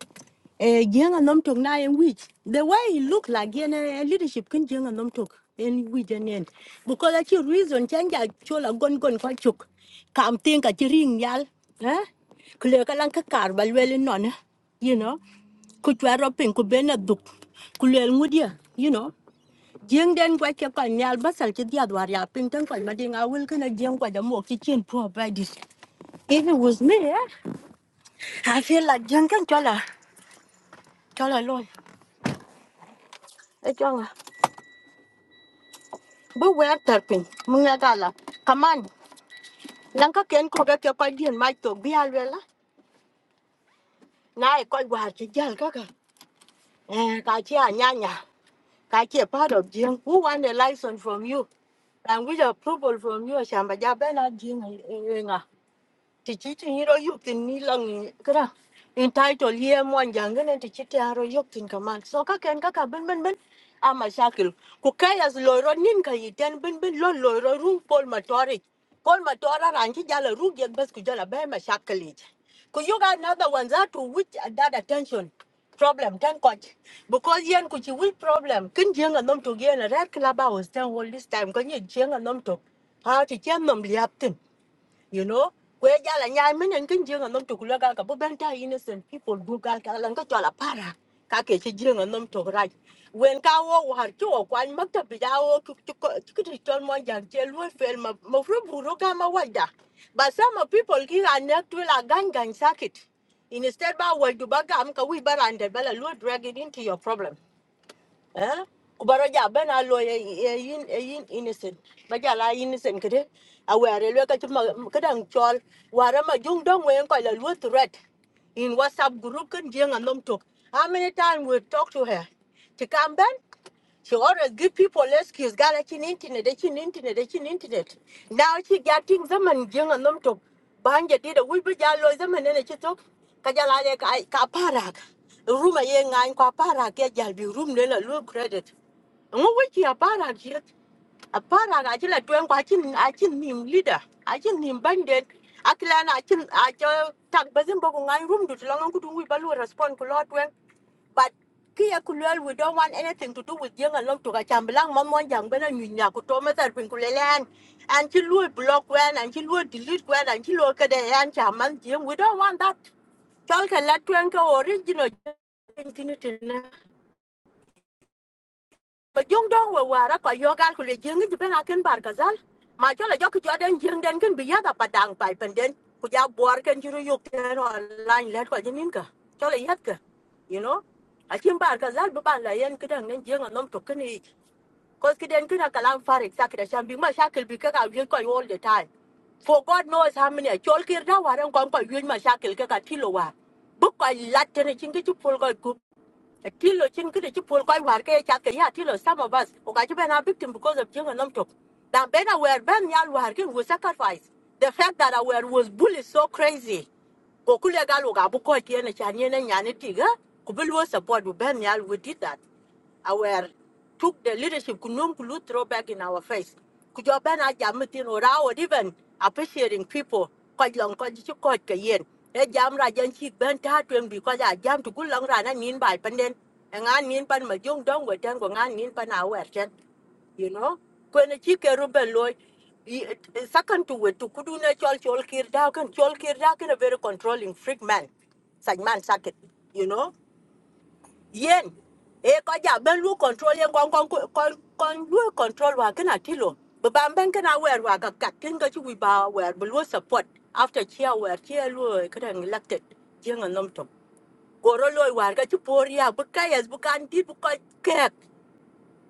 Jeng and Nomtok na in which the way he look like in a leadership can Jeng and Nomtok in which and end. Because that's your reason change chola gon gon kwa chuk. Kam think at your ring yal. Eh? Kule kalang kakar balwele non. eh? You know. Kuchwa ropin kubena duk. Kule ngudia. You know. Jeng den kwa ke kwa nyal basal chidia dwaria ping ten kwa mading awil kana jeng kwa jamo kitchen provided. If it was me, eh? I feel like Jenkin Chola, Chola alone. A Chola. But where terping? Mungagala. Come on. Lanka can cook a copy and my to be alwella. Now I call what Jal Kaka. Eh, Kachia Nyanya. Kachia part of Jim. Who want a license from you? and Language approval from you, Shamba Jabena Jim. ti chi ti hiro yuk tin ni lang ni kra in title ye mon jang ne ti chi ti haro yuk tin kaman so ka ken ka ka bin bin bin a ma shakil ku kai as loro nin ka yiten bin bin lo loro ru pol matori pol matora ran ki jala ru ge bas ku jala be ma shakil ji ku you got another one that to which that attention problem ten coach because yen ku chi will problem kin jeng a to gen a red club hours ten all this time ko ni jeng a nom to ha ti chen nom liap you know kwe jala nyai menen kin jenga nom to kula gal ka bu benta innocent people du gal ka lan ka chola para ka ke che jenga nom to raj wen ka wo war cho kwan makta bi ja wo ki ki ti chol mo jan che lu fel ma ma fru buro ka ma wada but some of people here are neck to la gang gang circuit instead ba wa du ba gam ka wi barande bala lu drag it into your problem Eh? But ben a lawyer, a yin, a yin innocent. But la innocent, could it? I wear kadang chol, where am jung dong way and call a threat in WhatsApp group and jing and them How many times we talk to her? She come back? She always give people excuse. Gala chin internet, a chin internet, a chin internet. Now she getting them and young and them to bang it. Did a wee bit yellow them and then a chitok. Kajalale kaparak. Room a young and kaparak. Get yell be room then a low credit. And what wiki a parak yet? A parak, I tell a twang, I I chin him leader. I chin him bandit. Akilan, I chin, I tell tag bazin bogung. room to long and could we balu respond to Lord but kia kulel we don't want anything to do with young and long to ga chambelang mom young bena nyunya ku to meta bin kulelen and she will block when and she will delete when and she will kada and chaman jing we don't want that tol ka la twen original ba jong dong wa wara ko yogal ko le jeng ji ben the bar gazal ma jola jok jo den jeng den ken biya da padang pai penden ku ja bor ken juru yok ten online let ko jinin ka jola yat ka you know a kin bar gazal bu ban la yen kidan nen jeng anom to ken i ko kiden kina kalam farik sakira shambi ma shakil bi ka ka wil ko all the time for God knows how many. Chol kir da waran kon ko yun ma shakil ka katilo wa. Bu ko latte ne chingi chu pol ko Till lo chin kide chi pol koi war ke chat ke ya till some of us o ka chi ben a victim because of jinga nom tok. Dan ben a wer ben nyal war ke we sacrifice. The fact that I were was bullied so crazy. Go kule gal o ga bu ko ti ene chan yene nyane tiga. Kubilu support bu ben nyal we did that aware took the leadership kunum kulu throw back in our face kujoben a jamitin or our even appreciating people quite long quite you quite kayen e jam ra jan chi ben ta twen bi ko ja jam to kulong ra na nin by panden And ngan nin pan my young dong we ten ko ngan nin pan awer ten you know When chi ke ru ben loy it- second to we to kudu na chol chol kir da kan chol kir da kan a very controlling freak man such man suck it, you know yen e ko ja ben lu control yen kon kon kon kon lu control wa kana tilo ba ban ben kana wer wa ga kat kin ga chi wi ba wer bu lu support after chia wer chia lu kada elected jeng nom to goro lo war ga chi por ya bu ka yes bu kan ti bu ko kek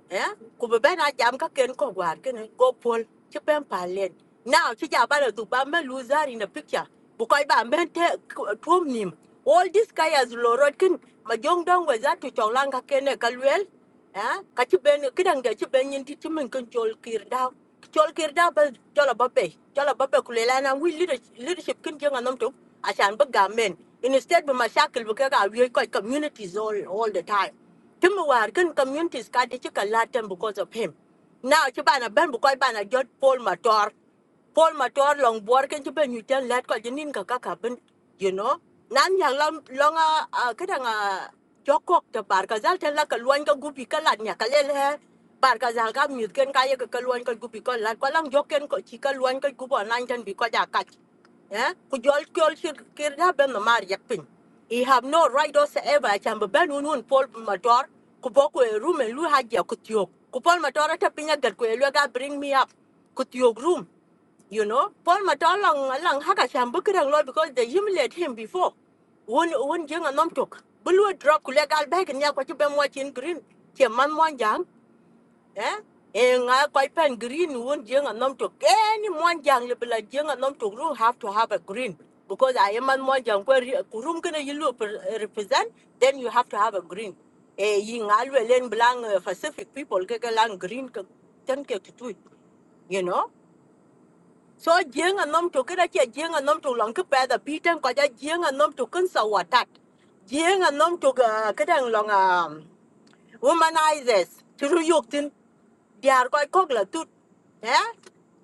eh ku be ben a jam ka ken ko gwar ken go pol chi pen palen now chi ja ba du ba me loser in a picture bu ko ba men te tuom nim all this guy as lorot ken ma jong dong we za tu chong lang ka ken e ka luel eh ka chi ben kidang de chi ben yin ti chi men ken chol kir dao chol kir dao ba chola ba pe chola ba pe ku le la na wi leadership leadership ken jeng anom tu asan ba ga men instead be mashakil bu ka ga wi ko communities all all the time Timu war communities kadi de chika latin because of him. Now chibana ben bukoi bana jot Paul Mator. Paul Mator long bor kan chiben you tell let ko jinin ka kaka ben you know. Nan yang long longa a kadanga jokok te bar ka zal ten la ka gupi ka lat nya ka lel he. Bar ka zal ka mute ken ka gupi ka lat ko lang joken ko chika luan ka gupo nan ten bi ja eh ku jol kyol shir kir da ben no mar yak pin i have no right whatsoever i can be ben unun un pol motor ku bo room and lu ha ja ku tiok ku pol motor ta pinya gar ku lu ga bring me up ku room you know pol motor long long ha ka sham bu kran lo because they humiliate him before one won jeng a nom tok bu lu drop ku legal bag nya ko ci ben mo chin green che man mo jang eh and I quite pen green won jeng a nom tok any mon jang le bla jeng a nom tok room have to have a green because i am an mon jang Where ri- ko room kana you look represent then you have to have a green e yi nga le len eh, pacific people ke ke lang green ke to do it, you know so jeng a nom tok ra che jeng a young and nom tok lang ke pa da a ko ja a nom tok kan sa watat a nom tok ka dang long um, womanizers through you biar koy kok la tut he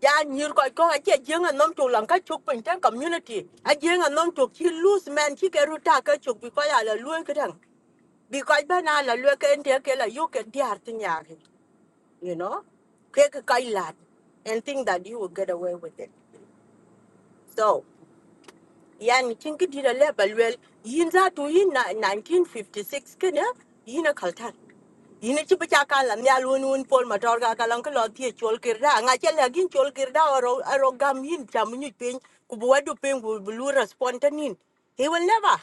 ya nyir koy ko ache jeng a nom tu lan ka chuk pin tan community a jeng a nom tu chi loose man chi ke ruta ka chuk bi ko la luen ka dang bi ko ba na la luen ka ente ke la yu ke diar tin ya you know ke ka kai lat and think that you will get away with it So yani tinki dira lebel wel yin za tu yin na 1956 kana yin a kaltar yin ci bi ka la mi alun un pol ma tor ga ka lan ko ti chol kirda nga che la gin chol kirda ro ro gam yin cham ni pin ku bu pin ku bu respond ta nin he will never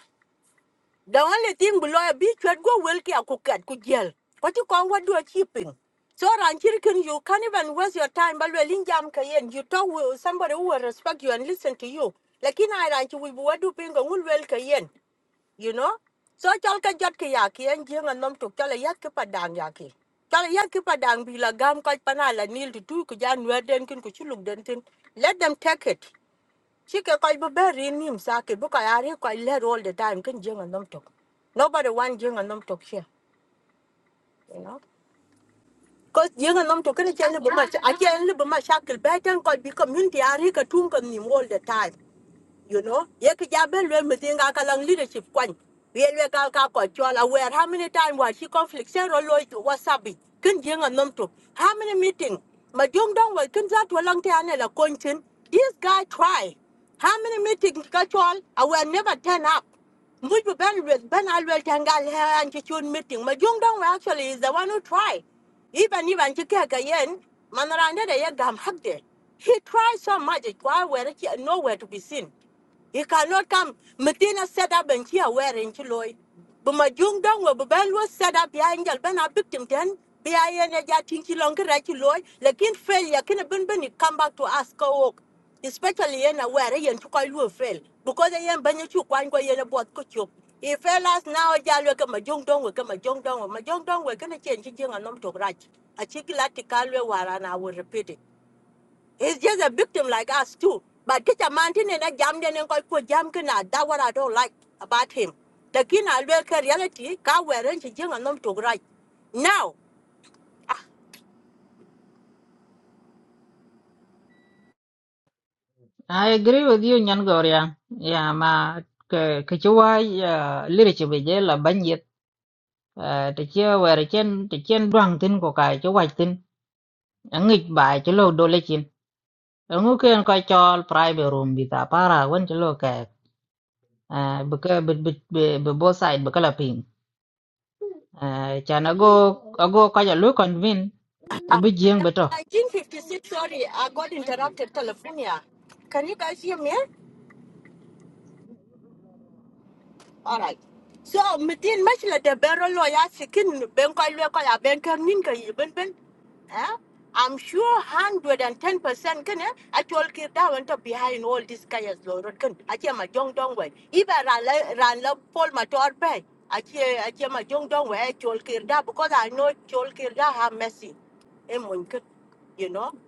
the only thing below a beach would go wilkie a cooked could yell. What you call what do a chipping? So Ranchirikin, you can't even waste your time, but well in jam kayen, you talk with somebody who will respect you and listen to you. Like in Iranchi, we would do ping and will well kayen, you know? So chalka jatka yaki and jing and num to chala yaki padang yaki. Chala yaki padang be la gam quite panala nil to two kujan where then kin kuchuluk dentin. Let them take it. She can call you very him, Saki, book I are quite let all the time, can jing and them talk. Nobody want jing and them talk here, you know. Because jing and them talk, I can't live my shackle better and could be community, I reek a tunk on him all the time you know ye ki ja ben lwen mi tin ga ka lang leadership kwan ye lwe ka ka ko chol aware how many time was chi conflict se ro lo wasabi kin je ngan nom to how many meeting ma jong dong wa kin za to lang te ane la konchin this guy try how many meetings ka I aware never turn up which Ben with Ben Alwell Tangal and Chichun meeting. But Jung Dong actually is the one who try. Even even Chikaka Yen, Manaranda de Yagam Hagde. He tried so much, it was nowhere to be seen. You cannot come. Matina set up and here wearing chiloy. But my young down will be was set up behind your ben a victim then. Be I any jatting chilonga chiloy. Like in failure, can a ben ben come back to ask a walk. Especially in a wear and to call you fail. Because I am banyuku quang go in a boat kuchuk. If fellas now jalo come a young down will come a jung down. My young down will gonna change jing and not to right. A chicken latikal war and I will repeat it. It's just a victim like us too. But get a mountain and a jam then and go for jam can that what I don't like about him. The kin I look at reality, car wear and she young and not to right. Now
I agree with you Nyan Goria. Yeah, mà cái cái chú ai uh, leadership bây giờ là bao nhiêu? Uh, thì chưa về thì trên thì trên đoàn tin của cái chú ai tin. Anh nghịch bài chú lô đô lê chín. Anh ngủ kia coi cho private room bị ta para quên chú lô kẹt. Uh, bực bực bực bực both side bực là pin. Uh, cho nó go nó go coi cho lối convin cũng
uh,
bị riêng bữa đó.
nineteen fifty six sorry, I got interrupted telephonia. Can you guys hear me? All right. So, within much like the barrel lawyer, chicken, banker, local, banker, ninka, even ben. Eh? I'm sure 110% can eh? I told Kirda went up behind all these guys, Lord. Can I hear my young dong way? Even ran up Paul Mator Bay. I hear I hear my young dong way. I told Kirda because I know Chol Kirda have mercy. Eh, Munkin, you know.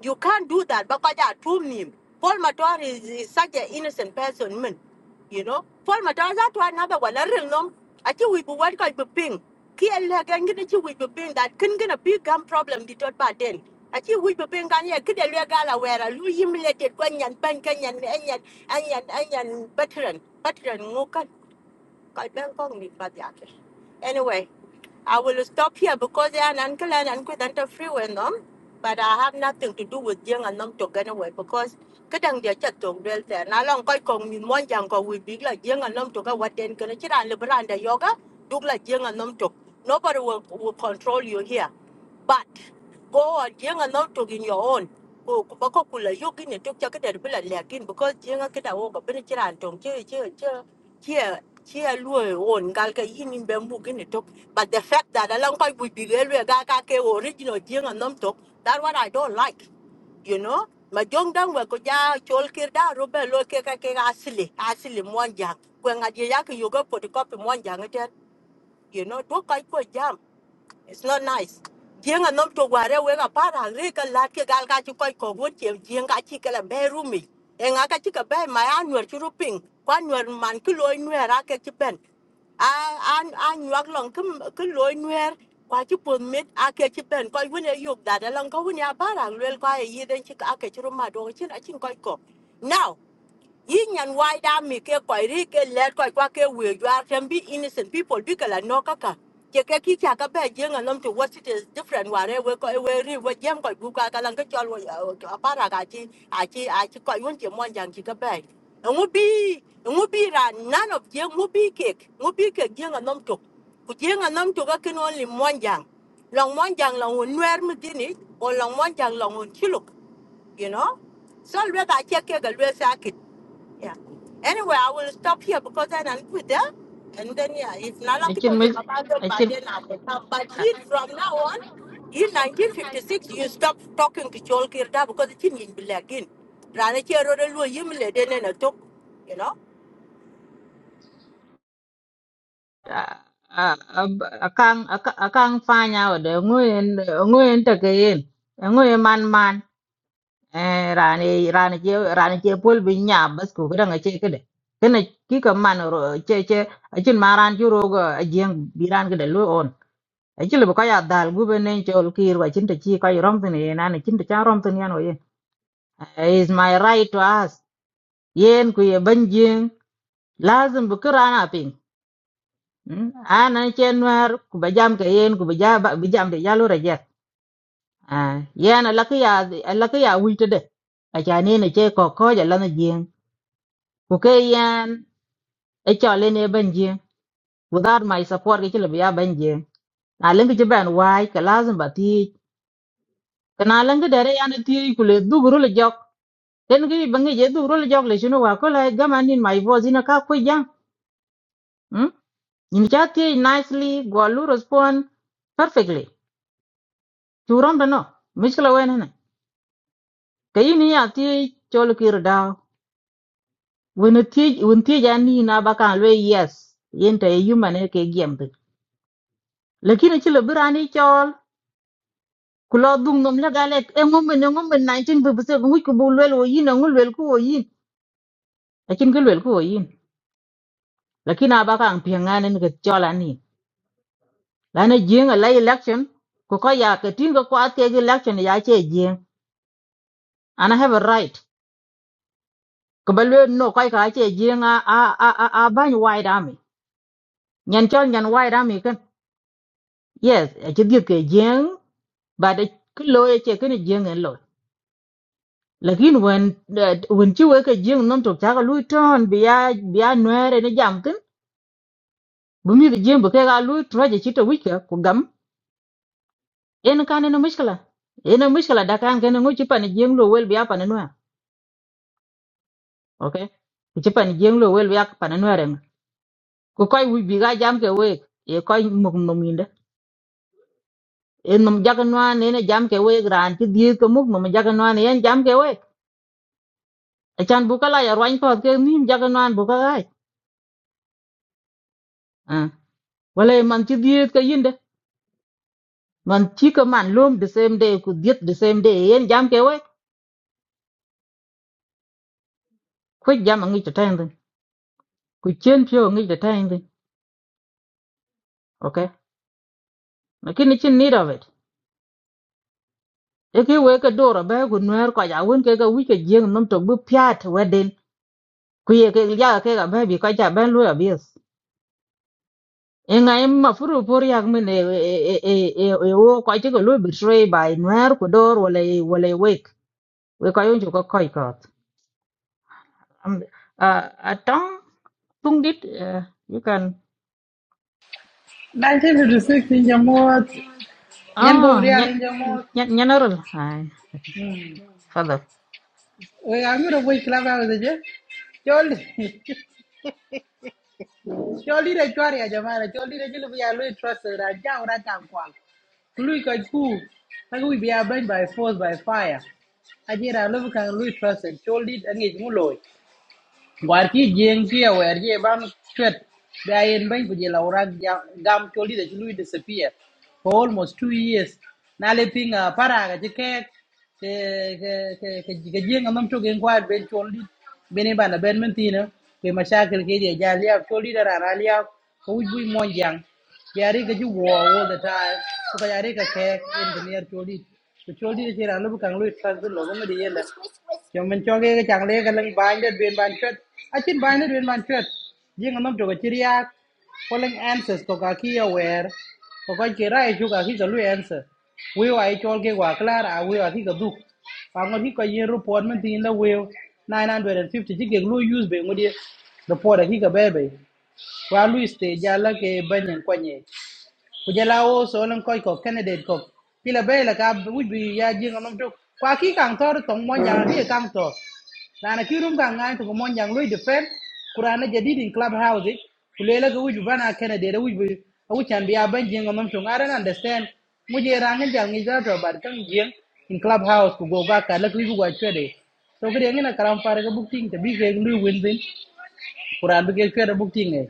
You can't do that because I told him. Paul Matar is, is such an innocent person, man. You know? Paul Matar is that one another one. I don't know. I think we be what kind of ping. Kiel again get you with the ping that can going a big gun problem the third part then. I think we be ping on here, kid a gala where a Louis humiliated Gwanyan, Bankanyan, Anyan, Anyan, Anyan, veteran, veteran, Mokan, Kai Bankong, Anyway, I will stop here because they are an uncle and uncle that are free when them, but I have nothing to do with young and them to get away because kadang dia chat tong del ter na long koi kong min mon jang ko wi big la jeng and nom to ka waten kana chira le branda yoga duk la jeng and nom to nobody will, will control you here but go on jeng and nom to in your own ko ko ba ko kula yogi ne tok cha ka der bila lekin because jeng ka da wo ka bin chira tong che che che here here on galka yin in bamboo gin talk. But the fact that along long would be railway gaga ke original jing and num talk, that what I don't like, you know. My young down where could ya chol kirda rubber loke kake asili asili mwanjang. When I yak you go for the copy mwanjang again, you know, do quite jam. It's not nice. Jeng a nom to ware we ga para re ka lat ke gal ka chi koi ko gun che jeng ga chi ka la be ru mi. E nga ka chi ka be ma ya chu ru Kwa nuer man ki loi nuer a ke chi ben. A a a long ki m- ki loi nuer kwa chi pun mit a ke chi ben. Koi wun e yuk da da long ka wun ya para lwel kwa e yiden chi ka a ke chi ru ma do chin a chin koi ko. Now Yin and why that me ke koi ri ke let koi kwa ke we you are can be innocent people because I know kaka. Ke ke ki cha ka be jeng alum to what it is different ware we ko we ri we jam koi bu ka ka lang ke chol we apara ka chi a chi a chi koi won chi mon jang chi ka be. Ngu bi ngu bi ra none of jeng ngu bi ke ngu bi ke jeng alum to. Ku jeng alum to ka ken only mon jang. Long mon jang long un wer mi dini or long mon jang long un chiluk you know. So we got check ke yeah. Anyway, I will stop here because then I'm with them. And then, yeah, if Nalang
Ở
people
trên
give
mấy
about them,
ở
but
trên
then I will come. But he,
à,
from now on, in 1956, you stop talking to Chol Kirda because it's in Bilagin. Rana Chero Lu Yimle, then a talk, you know.
akang akang fanya wada nguyen nguyen takayin nguyen man man eh rani rani che rani che pol bi nya bas ko kada ngache kada kana kika man ro che che achin maran ju ro ga ajeng biran kada lu on achil bu kaya dal gu benen che ol kir wa chinta chi kay rom tin ye nan chinta cha rom tin yan o ye is my right to ask yen ku ye banjing lazim bu kirana ana chen war ku ba jam ke yen ku ba ja ba ba jam de yalo ra jet a yen la ka ya la ka ya wi te de a cha ne ne che ko ko ja la na jing ku ke yen e cho le ne ban jing without my support ke le ya ban jing na leng ke ban wai ka lazim ba ti ka na leng ke dere yan ti ku le du guru le jok ten ke ba nge je du guru le jok le shinu wa ko la gama nin my voice ina ka ko ja hm in cha ti nicely go lu respond perfectly churon da no mishkala wen ka yin ya ti chol kir da wen ti wen ti ja ni na ba kan le yes yin ta yu ma ne ke gem de lakini ci le birani chol ku lo dung nom la galet e ngom ne ngom ne 19 bu bu se ngu ku bu le lo yin ngu le ku o yin lakin ku le ku o yin lakini aba kan pi nga ne ke chol ani la ne jing a lay election ku ko ya ke tin ko at ke election ya che jing and i have a right ko ba le no ko ka che jing a a a a ban wide army nyan chol nyan wide army kan yes a ci diet ke jeng ba cái ki lo ye che kene jeng en lo lakin wen eh, wen ci we ke jeng non to ta lu ton biya biya nuere ne jam kin bu cái jeng bu cái ga lu troje ci to wike ko gam en kan ne mushkala en mushkala cái kan ken ngu chỉ pan jeng lo wel biya pan nuer okay ku ci pan jeng lo wel biya pan nuer en ku koy wi bi ga jam ke we e koy muk mum inde en mum jaga này nó giảm cái we ran ci diet ko muk mum jaga này en giảm cái we Echan buka la ya rwany pot ke min jaga nan buka gai. Ah. Wale man ci diet ka yinde. Man ci ka man lom the same day ku diet the same day. Yen jam ke we. Ku jam ngi ta tayin. Ku chen pyo ngi ta tayin. Okay. Lakini chin need of it. E ke we ka dora ba ku nwer ka ja won ke ka wi ke jeng nom to bu pyat weden. Ku ye ke ya ke ga ba bi ka ja ban lu ya bis. E nga em ma furu por yak min e e e e e o ka ci ko lu betray by nwer ku dor wala wala wek. We ka yon ju ka koi Um, uh, atong tung dit uh, you can
1956 inja mot nyen go
ah nya
real inja mot
nya nyanarul hai
Mm.
father
we ga ngiro boy club house je chol chol dire chwari ya jamara chol dire jilu ya lui trust ra ja ora kan kwa lui ka ku ka ku bi abang by force by fire ajira lu kan lui trust chol dit angi mu loy war ki jeng ki ya wer ye ban chwet da yen ban ku je gam choli de lui disappear for almost 2 years na le pinga para ga je ke ke ke ke ke jeng am to gen kwat ben choli bene bana ben mentina ke mashakil ke je ja liya choli da rana liya ko wuj mo jang yare ka ji war all the time ko ka yare ka ke in the near choli to choli de ra lu kan lu transfer lo go me de yela cho mình cho cái cái chàng lê cái lưng bài đất viên bàn chuyện à chín bài đất viên bàn chuyện riêng anh nằm chỗ cái chia có lưng answers có cả kia aware có cái kia ra chú cả khi cái lui answer we ai cho cái quả klar à we ai cái du và ngon khi cái yên report mình tin là we 950 chỉ cái lui use bị ngon đi report là khi cái bé bé và lui stay giá là cái bên nhân quan nhẹ bây giờ là ô số lần coi có candidate có pila bé là cái quý vị ya riêng anh nằm chỗ qua khi càng thor tổng mọi nhà đi càng thor lana ki rum ka ngai to mon jang lui defend kurana jadid in clubhouse house kulela ga wuju bana kana de da wuju awu chan biya ban jeng ngam to ngara understand mu je rangen jang ni za to bar kan jeng in clubhouse house ku go ga ka la ku bu ga chede to gre ngina karam fare ga booking ta bi ke lui win din kuran bi ke chede booking eh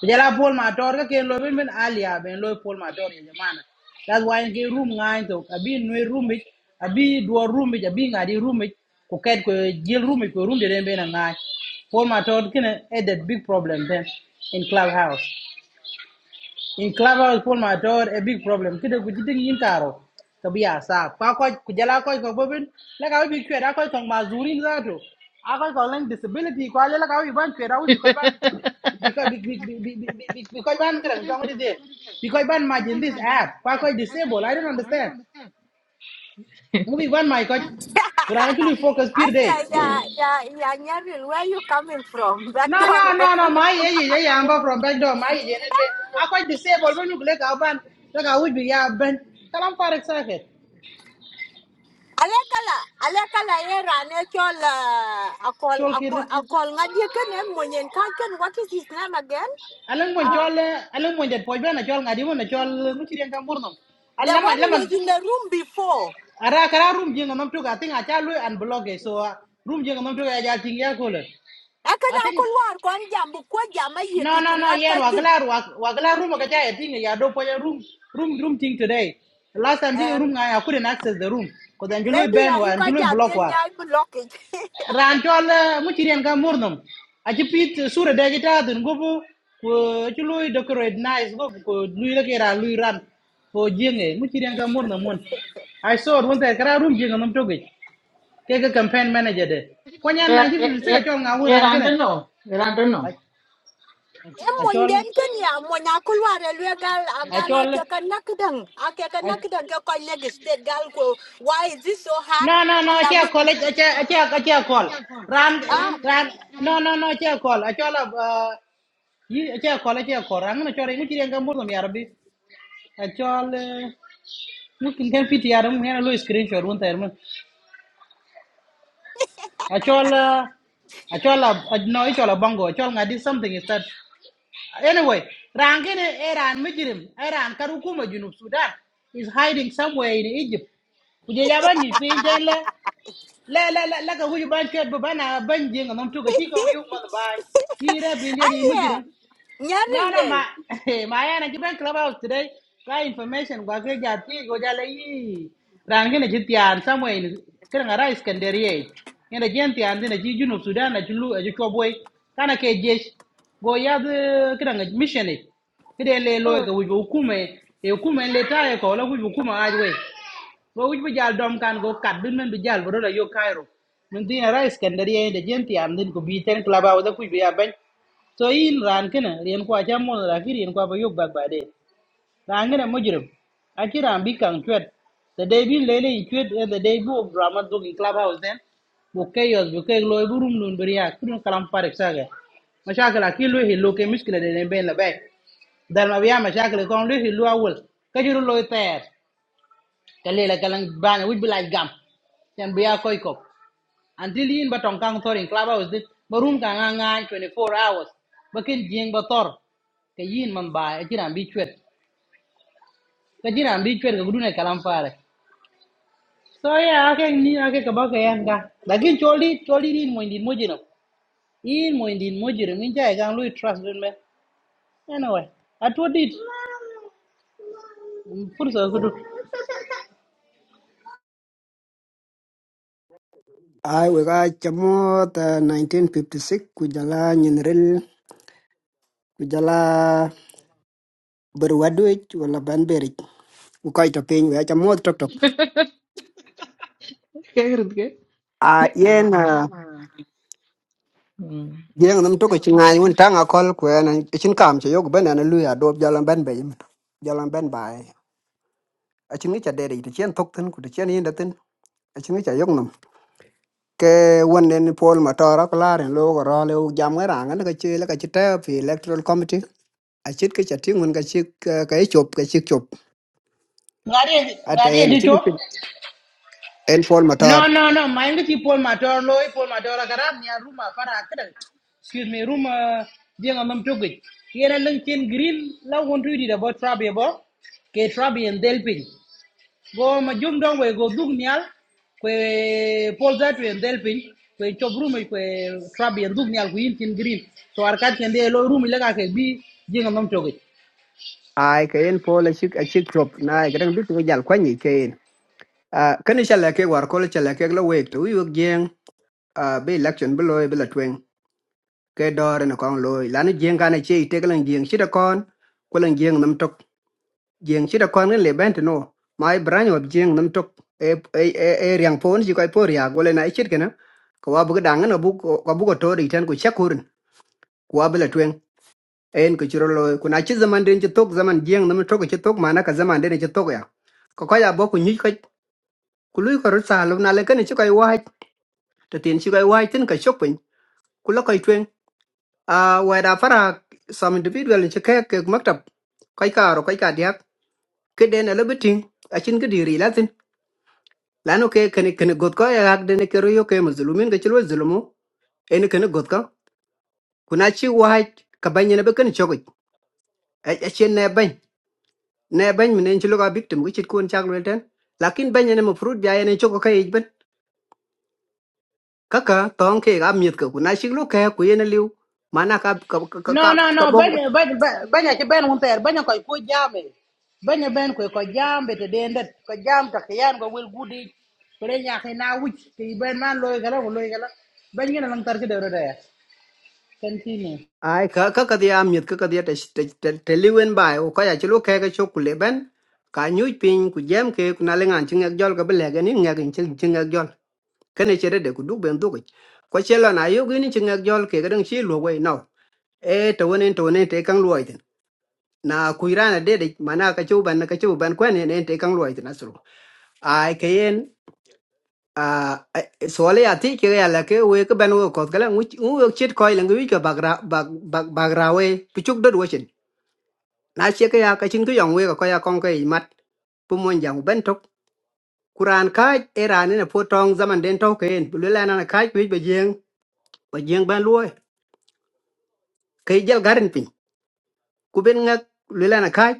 Kujala Paul Mator ka ken lo bin bin alia ben lo Paul Mator ye jamana. That's why in ke room ngain to abi no room it abi do room it abi ngadi room it ko ket ko jil room it ko room de den ben ngai. Paul Mator ken a big problem then in clubhouse in clubhouse pun ma a big problem kide ku jidin yin taro ka biya sa kwa kwa ku jala kwa ko bobin la ka bi kwe da kwa tong mazurin za to a kwa ko lang disability kwa la ka bi ban kwe da bi ko ban bi ko bi bi bi bi bi bi ko ban kran jong de de bi ko ban ma this app kwa ko disable i don't understand mu bi ban my ko kurana tuli focus
I
pir day
said, yeah, yeah, yeah, Nyaril, where you coming from? Back
no no no
door.
no my yeah yeah yeah I'm back from back door my yeah anyway I quite disabled when you click out ban like I would be yeah ben kalam for excited
alekala alekala era ne chol uh, akol
chol kir
akol akol ngadie ken en moyen kan ken what is his name again
alang mon
uh,
chol eh, alang mon det poj bena chol ngadi mon chol muchi den kam burnam
the
alama
one who
lama
was in the room before
ara kara room jinga nam tuka i think acha lu and blog eh, so ah, room jinga nam tuka acha ting ya kole i
akana
think
akol war kon jam bu ko jam ayi
no no
tichin
no
lan ko
yen
jin
waglar waglar room ka cha ting ya do poj room room room thing today last time he
Eh,
room I couldn't access the room because Anjulu
maybe
Ben wa
i ko
Anjulu
jam
block
den
wa.
nyai block it
ran chol muchiren ka murnum aji pit eh, sura de jita dun gobu ko ci luy decorate nice gobu ko luy la kera lui ran fo jenge muchiren ka murnum mon i saw one day kara room jenga nam toge Kega campaign manager de ko nyan
er
na ci
er
fi se
er
ka chol nga won
er
ran gene
anteno er anteno
en
a
moyen
chol
den ken ya moyen akol war elwe gal
a
agala te kan nakdang ake kan nakdang ke ko leg state gal ko why is this so hard
no no no ci
asam bu
call ci ci ci call ran
ah
ran no no no ci call a chol a ci call ci call ran na chol muchiren ka murnum ya Actual, mungkin kan PTR mungkin ada lu screenshot pun tayar mun. Actual, actual lah, no actual lah bongo. Actual ngadi something is that. Anyway, rang ini Iran mujrim, Iran karukuma junub Sudan is hiding somewhere in Egypt. Kuje jaban ni pinjen la la la la la ka huju ban ket bu bana ban jenga nam tuka chi ka yu man bai. Hira pinjen
ah
ni
Yeah,
mujrim. No, no, Ma,
nyarele
my ana given club out today. Try information gwa ke jati go jale yi. Ran gene jiti an somewhere in kan ara Iskandariye. Ina jenti an dina ji junub Sudan na julu e jiko boy. Kana ke jesh go ya de kan mission e. Ide le lo ga wujo hukume e hukume le ta e ko la wujo hukuma ajwe. Go wujo jal dom kan go kat bin men bi jal bro la yo Cairo. Min dina ara Iskandariye de jenti an din ko bi ten club out da kujo ya so in ran kene rien kwa cha mon la ki rien kwa ba yok bag ba de. Ran kene mujrim. A ki ran bi kang chwet. The day bin lele in chwet eh, the day bu of drama dog in clubhouse then. Bu chaos bu kay loy bu rum nun beriya kudun kalam parek saga. Mashakala ki lo hi lo ke miskila de den ben la bay. Dal ma biya mashakala kon lo hi lo awol. Ka juro loy ter. Kalela kalang bana wuj bilaj gam. Yan biya koy kop until yin ba tong kang thor clubhouse din ba room ka nga nga 24 hours ba ken jing ba thor ka yin man ba e jiran bi chwet ka jiran bi chwet ka gudune kalam fare so yeah, ake ni ake ka ba ka yan ka lakin choli choli din mo indin mojiro in mo indin mojiro min jay gang lui trust dun me anyway atwo dit fursa kudu
ai we ga chamo ta 1956 ku jala nyenrel ku jala ber wadwech wala ban berich ku kai to piny we chamo tok tok
kagrid ke
a yen ah,
Hmm.
yeng nam to ko chinga ni un tanga kol ku na chin kam che yog ben na luya do jala ben be yim Jalan ben bai a chin ni cha de de chen tok ten ku de chen yin de ten a chin ni cha yog nam ke won den pol ma tora klar en lo ko ro le u jam ga ranga ne ka che le ka che ta fi electoral committee a chit ke cha tingun ka chik ka e chop ka chik chop
ngade
ata
ngade
en
ji
chin
chop
en pol
No,
motor
no, no. Mind if you pull my door, loy, pull my door, garab, niya room, fara, kada. Excuse me, room, jeng amam togit. Yena luncheon green, la won't read it about trabi abo. Ke trabi and delping. Go ma jum dong we go dug nial. Kwe pull that we and delping. Kwe chop room, eh, kwe trabi and dug nial, kwe incheon green. So arkat kende lo room ilaga ke bi jeng amam togit.
ai ke en pol chik a chik chop na gran bit we jal kwani ke en a kan chala ke war kol chala ke lo we to yu gen a be election be loy be la twen ke dor na kon loy lan gen kan che te kan gen chi da kon ko lan gen nam tok gen chi da kon le bent no mai bran ob gen nam tok e e e e riang pon ji ko por ya gole na chit kana ko wa bu dang na bu ko bu ko to ri tan ko chakur ko wa be la en ku chiro lo ku na chi zaman den chi tok zaman jeng nam tok chi tok mana ka zaman den chi tok ya ko ka ya bo ku nyi ka ku lui ko ru sa lu na le kan chi kai wai te tin chi kai wai tin ka shop pin ku lo kai twen a wa da fara some individual chi ka ke maktab kai ka ro kai ka dia ke den le bitin a chin ke diri la tin la no ke ken ken got ko ya hak den e ke ro yo ke mazlumin ke chi lo zulumu en ken got ka ku na chi wai ka ban ne be kan chok a chen ne ban ne bany mene ci loka victim ki chit kun chak lwel ten lakin bany ene mafrut bia ene choko ka ich ben kaka tong ke ga miet ka kuna shik lo ka ku ene liu mana ka ka ka ka
No, no,
ka
no.
bog
Banya, banya, banya, banya ci ben wun ter. Banya koy ko jame. Banya ben koy ko jambe te dendet. Ko jam ta kiyan go wel gudi. Kore nya ke na wuj. Ti ben man loy gala loy gala. Banya na lang tar ci deuro de. rode. Continue.
ai ka ka ka dia miet ka ka dia te te te liu en bai o ka ya ci lo ka ga chok le ben ka nyu pin ku jam ke kuna le ngan ching jol ka bele ga ni ngak ching ching jol kene chere de ku du ben du ko chelo na yo gini ching jol ke ga dang chi lo wei no e to wonen to wonen te kang luoi na kuirana dede mana ka chuban na ka chuban kwen ne ne te kang loi tina suru ai kayen a sole ati ke ya la ke we ke ban wo kot kala ngu ngu chit koi lang wi ka bagra bag bag bagra we puchuk dot wo chin na che ke ya ka chin ku yong we ka ya kong ke mat pu mon jang ben tok kuran ka era ne po tong zaman den tok ken bu le na ka wi be jeng be jeng ban loi ke jal garin ku ben ngak le la na kai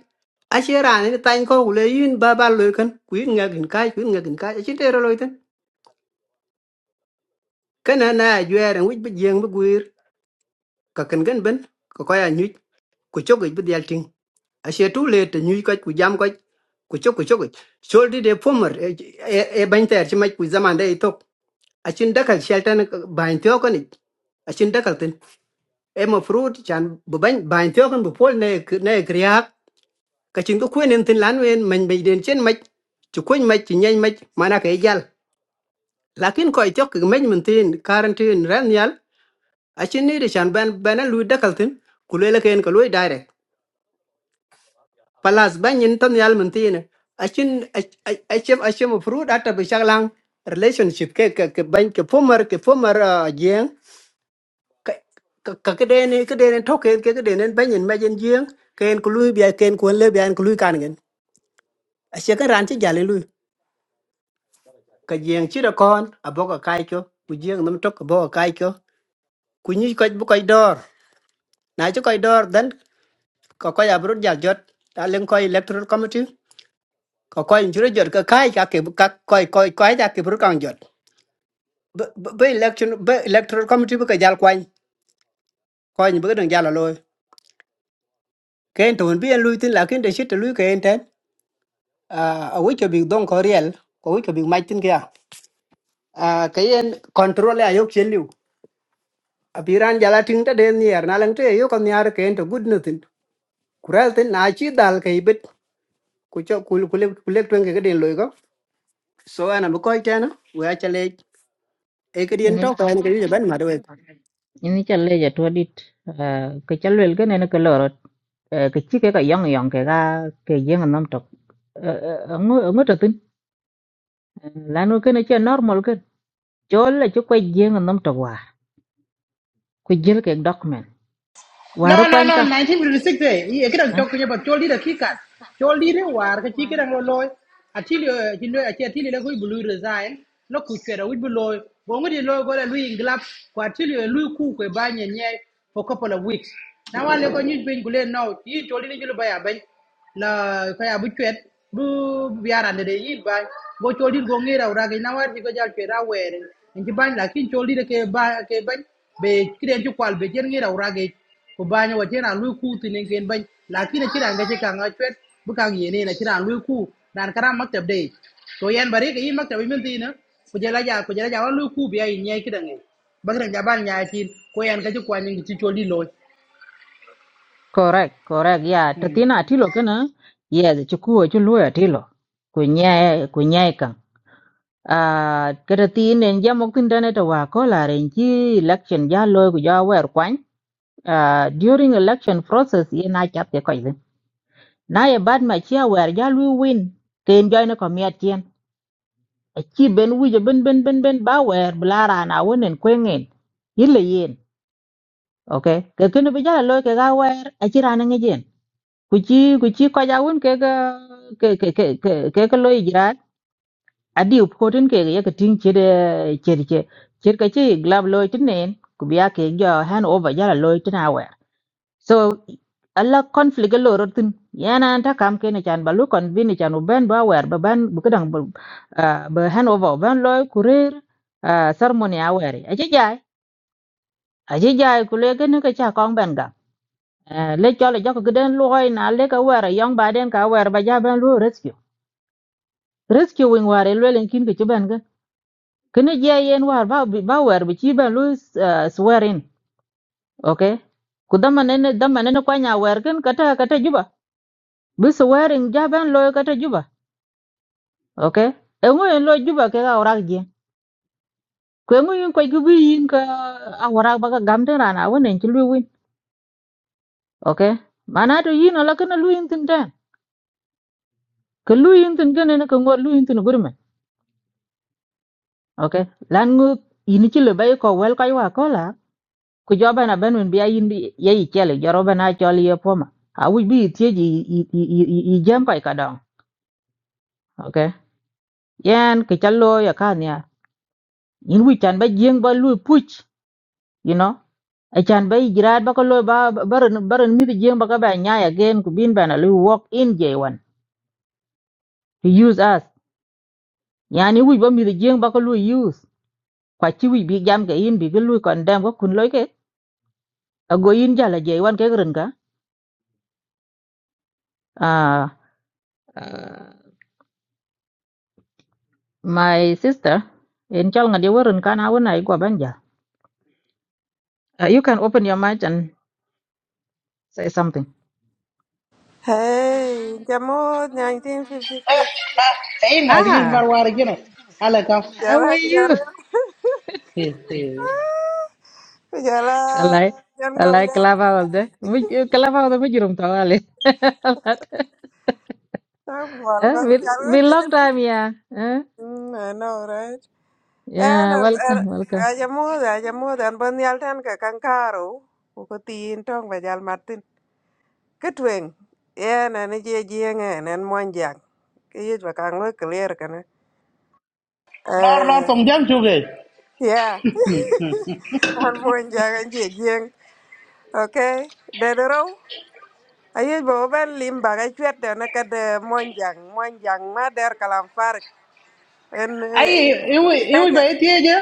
a che ra ni tan ko ku le yin ba ba le kan ku yin ngak in kai ku yin ngak in kai a che te ro lo ten kan na na ju er ngi bi jeng bi guir ka kan gan ben ko ko ya nyu ku chok bi dial ting a che tu le te nyu ka ku jam ka ku chok ku chok choldi de pomer e e ban ter chi mai ku zaman de e tok a chin dakal sheltan ban tyo kan a chin dakal ten e ma fruit chan bu ban ban tyo kan bu pol ne ne kriak cái chuyện có kwen en tin lan wen men be den chen mach chu kwen mach chi nyen mach mana ka yal lakin ko cho cái men mình tin quarantine ran yal a chin ni de chan ban ben lu da kal tin ku le cái ko lu direct palas ban yin tan yal mình tin a chin a chem a chem fru data sang lang relationship cái cái cái ban cái former cái former giang cái cái ka ka ke den ke den tok ke ke den ban yin ma yin jeng ken ku lu cái anh ku le bi anh ku lu can gen a che kan ran chi jale ka jeng chi da kon aboka kai cho ku jeng nam tok aboka kai cho ku ni ko bu koy dor na ci koy dor dan ko koy abru jal jot ta len koy electoral committee ko koy jure jot ka kai ka ke ka koy koy koy da ke bru kan jot be election be electoral committee bu ka jal kwan koy ni bu dang jal loy ken to bi en luy tin la ken de shit luy ken ten a wi cho bi don ko riel ko wi cho bi mai tin kya a kayen control ya yok chen apiran jala ting ta den yer na lang te yo kon yar ken to good nothing kural tin na chi dal kai bit ku cho kul kul kul twen ke den loy ko so ana bu ko ta na wa chale e ke den
ini
to ko en ke ban ma do
ini challe ja to dit uh, ke chalwel ke ne ke lorot uh, ke chi ke ka yong yong ke ga ke yeng nam tok uh, uh, ngu ngu to tin lanu ke ne che normal ke chol la chu ko yeng nam tok wa ku jil ke document Wari
No, no,
kwan
no,
ka.
1956 eh. Ye kidang
Eh?
chok kunya but chol dira kikat. Chol dira war ka chi kidang lo loy. Atili chilo achi atili la kui blue resign. No ku chera wit beloy. Bongo di loy gola lui inglap. Kwa atili lui ku kwe banye nye for couple of weeks. Now Na wale ko nyuj bin gule no. Yi chol dira jilo baya bany la kaya bu chwet bu biarande de yi ba go choli go ngira ura ga na war go jal chwera were en ji ban la kin choli de ke ba ke ban be kiden ju kwal be jer ngira ura ga ko ba nya wajen an lu ku tinen gen ban la kin ci ranga ci kan a chwet bu kan yene na ci ran lu ku dan kara maktab de to yan bare ga yi maktab min tina ku jala ja ku jala ja wan lu ku bi ay nyai kidan ngai bagran ja ban nya ci ko yan ka ci kwani ci choli loy
Correct, correct. Yeah, tatina atilo kana. Yes, chukua chulu atilo. Kunyae, kunyae kang. Ah, kada tin en jam ok tin dane ta wa ko la ren chi election ja lo ku ja wer kwan. Ah, during election process ye na chap ye ko yin. Na ye bad ma chia wer ja lu win. Ken join ko miat chien. A chi ben wi je ben ben ben ben ba wer blara na wonen kwengen. Yile yen. ok ke kene bi jala loy ke ga wer a ci rana ngi jen ku ci ku ci ko ja won ke ga ke ke ke ke ke ke loy jira a di ko tin ke ye ke tin ci de ci ci ci ke ci glab loy tin nen ku biya ke jo han over jala loy tin a wer so alla conflict lo rotin yana ta kam ke ne chan balu kon bi ne chan u ben ba wer ba ban bu kadang bu ba han over ban loy kurir ceremony a wer a ci jay a ci jay ku le ke ne ke cha kong ben Eh, le cho le jako gden loy na le ka wara yong ba den ka wara ba ja ban lo rescue rescue wing ware lo len kin ke chuban ga kene je yen war ba bi- ba war bi chi ban lo swearing okay ku dama ne dama ne kwa nya war kan kata kata juba bi swearing ja ban lo kata juba okay e ngo en lo juba ke ga ora je ku ngo yin ko gi bi yin ka a wara ba ga gam den rana wonen chi lu win okay mana to yin ala kana lu yin tin den ka lu yin tin gane na ka ngo lu yin tin gurme okay lan ngu ini ci le bay ko wel kay wa ko la ku joba na ben bi ayin bi ye ci le joro bana ci le poma a wi bi ti ji i i i- i jam kay ka dong okay yan ke challo ya kan ya in wi chan ba jeng ba lu puch you know a chan ba jirat ba ko lo ba ba- baran baran mi jeng ba ka ba nya ya gen ku bin bana lu walk in j1 to use us yani wi ba mi jeng ba ko lu use kwa chi wi bi jam ga in bi ga lu kon dam ko kun loy ke a go in jala j1 ke ren ka Uh, My sister, in chal ngadi warun kana wuna igwa banja. Uh, you can open your mic and say something.
Hey, llamó 1956.
e nga gi
ah,
war war gene ala ka
Ya
how are
la, ya
you?
la, ya la,
I like,
ya no
I like Clubhouse there. Muj- eh, Clubhouse there mujurum tawali.
me
Eh,
vuelvas,
we
ya lo
we long
llegué.
time yeah. Eh?
I know, right? And,
Yeah,
and,
welcome, welcome.
I llamó, I llamó, and bon yal tan ka kankaro, uko tin tong ba yal martin. Ketwing, yan, and ye jing, and moanjang. Kiyit ba kang lo clear kana.
lor lor tong jam chuge
Yeah. An pun jangan jeng. Okay. Dedero. Ayo bawa ben lim bagai cuit dan nak ada monjang, monjang mader kalam farik. En
ai
en
iwi
en
iwi
kaja.
ba etie je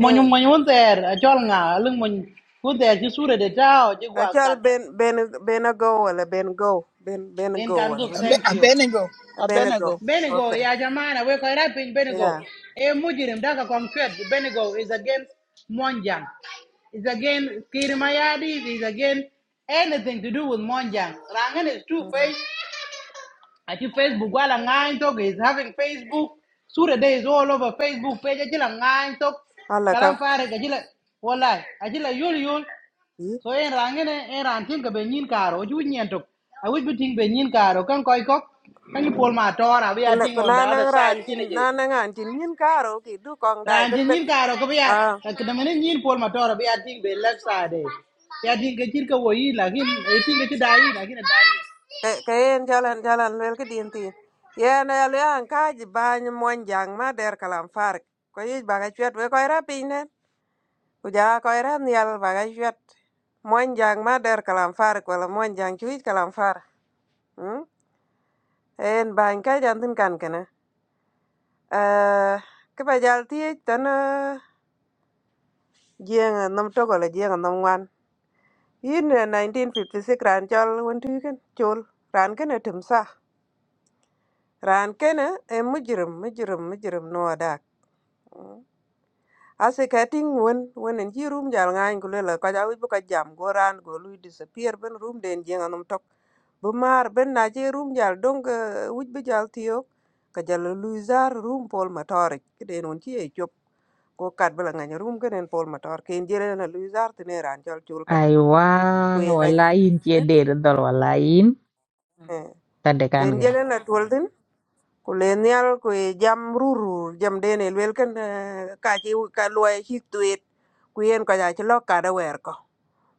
monyum monyum ter chol nga lung mon ku ter ji sure de tao ji gwa
Acal
kat
ben ben ben a go wala ben go ben ben a
wen kan
go wala
go
mesti
Abe-
thank you
Abenego.
ben a go.
Abenego.
benigo
Okay.
ya jamana we ko rapin benigo
Yeah.
e mujirim daga concrete benigo is against monjang is against kirimayadi is against anything to do with monjang rangan is two face I Facebook while ngang talk is having Facebook. Sure day is all over Facebook page. Ajila ngang talk.
Allah
Kalam
kam.
fare ajila wallahi. Ajila yul yul. So en rangen en ran tin ka benyin karo ju nyen tok. I wish be think benyin karo kan koi kok. Kan you pull my tora we are
Kena
thing on the
kena
other
nang
side
ran
nyen
cin
je.
nang ran cin yin karo ki du kong dai
Ran
ben
jin
ben.
nyin karo ko be ka kedamene nyin pull my tora we are thing be left side. Ya tin ka tin ka wo yi lakin e ka ti dai lakin a
Ka ka yen jalan jalan lel ka din tin. Yen ya le an ka ji ba ni mon jang ma der kalam far. Ko yi ba ga chwet we ko ra pin ne. Ku ja ko ra ni al ba ga chwet. Mon jang ma der kalam far ko la mon jang chu kalam far. Hm? En ba ka jan tin kan kana. Eh ka ba jal ti tan jeng nam to ko la jeng nam wan. Yin eh, 1956 ran chol won tu kan chol. Ran kana tumsa. Ran kana e mujrim mujrim mujrim no adak Mm. Ase ka ting wen wen en ji room jal ngany ku lela ka jawi bu ka jam go ran go lui disappear ben room den jeng anum tok. Bu mar ben na je room jal dong wuj bu jal tiyo ka jal lui zar room pol matore kiden on ji e chop ko kat bela ngany room ken en pol matore ken jele na lui zar tine ran jal chul ken ku
Aiwa,
e la
walain cie de dol walain
ken
tadekan
jele
ga.
na tuol tin ku len nyal kwe jam rurur jam dene lwel ken eh, ka chi ka luai chi tuet ku yen ko ja chi lo kada wer ko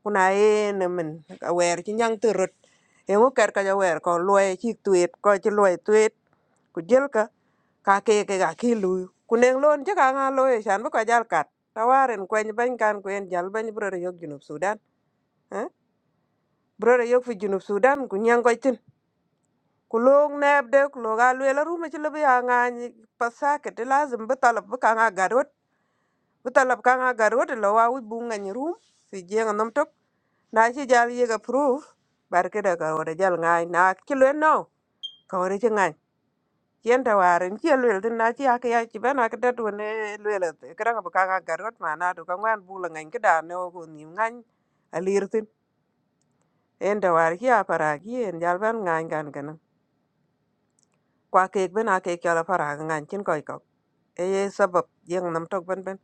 kuna yen min ka wer chi nyang turut yengu ker ka ja wer ko luai chi tuet ko chi luai tuet ku jel ka ka ke ke ga ki lu ku neng lon chi ka nga lo e shan bu ka jal kat tawaren kwen ban kan kwen jal ban brore yok junub sudan eh brore yok fi junub sudan ku nyang ko tin ku lok nɛɛp de ku lok a lueel arum aci lo bi a ŋaany pa thaket lazim bi thalab bi kaŋa garot bi thalab kaŋa garot lo wa wic bu ŋeny rum fi jieŋ nom tok na ci jal yek approve bar kida karot ajal ŋaany na ci lueel no karot ci ŋany cien ta waren ci lueel tin na ci ak yac ci ben akidet wen lueel kiraŋa bi kaŋa garot manadu ka ŋwan bu lo ŋeny kida ne ko nim ŋany alir tin en ta war ci a parak yen jal ben ŋaany kan kana kwa kek ben a kek chola para ga ngan chin koi kok e ye sabab yeng nam tok ben ben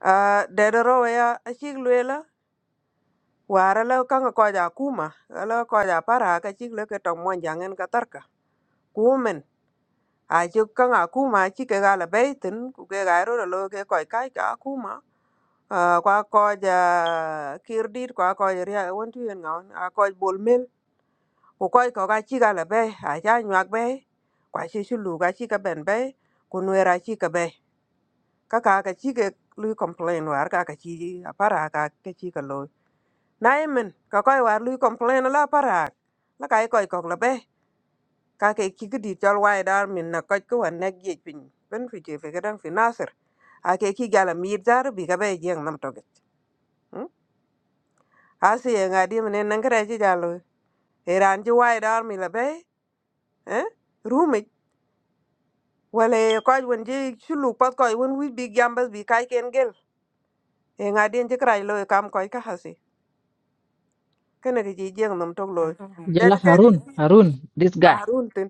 a de de ro ya a chik lwe la wara la ka ko ja kuma la ko ja para ka chik le ke tong mon jangen ka tar ka kumen a chik ka nga kuma chi ke ga la be tin ku ke ga ro lo ke koi kai ka kuma a kwa ko ja kirdit kwa ko ja ria won tu yen ngon a ko bol mel ku koi ko ga chi ga la be a ja nyak be kwa chi shulu ga chi ka ben be ku nwera chi ka be ka ka ka chi ke lui complain war ka ka chi apara ka ke chi ka lo na emen ka koi war lui complain la para la kai koi kok la be ka ke chi ki di chol wai dar min na koi ko an nek ye pin ben fi je fe gadan fi nasir a ke chi gala mir dar bi ka be jeng nam to get Hm? a si ye nga di men nan kra chi jalo e ran chi wai dar mi la be eh rumi wala koi won je chulu pat koi won wi bi gambas bi kai ken gel e nga di en chi krai lo e kam koi ka hasi kene ki ci jeng nam tok loy det
Jala
ke
Harun, Harun, this guy.
faharun tin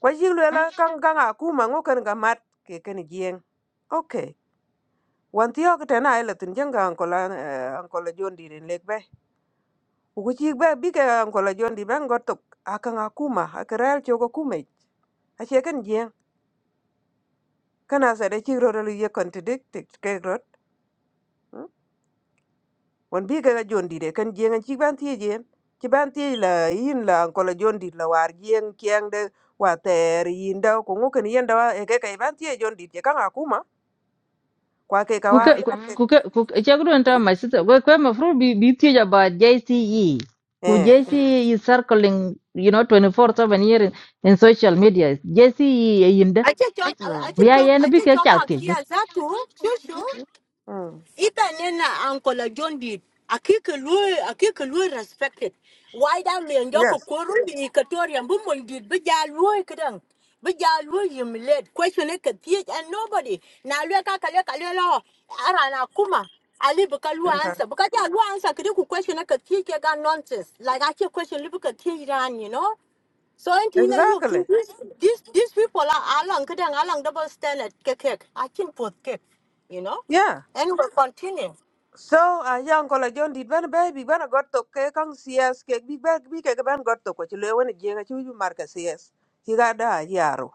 kwa jing le la kan kan a kuma ngo kan ga mat ke ken jeng okay wan ti ok tena ile tin jeng ga anko la anko la jondi ren lek be ku ci be bi ke anko la jondi ben go tok akan a kuma akrel chogo kuma a che ken jeng kana sa de ci ro ro ye contradict ke rot wan bi ka jon dit e kan jeng ci ban tie jen ci ban tie la yin la ko la jon dit la war jeng kyang de wa ter yin da ko ngo kan yin da e ke ka ban tie jon dit je kan akuma kwa ke ka
kuke
war le ke
kuke kuke chakuru nta masita we kwa mafru bi bi tie ja ba JCE ku
eh
JCE is circling you know 24/7 year in, in social media JCE yinda
mm.
biya yen bi ke
achechoka
cha tie de
abijia zatu shushu
Mm.
ita nena uncle john did akike lui akike lui respected why da le ndoko
yes
koru ni ikatorian bu mon did bija lui kedang bija lui humiliate question it katie and nobody na lui ka kale kale lo ara na kuma ali buka lu
okay
answer buka ja lu answer kidi ku question it katie ke ga nonsense like I ache question li buka tie ran you know So Antina, you
exactly
these these these people are along kadang along double standard cake cake. I think both cake, you know.
yeah
And we'll continue.
so a yan ko la jon dit ban ba bi ban got to ke kan cs ke bi ba bi ke ban got to ko ci le won jeng ci ju marka cs ci ga da yaro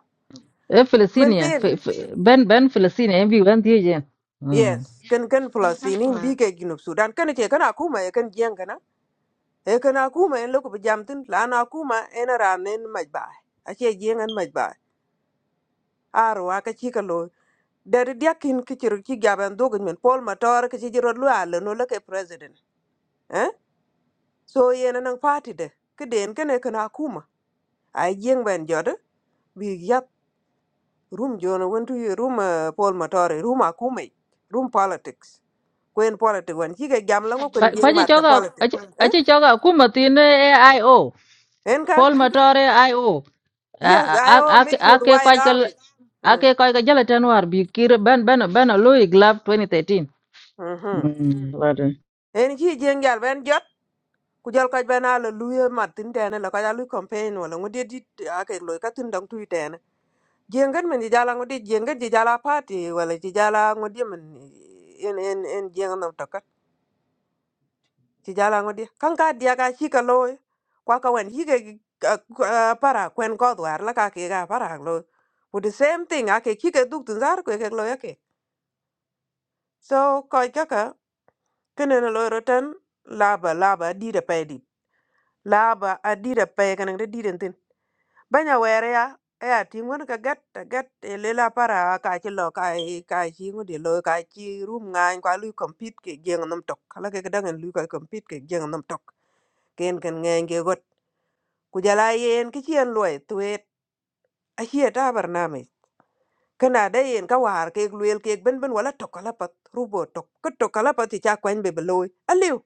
e Palestine fe- fe- ben ben Palestine en bi wan tie je mm
Yes, kan kan Palestinin bi ke Junub Sudan kan ke kana akuma, ya kan jiyan kana. E kana akuma, en loko jamtin la na kuma en ranen majba. Ace jiyan an majba. Arwa ka ci ka lo. Dari diakin ki ciru ki gaban dogon men Paul Matar ka ci jiro lo ala no la ke president. Eh? So yen nan party de. Kiden kana kana akuma, Ai jiyan ban jodo. Bi yap rum jona wantu rum Paul Matar rum akuma, Rum politics. kwen politics wan chi ke jam la ngo kwen
kwa
jeng
ji
mat ka
choga
politic
a
eh
ji choga ku matine AIO
en kan
Paul Matore IO a
yes i
a
all
a
mix
a
with
ke kwa
white army eh
ake koy ka jala tan war bi kir ben ben ben lo iglap twenty thirteen.
mhm
Mm, lade.
en chi jeng yal ben jot ku jal ko ben ala luye mat tin tane la ko ya lu campaign wala ngo di di a ke lo ka tin dang tu tane jeng gan men di jala ngo di jeng gan di jala party wala di jala ngo di men en en en jeng nam ci jala ngodi kan ka dia ka chi ka lo kwa ka wen hi ke para kwen ko dwar la ka ke ga para lo with the same thing a ke chi ke duk tun zar ke ke lo ya ke so ko ka ka kene na lo roten laba laba di da pe di laba a di da pe kan de di den tin banya were ya e a ti ngun ka gat ta gat e le la para ka chi lo ka e ka chi ngudi lo ka chi rum ngan kwa lu compete ke geng nam tok kala ke ga dangen lu ka compete ke geng nam tok ken ken ngen ke ku jala yen ki chien loy tuet a hie ta barname kana de yen ka war ke luel ke ben ben wala tokala pat rubo tok ko tokala pat ti cha kwen be beloy aliu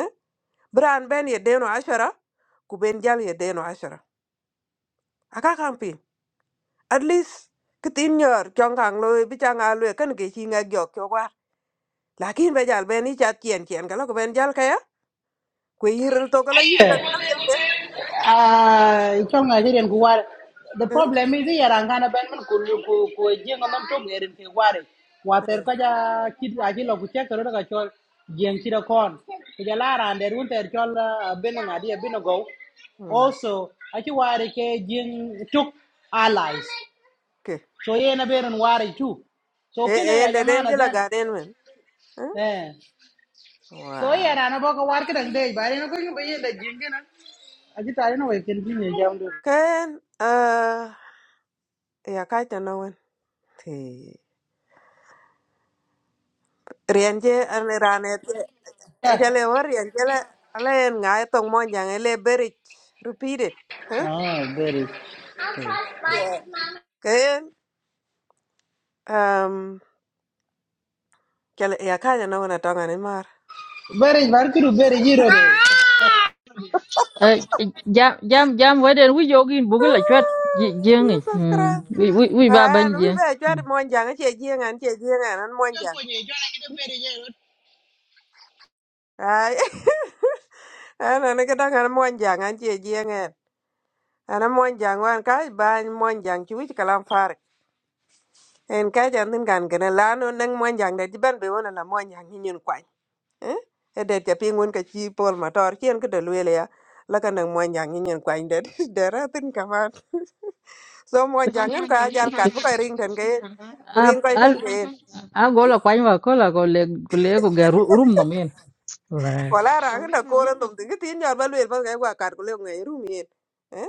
eh bran ben ye deno ashara ku ben jal ye deno ashara aka kampi at least kitin yor kyong kang loy bi chang a lue kan ke chi nga gyok kyo war lakin be jal ben i cha tien tien kala ko ben jal kaya ku yiril tokala yin ka
dai.
kala ke eh
Ah, chong a jiren ku war the problem is here angana ben men ku ku ku jeng man to ngerin ke war wa ter
eh,
ka ja kid a jilo ku che ka chol jeng chi da kon ku ja la ran ter chol ah, ben na ben go
mm,
also a chi war ke jeng tuk allies
ke
so ye na beren war too so
e
kina
e
ya
de den
jamana
jela
den
gaden men eh
eh so
wow
ye na na boka war ka dang dei bare na ko ngi be ye da jeng na a ji ta ye na we ken bi ne
Ken eh ya kai ta no wen thì rian je an ran et ja le war rian je la ale en nga tong mon jang ele berit repeat it huh
Ah, beri.
yeah ken um ja ya kai ta no wen atong an mar
Beri,
Hm?
barkuru beri jiro de.
Eh, jam jam jam weden wi jogin bugil la chat
Ah,
jengi.
Jesus
Mm.
Christ
Wi wi wi ba
an
ban
wi
jeng.
ba ja mon jang e, che je ngan che je ngan an mon
Ko
jang
konye, jona kita beri jiro.
ai an an ka dang an mon jang an che je ngan an mon jang wan kai ba mon jang chi wi kalam en ka jan tin kan kana la no nang mo jang de ban be wona la mo jang ni nyen kwai eh e de te pingun ka chi pol motor kien ke de lwele ya la ka nang mo jang ni nyen kwai de de ra tin ka ma so mo jang en ka jal kat bu ka ring ten ke
A
purin ko
al
tan ke
a gola kwany wa kola go le go le go ga ru- rum no men. Lai.
wala ra ga ko ran dum tin ke tin jar ba lwel ba ga wa kar ko le ngai ru mi eh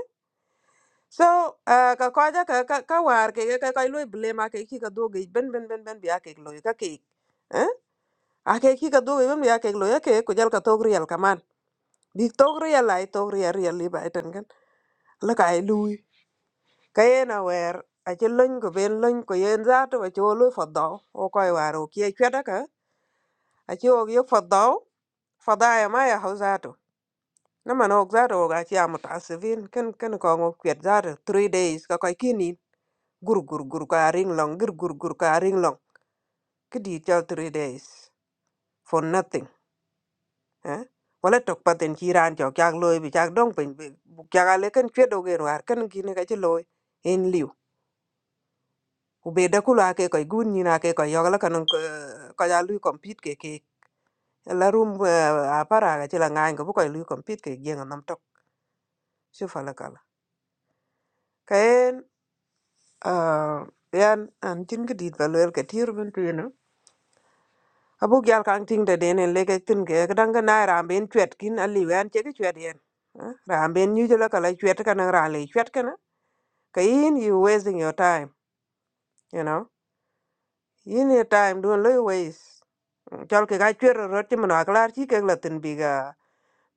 so ah, ka ko ja ka ka ka war ke ka ka lwe ble ma ke ki ka do ge ben ben ben ben bi ake lo ka ke ake ki ka dhogi bem ya kek lo ya ke ku jal ka tok riel kaman bik tok real ai tok riel riel li bai ten kan la ka ai lui ka yen awer ache lony ko ben lony ko yen zato ba cho lo fadaw o ko ai waro ki ai kweda ka ache o ye fadaw fada ya ma ya hau zato na man ok zato o za to ga chi am tasvin kan kan ko ngok kwet zato three days ka ko kini gur gur gur ka ring long gur gur gur ka ring long kidi cho three days for nothing eh wala tok paten ci ran cho kak loy bi kak dong pin bi kak ale kan chwedo gen war kan gi ne ka ci loy en liu u be da kula ke koy gun ni na ke koy yogla kan ko ya lu compete ke ke la rum a para ga ci la ngan ko bu koy lu compete ke gen nam tok su fa la kala kayen yan an tin gi dit ba loyal ke tir bin tu no abu gyal kan ting da den en lege tin ke ga dang na ram ben chwet kin ali wan che ke chwet yen ram ben nyu jala kala chwet kan ran le chwet ka yin you wasting your time you know yin your time doing little ways chol ke ga chwer ro ti mna klar chi ke la tin bi ga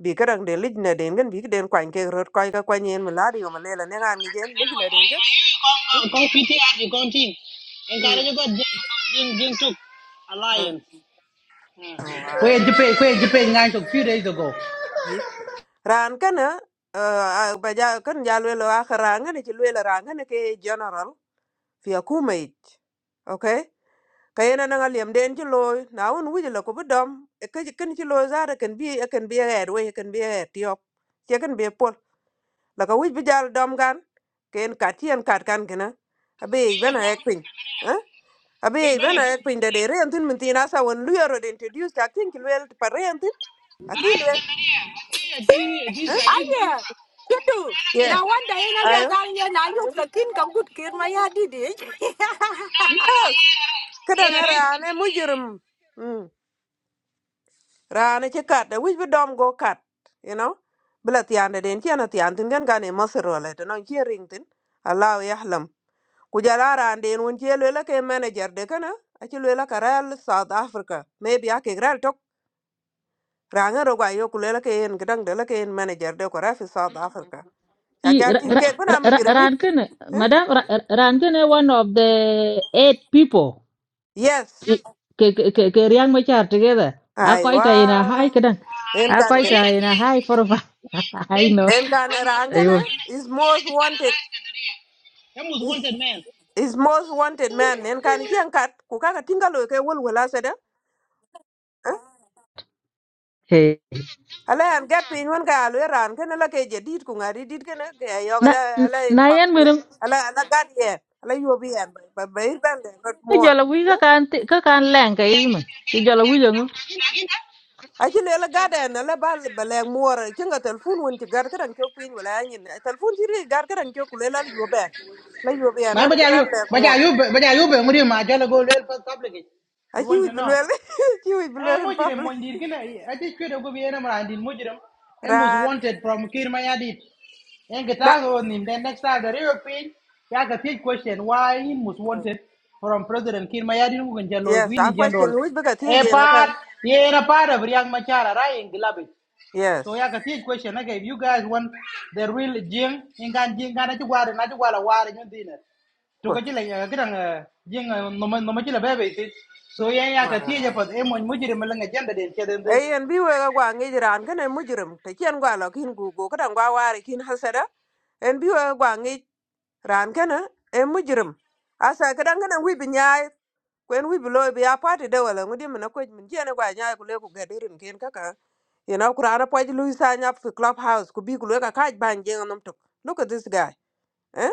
bi ka dang de lig na den gan bi ka den kwan ke ro ko ga kwan yin mla di ma le la ne gan ni gen lig na den ga
Kong kong PTR di kong ting. Engkara
hmm
juga Jin. jing jing tuk
Hmm.
alliance.
oh wow
Kwe jepe kwe jepe ngan tuk few days ago.
Yi. ran kana uh, ba ja kan ja lwe lo akhara ngane chi lwe la ra ngane ke general fi akumait okay kayena na liam den ci loy na won wuji la ko bedom e ke ken ci loy zara ken bi e ken bi er we ken bi er tiop ci ken bi pol la ka wuji bijal dom gan ken kat yen kat kan gena abe bana ek pin ha abe
Wait,
bana
beri
ek pin de de re antin min tina sa won lu yoro de introduce ta kin ki wel pa re antin akin wel
kwe di di
ha
Chinese.
Aye, you do.
yeah
Now one day na ya
ayo
galia Now you the king ka good kir ma ya didi.
yes kada ngara ne mujirim Rana ci kat da wich bi dom go kat, you know. Bila tiande den ci ana tiantin gan gane masir wala to non ci ringtin. Allah yahlam. Ku jala ran den won ci lela ke manager de kana a ci lela ka Real South Africa. Maybe a ke ral tok. Ranga ro ga yo ku lela ke en gdang de la ke en manager de ko rafi South Africa. Ya
I
gal
ra-
tin
ra-
ke bana
ra-
mi
ra- ran
jirmi.
ken
Eh?
madam ra- ran ken one of the eight people.
Yes.
I- Ke ke ke ke riang ma char together. A kwaita ina hai
Aiwa.
kedang.
En
A
kan
So
kwaita
gen.
yeah,
ina hai for a- I
then
know.
En kan
Ayo.
rangana is most wanted.
him was wanted man.
is most wanted man en kan chien kat ku kaka tinga loy ke wol wala sada ala an get pin wen ka alo ran ken la ke jedit ku ngari dit ken ke yo
na
ala ala in
na
box
yan mi
mi
dong
ala ala gad ye ala yo bi en ba ba ir ban de not
ko
more
jala wi ka kan ti- ka kan leng ka yi mi ko jala wi jong
a chin ala gad en ala ba ba le more kinga telefon won ti gar kan ko pin wala nyin telefon ti ri gar kan ko ku le la yo ben la yo ben
Ma
la
baja yu
ban le
baja
more
yu baja yu be muri ma jala go real public.
a
We
chi
want
wi
to know.
bulwel chi wi
Eh,
bulwel in
mujirim,
public
mujirim, kina, I think kwe dogo bi ena mara andin mujirim. Him was
ran
wanted from Kirmayadit. And get
na
out on him. Then next time the European, you have a big question why he was wanted from President Kirmayadin who can general
yes
Queen
a
in
question
general.
which bigger tj
A
na
part, yeah, a part of Riyak Machara, right? In Gilabit. So you
Yes.
have a big question. Okay, if you guys want the real Jing, in Gan Jing, Ganachwara, Nachwara, War, and your dinner. To go
Good.
to like a Jing, no Machila baby. So yeah, I can teach you,
Wow.
but I'm going to Mujirim Malanga gender,
Hey, and be wega gwa ngi jiran gane mujrim te kien gwa lo kin gu gu kadan gwa wari kin hasada. En bi wega gwa ngi ran kana e mujrim. Asa kadan gane wi bi nyaay kwen wi bi lo bi a party de wala ngudi mena ko min jene gwa nyaay ku le ku gadirin kin kaka. You know kurana poj lu sa nyap fi clubhouse ku bi ku le ka kaj ban jeng nam tok. Look at this guy. Eh?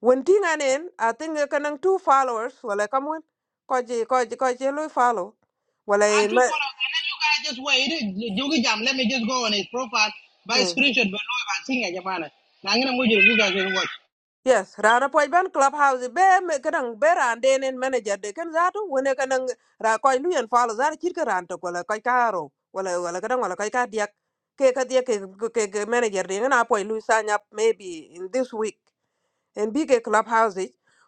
When ting anen, I think kanan two followers wala kamun. Koji koji koji lu follow.
I do
Wala
follow, and then you guys just wait. Jogi Jam, let me just go on his profile by
Mm.
screenshot below if I sing it, Jamana. I'm gonna move you you guys will watch.
Yes, rana poj ben clubhouse be me kadang be ran den en manager de kan zatu wone kadang ra koy lu en falo zar chir ka ran to kola koy karo wala wala kadang wala koy ka diak ke ka diak ke ke ke manager de na poj lu sign up maybe in this week en bi ke clubhouse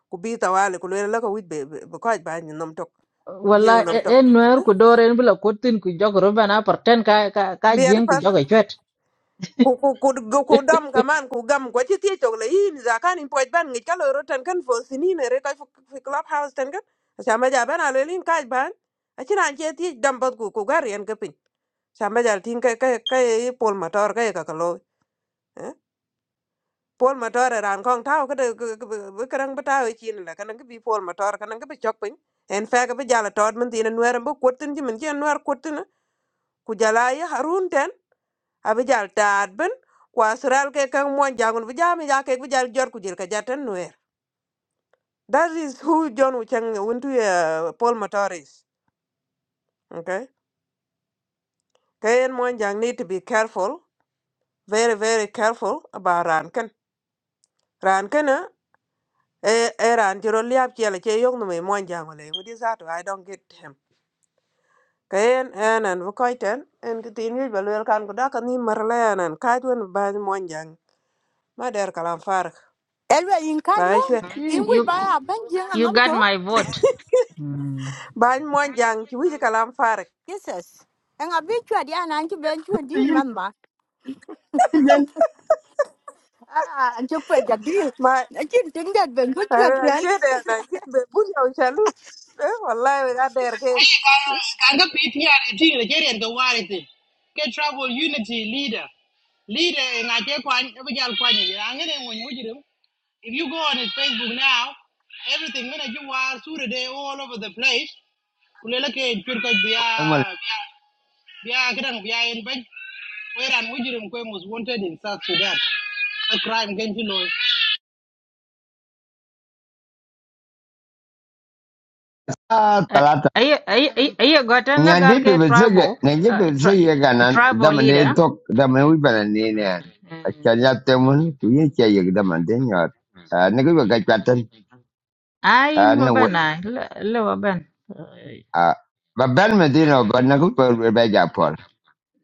ku bi tawale ku le la ko wit be be koy ba ni nom tok je
wala
nom tok
en nuer ku doren bula ko tin ku jog ro bana par ten ka ka ka jeng
be
ku jog e chwet
ku ku ku ku ku dam kaman ku gam kwa chi tie chok le in za kan in poj ban ngi kalo ro tan kan fo sini ne re kai fu club house tan kan sa ma ja ban ale lin kai ban a chi ran che tie dam bot ku ku gar yan ka pin sa ma ja tin kai kai kai pol motor kai ka kalo eh pol motor ran kong tao ka de kan ba tao chi ne la kan ka bi pol motor kan ka bi chok pin en fa ka bi jala tod mun tin nuer bu kutin ji mun ji nuer kutin ku jala ya harun ten abijal taat ben kwa sural ke kan mon jangun bijam ya ke bijal jor ku jil ka jatan nuer that is who john wuchang went to uh, paul motoris okay kayen mon jang need to be careful very very careful about ran kan ran kan eh eh eh, ran jiro liap chiel che yok no me mon jang ole ngudi zato i don't get him kayen enan bu koiten en ti tin yu balwel kan ko daka ni marle enan kaitwen ba mon jang ma der kalam farak
Elwe in kajmo
ba
in
yin
we
You
buy a bench and
you
I'm
got
talk.
my vote. mm
Bany Mwanjang kiwiji kalam farik.
Jesus. And I bet you are the anti bench you deal remember.
yin gan
Ah, and you put the deal.
Ma
I didn't think that when good you
an
are
chwede na chwede bunya uchalu. Eh wallahi we gader ke.
Hey, can can go PTR team the Jerry and the Warity. Get trouble unity leader. Leader and I take one every girl point. I'm gonna when you do. If you go on his Facebook now, everything when you are sure day, all over the place. Kuleleke churka biya biya was wanted in South Sudan. A crime against law.
angal
Are you are you are you got an
Nyandi
legal ke
pibisege,
tribal
nyanyi
uh, tri,
pibisege ganan,
tribal
daman de
leader?
tok, daman wi bana ni ne. Akyan
Mm.
temun, kuyin kya yek daman de nyot. Nigi bi ka chwatan,
I in
na we,
Babana, le Baban.
ah, ba ben me di no, ba nigi ja pol.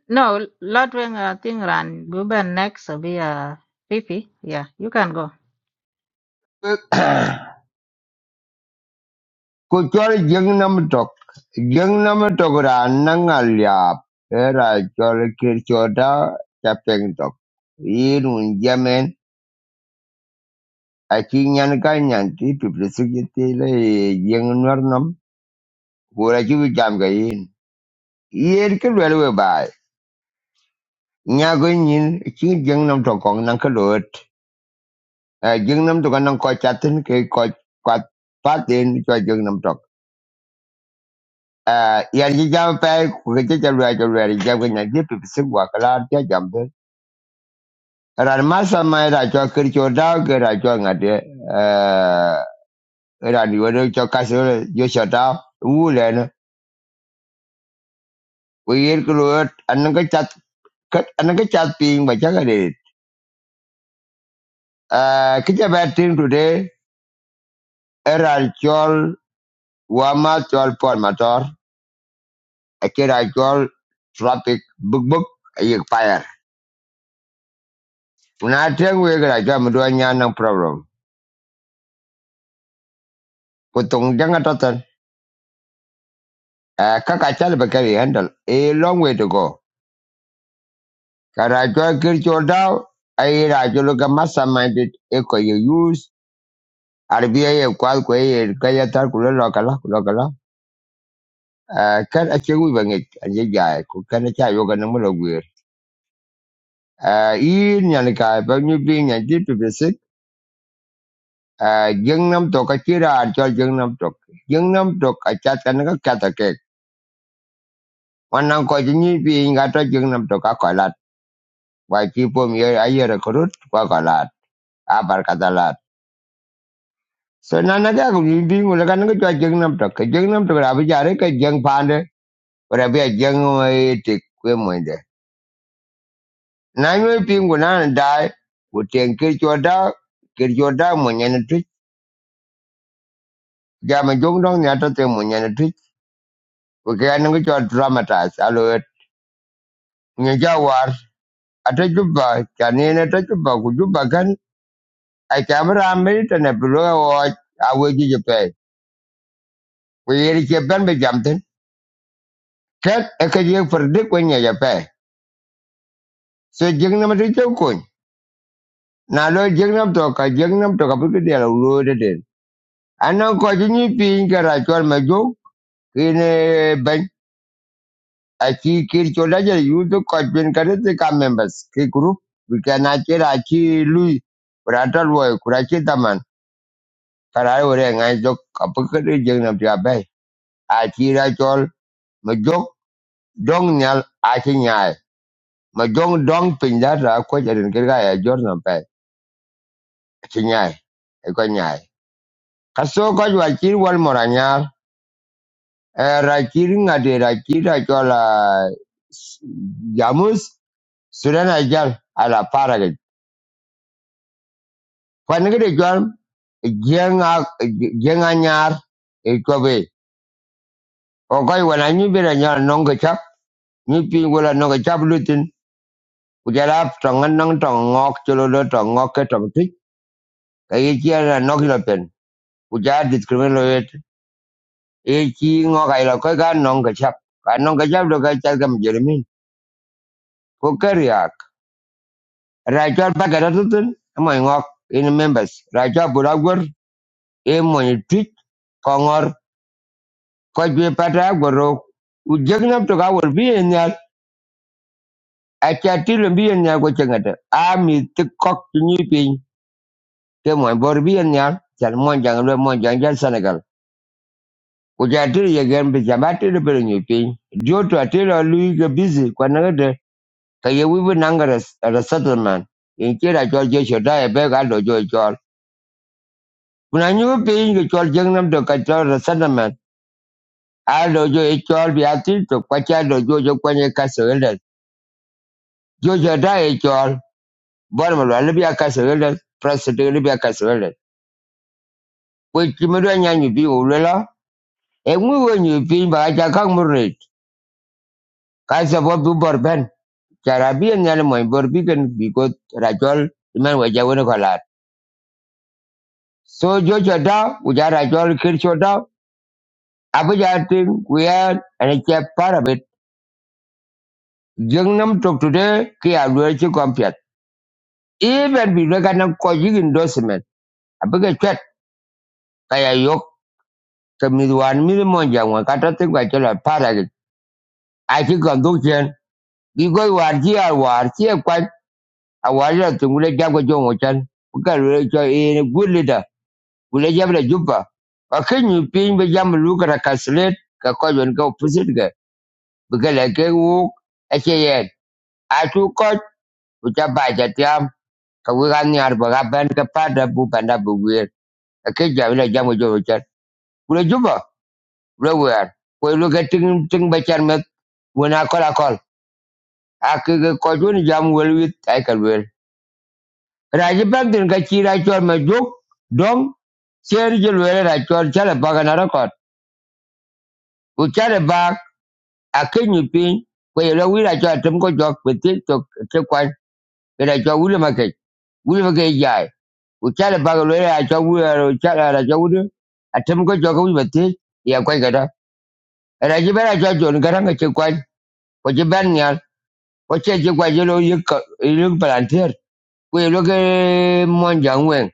No, Lord Wing, I think ran Baban next be uh, Fifi. Yeah, you can go.
Ku chol jeng nam tok, jeng nam tok ra nang a liap, era chol kir choda, tok. Yin un jamen, aki nyan ka nyan ti pibisege ti le jeng nwar nam, kura ki jam yen ke lwel we bai nyago nyin chi jeng nam to kong nang ke lot jeng nam to kanang ko chatin ke ko kwat patin cho jeng nam to yan ji jam pe ku ke cha lwa cha lwa ri jam ke nyan ji pi si wa kala cha jam de ran ma sa ma ra cho kir cho da ke ra cho nga de ra ni wo cho ka so yo cho da wu le na ku yen ke lot an ke chat kat an ke chat ping ba cha ga de ke cha ba tin today era chol Wamator Formator, a Kiracol, Tropic, Book Book, a Fire. Unating we grajam doanya no problem. Kutung janga totan, a Kakachal Bakari handle, a long way to go. Karacol Kirchol Dow, a Rajoloka Massa minded, Eco you use, Arbia Qualque, Kayatar Kula Locala, Locala. Uh, kan a chewu bangit a jai ku kan a cha yoga namulo gwir. Uh, in yanka, but you being a deep to Uh, Gangnam Tok Akira Archol Gangnam Tok. Gangnam Tok Achatanaka Katakek. One uncle Jimmy being at a Gangnam Tok Akalat. Why people here a year a corrupt Wakalat. Abarkatalat. So Nanaga will be Mulakanga to a Gangnam Tok. A Gangnam Tok Abijarek, a young panda, or a bit young eating women there. Nine being will not die. Would take your dog, get your dog when you're treat. Jama Jong Dong Yatatem when you're treat. We can't get your dramatized. Aloe. ata juba kanina ata juba kujuba kan ai kamera amerita na biloga a aweji jape ko yeri ke ban be jamten kat aka je farde ko nya jape so jingnam to ke ko na lo jingnam to ka jingnam to ka bi de la ulo de de anan ko jinni pin kara chor ma jo kine ban achi kir chola je yu to ko bin members ke group we can achira chi lui kuratal wo karai ore ngai jok apaka de jeng nam pia bai a chi chol ma dong nyal a chi nyai dong pin da ra ko jarin ker ga ya jor nam pai chi nyai e ko nyai ka so ko wa chi wal mora e ra chi nga ra chi ra ah, jamus surana jal ala para ge ko ne de jor jeng a jeng a nyar e ko be o ko wa na nyu be ra nyar nong chap nyu pi wala nong ga chap Kujalap tong anong tong ngok chulolo tong ngok ke tong tuik ka ye chi ana kuja discriminate lo yet ye chi ngok ai lo ka nong ka do ka chal kam jermin ko tutun mo in members rajol bulagor e mo kongor ko jwe pata goro ujek nam to ka wor bi enyal acha tilo bi enyal ko chengata a mi tikok ni pin ke mo bor bi lo mo jang Kuja atiri ye gen bi jaba atiri bere nyo to atiri alui busy kwa nangade ka ye wibi nangare a settlement. In kira chol je shoda e be ka dojo e chol. Kuna nyu piny ke chol jeng nam to ka chol settlement. A dojo e chol bi to kwa cha dojo jo kwenye kasa welde. shoda e chol. Bwana malwa libi President libi ya kasa welde. Kwa kimidwa nyanyi bi ulela. E mwi wenyu piny baka chakang murit. Kasa bobi borben. Jarabi nyal moy bor bigen because rajol the man waja wona So jojo da uja rajol kircho da abu ja tin kuya ana che parabet jengnam top today kia alwe chi kompiat. Even bi lo kana ko jigin dosmen abu ga chat kaya yok ke midwan mi mo jangwa kata tin ga chala paragit. I think on Dukian, because we are here, we are here quite A chi ga dukchen bi go war ji ar war chi kwa a war ya tin gule jago jongo chan. Ka lo cho e good leader. Wule jabla juba. Wakin yu pin be jam luka na kaslet ka kwa yon ka upusit ka. Bika leke wuk eche yen. Atu koch ucha baja tiam ka wika nyar baka ban ka pada bu panda bu wir. Akin jabla jam ujo uchan. Wule juba. Wule wer. Wule luka ting ting bachan met. Wuna kol akol. Aki ka jam wel wit aikal wel. Raji bantin ka chira chol ma juk. Dong. Seri jil wele na chol chala baka na rakot. Uchale bak akenyi piny ku yelo wil aco atem ko jok bi thil tok ti kwan kede aco wili makec wili makec jai ku cal bak luel aco wil cal ar aco wili atem ko jok wic bi ya kuec kede era ci ben aco jon karaŋ ci kwan ku ci ben nial ku ce ci kuac yelo yek palantir ku yelo ke monjaŋ weŋ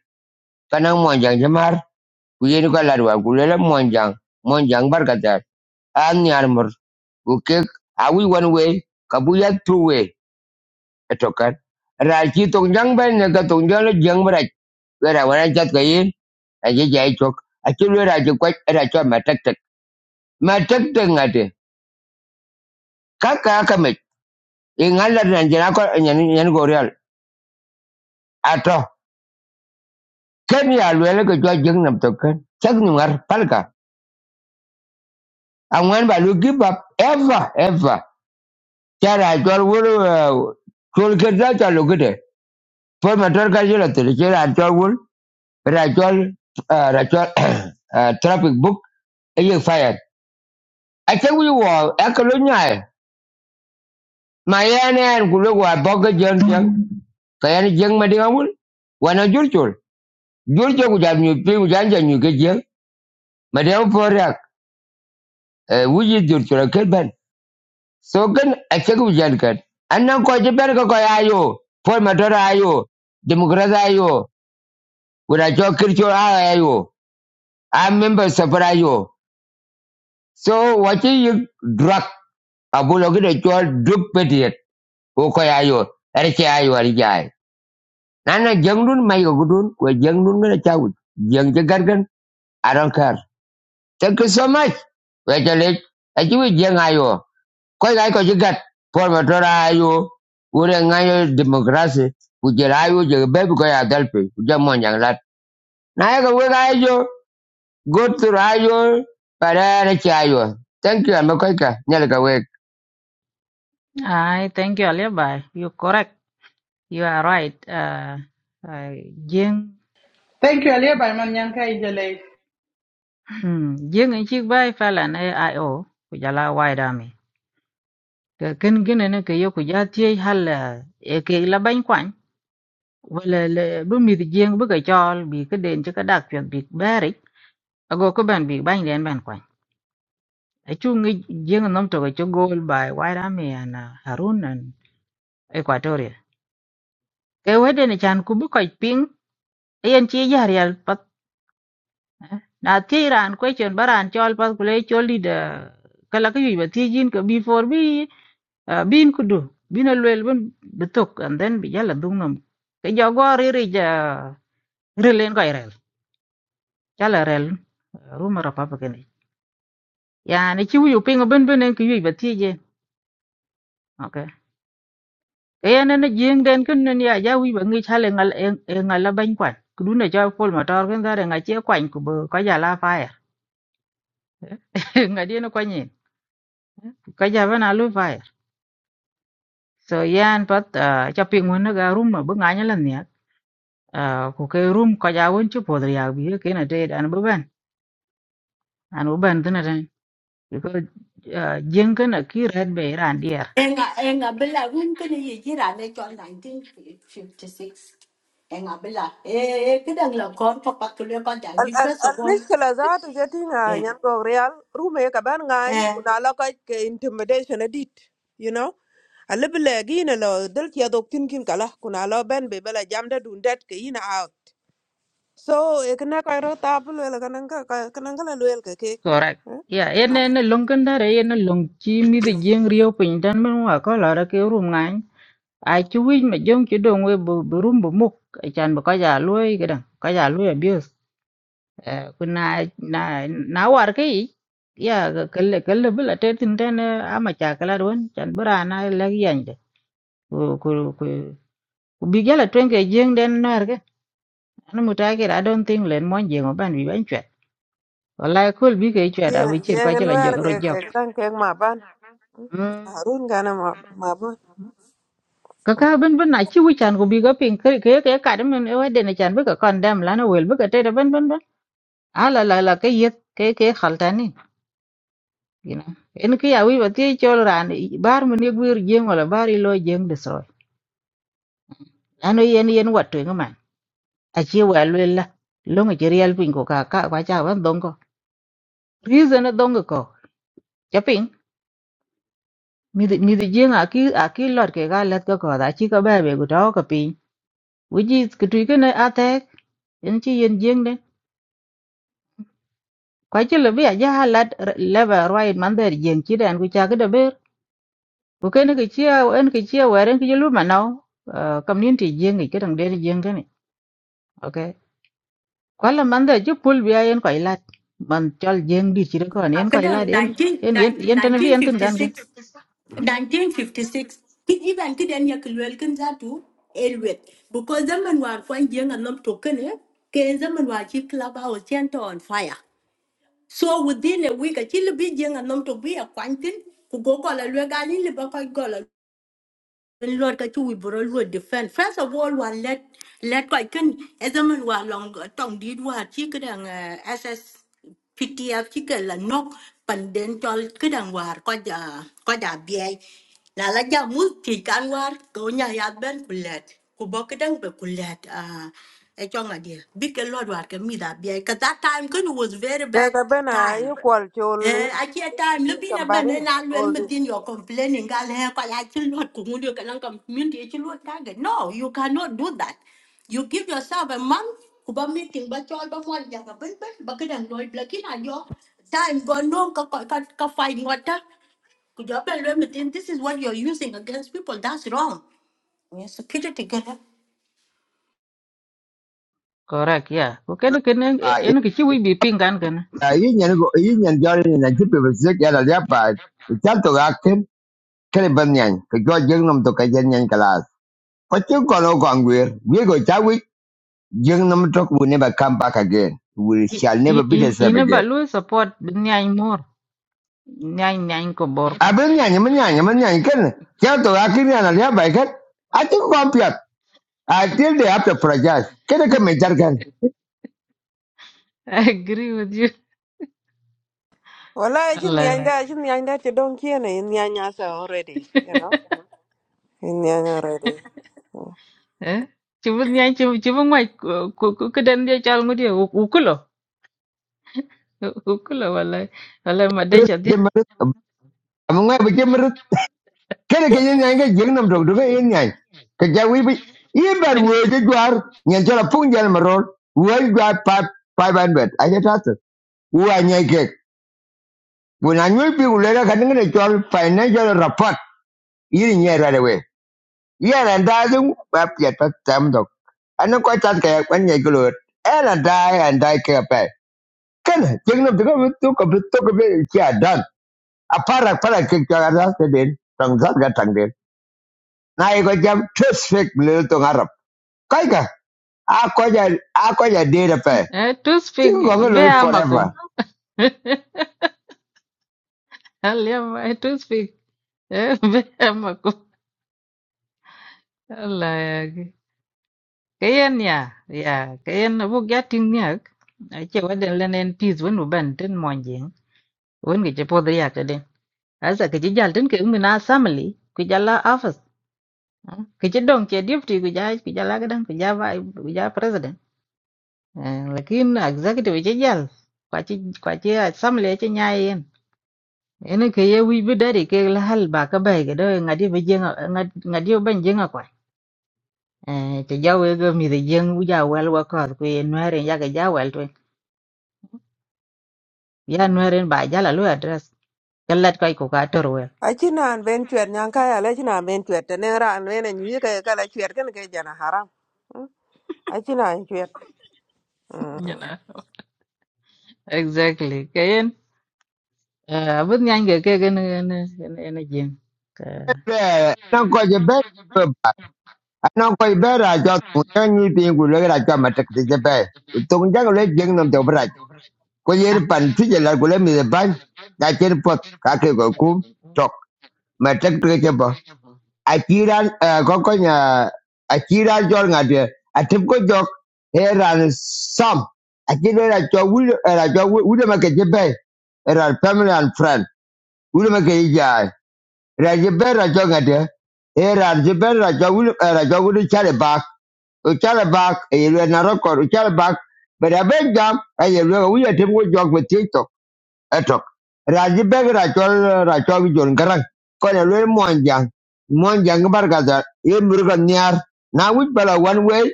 kanaŋ monjaŋ ci mar ku yen ko lat war ku luele monjaŋ monjaŋ barkatar a nial mur ku kek a wic wan etokan rachi tong jang ben ne ka tong jang le jang bra wera wana chat ka yin a je jai chok a chi le rachi kwa ra cho ma tek tek ma tek tek ngate ka ka ka me e ngala ran jana ko nyan go real ato ken ya le le ko jo jang nam to kan chak ni ngar palka a ba lu give up ever ever tara jor wuru chul ke da cha lu gede por ma tor ka jela te che ra jor wul ra jor ra jor traffic book e ye fire Achawi wall, Akalunai, Mayana and Gulugwa Boga Junction, Kayana Jung Madiawul, Wana Jurchur, Jurchur would have new ping Janja New Gajang, Madiaw Porak, Wuji Jurchur Kilban. So can Achaku Jankat. And now Kojaberga Koyayo, Paul Matora Ayo, Democrat Ayo, would I talk Kirchur Ayo, I'm member Safar Ayo. So what is you drug? Abulogi de Chol Duke Petiot, Okoyayo, Erke Ayo Arijai. Nana Jangnun my Gudun, where Jangnun gonna chow. Jang Jagargan, I don't care. Thank you so much. Wait a late. I do it young Io. Quite like what you got. Paul Matora Io. Ure ngayo democracy. Ujel Io, Jagabe, Goya Delphi, Jamon Yang Lat. Naga Wiga Io, go to Io, Parana Chayo. Thank you, I'm a quaker. Nelka Wig.
I thank you, Alibi. You correct. You are right. Uh, uh, Jing,
Thank you, Alia by Manyanka Ijele.
hmm, Jing in Chik Bay phải là nơi ai ô của gia la wai đam mi. Cái kinh kinh này nó AIO, Kujala White Army. Kin gin in a Kayo Kujati Halla, Eke La Bang Quang. Well, Bumi the Jing bữa cái Chol, be cái in Chakadak, Big Barry. A có Kuban, Big Bang, then Ban Quang. A chung cái Jing and Nomto, a goal by White Army and uh, Harun and Equatoria. Kawaden a chan cái Ping, Ayan Chi Yarial na tie ran question baran chol pas kule chol di da kala ka yu ba tie jin ka before bi ah, bin kudu bin a lwel bin betok and then bi jala dung nam ke jogo riri ja rilen ko irel jala rel ruma ra papa kene ya ne chi yu ping ben ben en ki yu ba tie je okay ke ya ne ne jing den kun ne ya ja wi ba ngi chale ngal e ngal la ban kwan kudu ne ja pol motor ken gare ngai che kwan ku bo ka jala fire ngai di no kwanyin ka ja ba na lu so yan pat ah, ca piŋ wen ga rum ma bi ŋany lan ya ku ke rum ko ja wen chu podri ya bi ke na te an bu ben an bu ben tna tan ko jeng kan ki red be ran dier
Enga enga bela room kene ye jira ne chon 1956. Enga bela eh eh kedang la kon papa kule kon dan
Al al
first of
al
all
mishkila zaatu jati na
eh
nyan go real rume ka ban ngany
eh
kuna la ka ke intimidation edit. You know? Alibile gina lo dil kia doktin kin kala kuna lo ben be bela jamda dundet ke ina out. So ekna ka ro tapul wela kananga kananga la luel ke ke.
correct ya en en long kan da re en long chi mi de jeng rio pin tan men wa ko la ra ke rum ŋany ai chu wi ma jong chu dong we bu bu rum bu muk chan bu ko ja luoi ke dang ko ja luoi kuna na na war kai ya ga kalle kalle bula te tin ten ama cha kala don chan bura na la yande ku ku ku ku bi gala twenge jeng den nar ga an muta ke i don't think len mon jeng ban bi ban chat wallahi kul bi ke chat a bi
Yeah,
chir
yeah,
ko jala jo
nwer
ro
ke
jok
ke tan ke ma harun gana ma ma bu
ka ka ben ben na chi wi chan ku bi ga pin ke ke ke ka de men e wa de na chan bi ka kon dam la na wel bi ka te ben ben ben ala la la ke yet ke ke khaltani you know en ki awi ba ti chol ran i- bar mun ye gwir jeng wala bar i lo jeng de so ano yen yen wat to ngama a chi wa le la lo ngi real pin ko ka ka wa cha ban dong ko reason na dong ko ja pin mi di- mi di jeng a ki a ki lot ke ga let ko ko da chi ko ba be gu do ko pin wi ji ku tu ke na a te en chi yen jeng de kwa chi le bi a ja lat le ba roi man der jeng chi dan ku cha ke de ber ku ke ne ke chi en ke chi wa ren ke lu ma nau community jeng ke dang der jeng ke ni Ok, kwala man da ju pul biya yen ko ilat man chol jeng di chire ko
Ah,
yen ko ilat
kedang
yen
19
yen yen yen tan bi yen tin gan gen
1956 1956 kid even kid en ya kulwel kan zatu elwet because zaman war kwan jenga nom to kene ke zaman war chi club house chento on fire. So within a week, a chill be young and not to be a quantin, who go call a regal in the back Lord ka chu ibro Lord defend first of all one let let kai kan ezaman wa long tong di wa chi kadang ss ptf chi ka la nok pan den chol kadang war ko ja ko ja bi la la ja mu ti kan war ko nya ya ben kulet ku bo kadang be kulet a e chong a dia big lord war ka mi da bi ka that time kan was very bad
daga bana yi
time
kwal
Eh,
choli
achi time lo bina
somebody
bene na lwel
all
within
this
your complaining gal he kwa I chi not ku ngundio kana kam mindi No, you cannot do that. You give yourself a month kuba meeting but chol but one, ja ka ben ben ba kedang loy blakina yo. Time go no ka ka ka ka fight ngota. Ku jo ben this is what you're using against people. That's wrong. Yes, kiti tigere.
correct yeah ko ken ken yen yen ki chi wi bi ping gan gen
Ah, yin yan go yin yan jari na jipe besek yala liapa. Ital to kele ban nyan ke jo jeng nam to ka jen nyan kalas pachin kono kongwir we go chawi jeng nam to will never come back again we shall never
in
be
in
the same
in ba
again
lu support nyai mor nyai nyai ko bor
abin nyan man nyan man nyan ken ja to akin nyan ya bai ken i think compiat i till they have to project kele ke me jar ken
I agree with you.
wala jin
Allah.
yan da jin yan da te don kiene in yan ya sa already you know in yan already
Eh? Cuma ni cuma cuma mai ku ku ke dan dia cal ngudi ukulo. Ukulo wallahi. Wallahi madai chat dia.
jemer amunga be jemer kele ke nyan ke jeng to do ke yen nyan ke jawi bi ibar we je gwar nyan jara pung marol we gwar pa 500 i get that When I will be later getting a job financial report, eating here right away. Yeah, and I do up yet at them dog. I know quite that guy when you go it. And I die and die care pay. Can taking up the government took a bit took a bit yeah done. A para para kick your ass to din. Tongue got tongue din. Now you got jump two fake little tongue Arab. Kaika. I call you I call you data pay.
Eh to speak
You gonna
be
forever.
amakum. Aliam I to speak. Eh, Bema ko la kayen ya ya kayen bu gatin ya a ce wadan lanen peace wani ban tin monje wani ke po da ya ka den asa ke jal tin ke mun assembly ku jala office ke ji don ke deputy ku ja ku jala gadan ku ja ba ku ja president Eh, lakin executive ji jal kwa ci kwa ci assembly ci nyayen ene ke ye wi bi dare ke la hal ba ka bai ga do ngadi ba jenga ngadi ban jenga eh ti jawe ga mi de jeng u ja wel wa ko ku ye nwere ya ga ja wel ya nwere ba ja lu address kallat kai ko ka tor wel
a jin an ben chwer nyan ka ya la jin an ben chwer te ne ra an ne nyi ka ka la chwer ken ke jana haram Mm. a jin an chwer
you know exactly kayen eh abun nyan ga ke ga ne ne ne jeng ka
Yeah, now call you back. non koy be ra cho ku ta ni pi ku le ra cho ma tak ti je pe tu ja ko le jeng nam to bra ko ye
ah
pan ti je la ku le mi de ban da che po ka ke ko ku tok ma tak ti je po a ti ran ko ko nya a ti ra jo nga de a ti ko jo he ran sam a ti le ra cho wu ra cho wu de family and friend wu de ma ke ja rajibe rajogade e rajibe rajogul rajogul chale bak o chale bak e yelwe na rokor o chale bak bera benjam We yelwe o yete mo jog be tito etok rajibe rajol rajog jon garang ko ne lwe monjang monjang barkaza e murga nyar na wit bala one way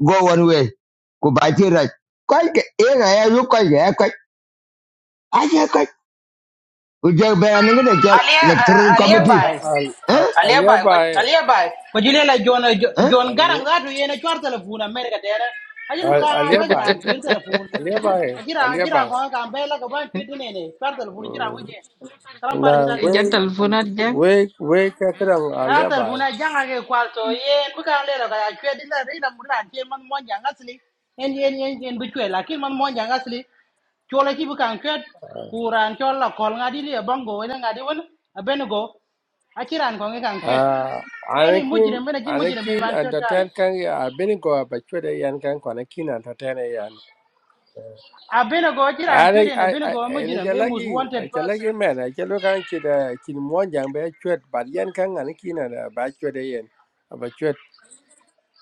go one way ku bachi raj ko ke e ga ya yu ko ga ko a ya ko o jog be na ngade jol
Alia, uh,
electoral
Alia
Al-
committee
bai.
al-
eh
al-
Alia bai, ko-
Aliabai.
Alia bai. Ko jile la John uh, Jo-
eh
John Garang
Ali-
da to yena chwar telephone America dere. Ajin How
al-
ha ba
Aliabai.
jira chwar telephone.
Aliabai.
Ajira ajira
Aliabai.
ko ka be la ko ban chwar ne ne chwar telephone jira
Mm.
wuje. Kalam farik
Na
sake.
ja
we
telefonat jang
we we kakrang
a
Alia
tar
Aliabai.
funa janga ke kwalto yen bu kan lero kaya chwe di la rina mura ke man mon janga sli en yen yen yen bu chwe la kin man mon janga sli chola ki bu kan chwe kuran chola kol ngadi le bongo wena ngadi won abenego akiran ko ngi kan chwe
Ah,
eni
Anakin
mujrim bena jin mujrim be
Anakin
man chwe tane
entertain kan ya abin go bachwe da yan kan kwanakin entertain yan.
abenego akiran
Ana
chwe ne
ai
abenego
ai ni
mujrim e mus
jalagi
wanted
jalagi
person
men ai jalo kan ki da kin mo jang be chwet bar yan kan Anakin da bachwe da yan.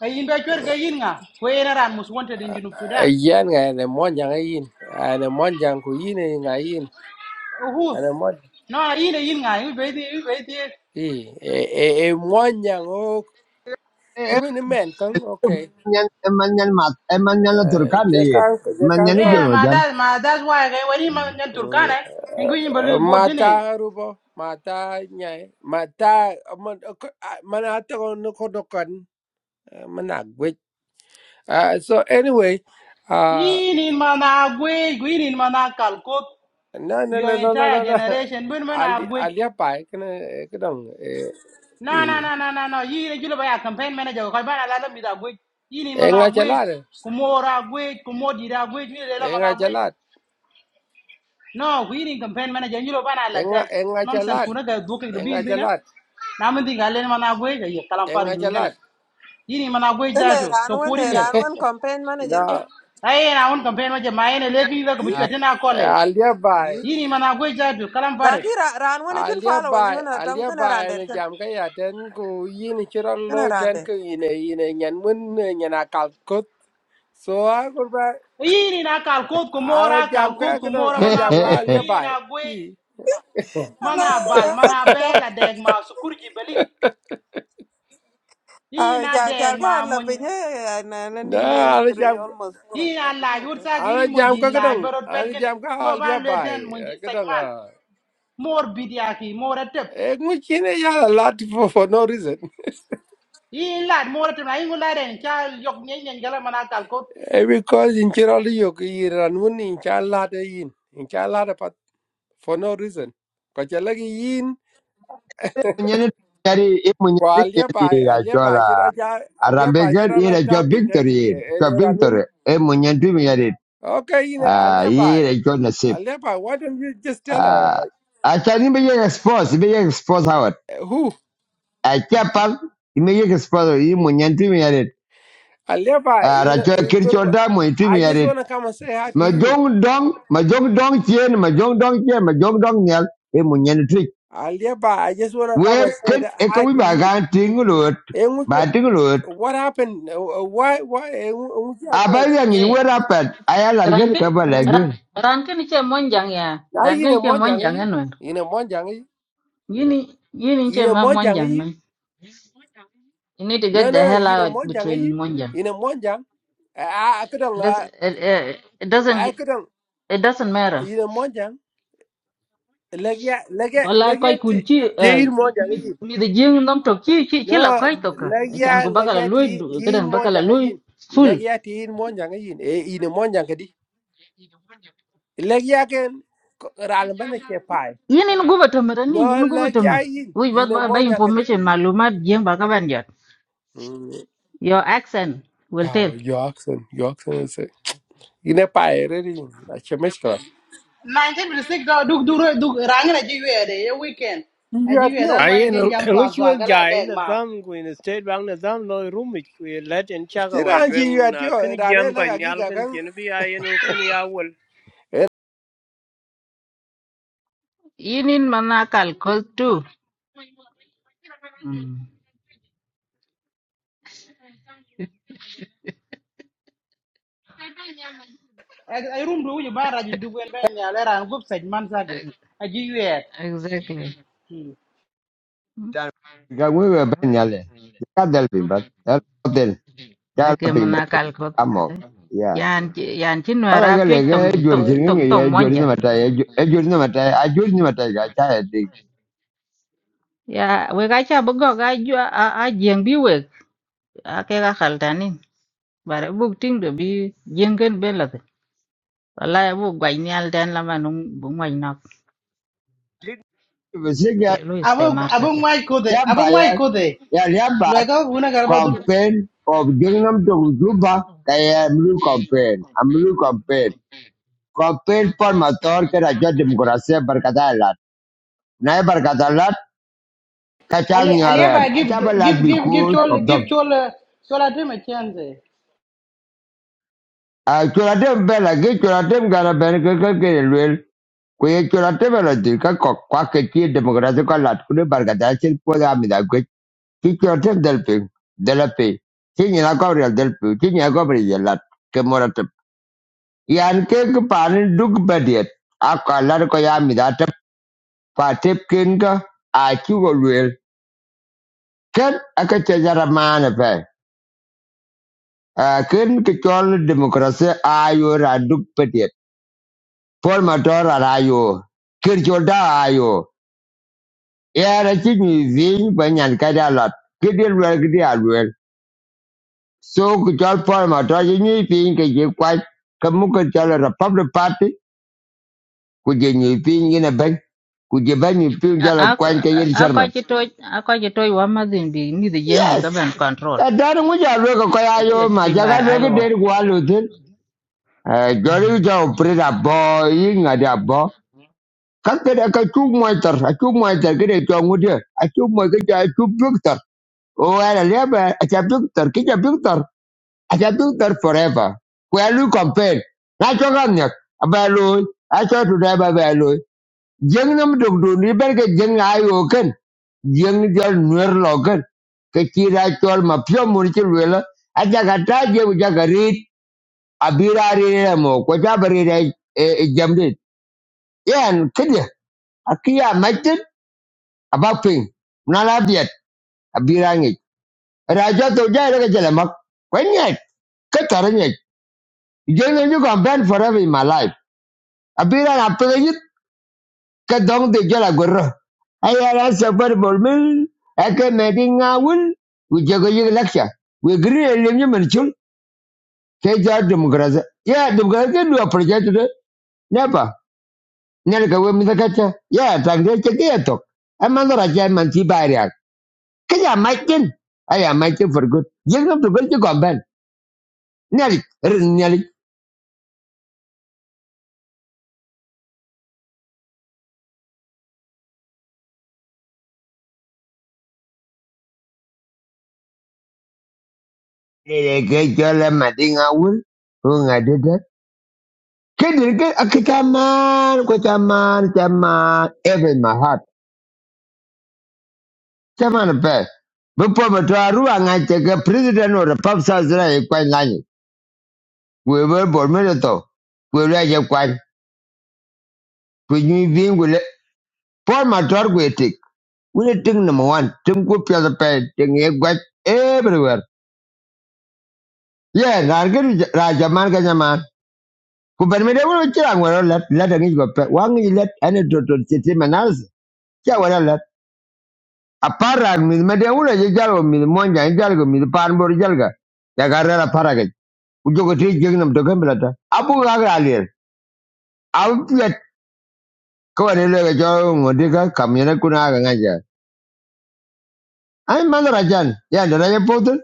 ay imbe chwe ga yin nga ko era ran mus wanted in junub sudan
Ayan nga ene monja nga yin. Ene monja ku yin e nga yin.
who
Ene monja.
no ina yin nga ibe ibe
I e e e monja o
eh,
kimi ni men kan okay.
Manyan, manyan mat, manyan la
Eh,
turkan na
Je
yin.
kan je kan
Manyan ni
ko.
jor
Yeah, my
wajan.
dad, my that's why I when him and
Mm,
Turkana, and Green
eh,
Balu
Mata
Botine.
rubo mata nyai mata man ok- ah, man ata ko no ko dokan So anyway, uh
In in Mana Gwe, Green in Mana Kalkok,
no no
your
no no no no.
entire
no.
generation, when when I
Ali
Gwe.
alia pai kana kadang eh
No, no,
eh
no, no, no, no. You you by a campaign manager, Kabana Lala Mida Gwe, in in
eh, nga
Mana Gwe, Kumora Gwe, Kumodira Gwe, Nila
enga
Mana Gwe.
chalat
No, we in campaign manager, you know, Bana
enga
Latin.
enga
Nonsense,
chalat
Kunaga, Book the
enga
Bean Dinner.
chalat
Namanting Alan Managwe, Kalampari
enga
Lungana.
chalat
In in Mana Gwe, Kalam Parin Dinner. Ini mana gue
ken
jatuh,
ran
so
wen
kuri lihat.
ran wen campaign manager ke
da
ai na un campaign waje ma yana lefi da ku
Hmm?
shi tana kole
alia
yi
bai
yini mana goi ja du kalam pare
laki ra- ran wen jin
alia
followers
bai
wen tam
alia
ken ran
bai
det
ne
ken
jam ka ya ten ku yin chiral
ken
loy
ran
ten
det
ku yin yin nyan mun nyan akal kut. so a kurba
yini na kal ko ko
ala
mora kal
jam
ko
ka
ko
ka
mora
an jam
mana
ka
goi ko
alia
yini
bai
na goi
i
Hello,
mana bal mana
hello.
bela deg ma su kurji yini
Ah,
na
ya, ya,
deg
ya,
ma
la
mon
da ala jam
almost four
yini na la yur
o'clock.
ala
giri mon
jam
di
ka ka
la
dong
barot pet
ala
gene
jam ka
no
alia
ban le
bai
ten mon di
ka dong a
sajman mor bidia mor tep
e ngu chine ya a lot for, for no reason
yini la mor tep na yini la den cha yok nyen nyen gala mana kal
Eh, because in Chirali yok i ran un in chalada yin in chalada pat for no reason ko chalagi yin
Manyan ni kari i
ko
munyan bi ya
alia
di
ba
ya
alia ba
jola.
chira cha alia ba
Arambegan
chira
i
ra
la jo
tap in
victory
ten
yin.
e
Jo
de
victory.
ranun
E munyan du mi ya di.
okay yin
Ah,
alia ba
i la jo nasib.
alia ba why don't you just tell her
Ah,
like
acha ni bi ya expose, bi ya expose hawat.
eh, who
Acha pal, i mi ya expose i munyan du mi ya di.
alia ba
Ah,
you
ra
know
jo
eh, good
kircho da mo i du
I
mi ya
just
di.
want to come and say hi to
ma
you
jong dong ma jong dong chien ma jong dong chien ma jong dong nyal e mo nyen tri
alia ba I just want to
we
come and say
ket
that,
e ka
hi
wi
to
ba ga
you
ting lut
Eh,
ba ting lut
what happened Eh, why why Eh, what
a ba
happened?
ya ni
eh
we ra pat a ya lar gen
rankin
ka ba la
ra-
gen
rankin che monjang ya
na
rankin
yine
che
monjang
monjang
yi
enwer
yine monjang yi
yini yini che
yine
ma
monjang
monjang
yi
man you need to get
no no
the
no
hell
yine
out
monjang yi
between monjang
yine monjang a kadang
Does
a
it, it, it doesn't
kadang
it doesn't matter
yine monjang legya legya
Wallahi
legya
koy
ti
kun ci
ti yin
eh,
monjang
mi
yi
mi da jeng nom tok ci ci ci
no
la koy tok e
legya
chan ko bakala
legya
loy
ti ti yin
kadan bakala
monjang
loy
yi
full
legya ti yin monjang yi e yine monjang kadi legya ken ral bana ke pai
yin in guba tamar
no
nin in guba
legya
tamar
yin
wi ba
yine
ba ba
monjang kadi
information malumat jeng ba ka ban jot
Mm.
your accent will
oh
tell
your accent your accent was ine paere rin a che meshkala
1956 do duk duk duk rangen aji yuede ye weekend aji yuede that's
yuatio
why you
Ayen
can jump to agwa
ng'uchwek
gala
jai
deg ma
Nizam Queen State Bank Nizam lo rumit ku let in chaka wal
kiranchi
tweng na
yuatio
kin
rane
jam
la
ka nyal
ka
kin chin bi ayen u kin ya wal
yin in mana kal kol tu Mm,
ai rum do you ba raji duk wen ben ya le ran gup sej man sage
ex-
aji yuede
exactly
Done. ga we we ben nyal e ka del pin ba el del ka
like
la pin ba
mana kal kol
ka ya
yan ci- yan ci no
para ga
rap
le ga
tong
jor
tong
jin
tong
ngi
tong
ye jor ni
monjan
ma ye e jor ni ma a jor ni ma ga cha e ding
Ya, we kacha bugo ga jua a a jeng bi we a ke ga khaltani. Bare bu ting do bi jengen be la. te. Wala bu gwai ni al den la manung bu ngwai nok.
se ga
Ye lu
Abu
este mar sa
Abu
cha.
ngwai
ya
kode Abu
ba ya
ngwai kode
ya ya ba
lo ga una garba du
campaign of Gangnam to Juba kaya Mulu campaign, Amulu campaign. Campaign Paul Mator ke raja demokrasi berkatalat. Nai berkatalat
ali
kacang
ali
nyaran.
ba give
Acha
give give give
because
chol
of
give
them.
chol uh, chol atim a chance
Ah, curatem bel lagi, curatem gara bel ke ke ke luel. Kuye curatem bel lagi ke kok kuak kecil demokrasi kalat. Kude berkatalat sih pada amida gue. Si curatem delping, delapi. Si nyala kau real delping, si nyala kau beri jelat. yan panin duk badiet a kwalar ko ya mi da ta patep ken ka a ken aka ce mana pe a ken ki demokrasi ayo raduk ra duk badiet pol ma to ra ra yo kir da a ya ra ki ni zin ba nyan ka da lot ki di luel ki so ki chol pol ma to ji ni pin ke ji kwai ka mu republic party ku je ni pin ina ben ku je pin
A
jala
a
kwan ka yin
a ko
sharma
chi to a ko chi to wa ma din bi ni de jeng bi ka
Yes.
ben control.
Kadari muja lweka kwa
A je ga
yayo
to ba
machaka lweka
ayo.
deri kwa lutin. Jori uja operate abo, ingati abo. Kakere akachu mwaitar, achu mwaitar kire chwa ngudia. Achu mwaitar kire achu victor. Owera lebe, acha victor, kija victor. Acha victor forever. Kwa lu campaign. Na choka nyak, abalu. Acha tudai babalu jeng nam dok do ni berge jeng ayo ken jeng jol nuer lo ken ke chira chol ma pyo mun chi lela aja ka ta je u ja ka rit abira ri re mo ko ta bari re e jam yan kidya akiya maitin abapin na la biet abira ngi raja to ja re ke mak ko nyet ke tar nyet jeng ju ban forever in my life abira na pe ka dong de jala gorro ayala sabar bolmil ake meding awul we jago yig laksha we gri elim ye manchul ke ja demokraza ya demokraza dua project de nepa nel ka we mizakata ya tagde cheke ya tok amando raja manchi baria kaya maikin aya maikin for good yig no to gol gomben nel nel ele ke jola mading awul unga de de kedir ke akitaman ko taman taman even my heart Chama na pe. Bupo matua rua ngache ke president or papsa sa zira e ngani. We were born to. We were je kwa. We ni bin we le. Paul matua we tik. We le tik number one. Tim ku the pe. Ting e everywhere. Yeah, nargin rajaman ka Kupermede Ku ben me de wo chira ngoro let let ngi go pe. Wang let ane to to chiti manas. Cha wala let. Aparag mi me de wo je jalo mi monja jalo mi pan jalga. Ya garra joko ti jeng nam to kembla ta abu ga ga alier au pet ko ne le ga jo ngodi ga kam ne kuna ga ga ja ai man rajan ya da ya potun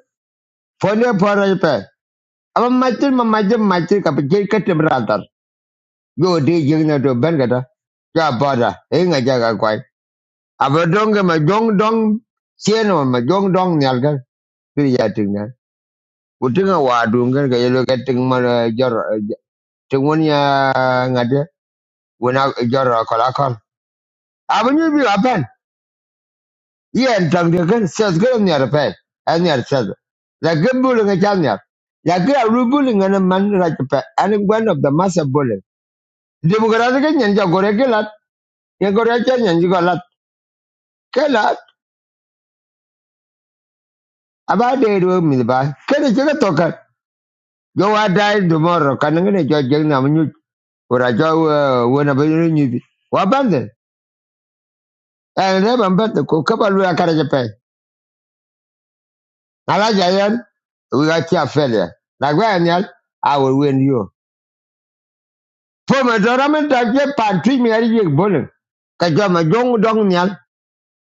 fone fara pe amma matir ma majin matir ka je ka te brandar yo de jeng na to ben ga ta ya bada e ga ja ga kwai abu ga ma jong dong sieno ma jong dong nyal ga pri ya ting na utinga wa dunga ga yelo ga ting ma jor ting won ya ngade wona jor kolakol abu ni bi apan yen tang de ken ses ge ne ra pe an ne ses la ge bu le ga ne la ge ru bu le ne man ra ke pe an gwen of the master bu le de bu ga ge nyen ja gore ge lat ye gore ke nyen ji ga lat ke lat aba de ru mi ba ke ne ke to ka jo wa dai du mo ro kan nga ne jo je na mu nyu ko ra jo eh, wo na be ni bi wa ban de an re ban ba ko ka ba lu ya ka ra ke pe ala ja yan we ga ti a fe le la gwa ne I will win you. Fo ma zora min ta je pan twi mi ari yek bolen. Ka jo ma jong dong nyal,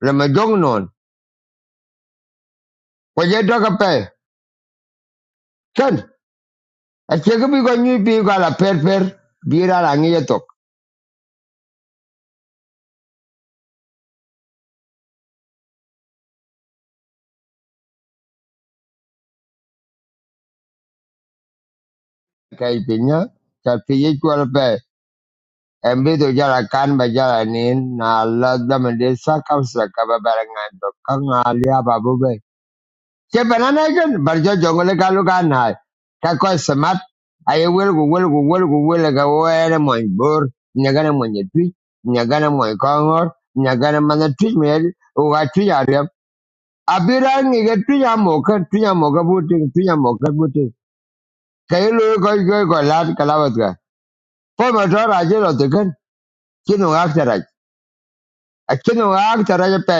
la ma jong non. Ko je do ka pe. Ken, a che ka bi ko nyu bi ko la per per, bi ra la ngi tok. Ka i pinya, ka pi ye ko la pe. En bi to jara kan ba jara nin, na la da ma de sa ka sa ka ba ba ra ngan do ka nga lia ba bu be. Che banana ken bar jo jongole kalu kanai. Ka ko semat aye wel ku wel ku wel ku wel ga were moy bor nyagana moy nyetwi nyagana moy kongor nyagana mana twi mel u ga twi arep. Abira ngi ga twi ya mo ka twi ya mo ka buti twi ya mo ka buti. Kay lo ko ko ko lat kalawat ga. Po ma to ra je lo te ken kinu ga tara. A kinu ga tara pe.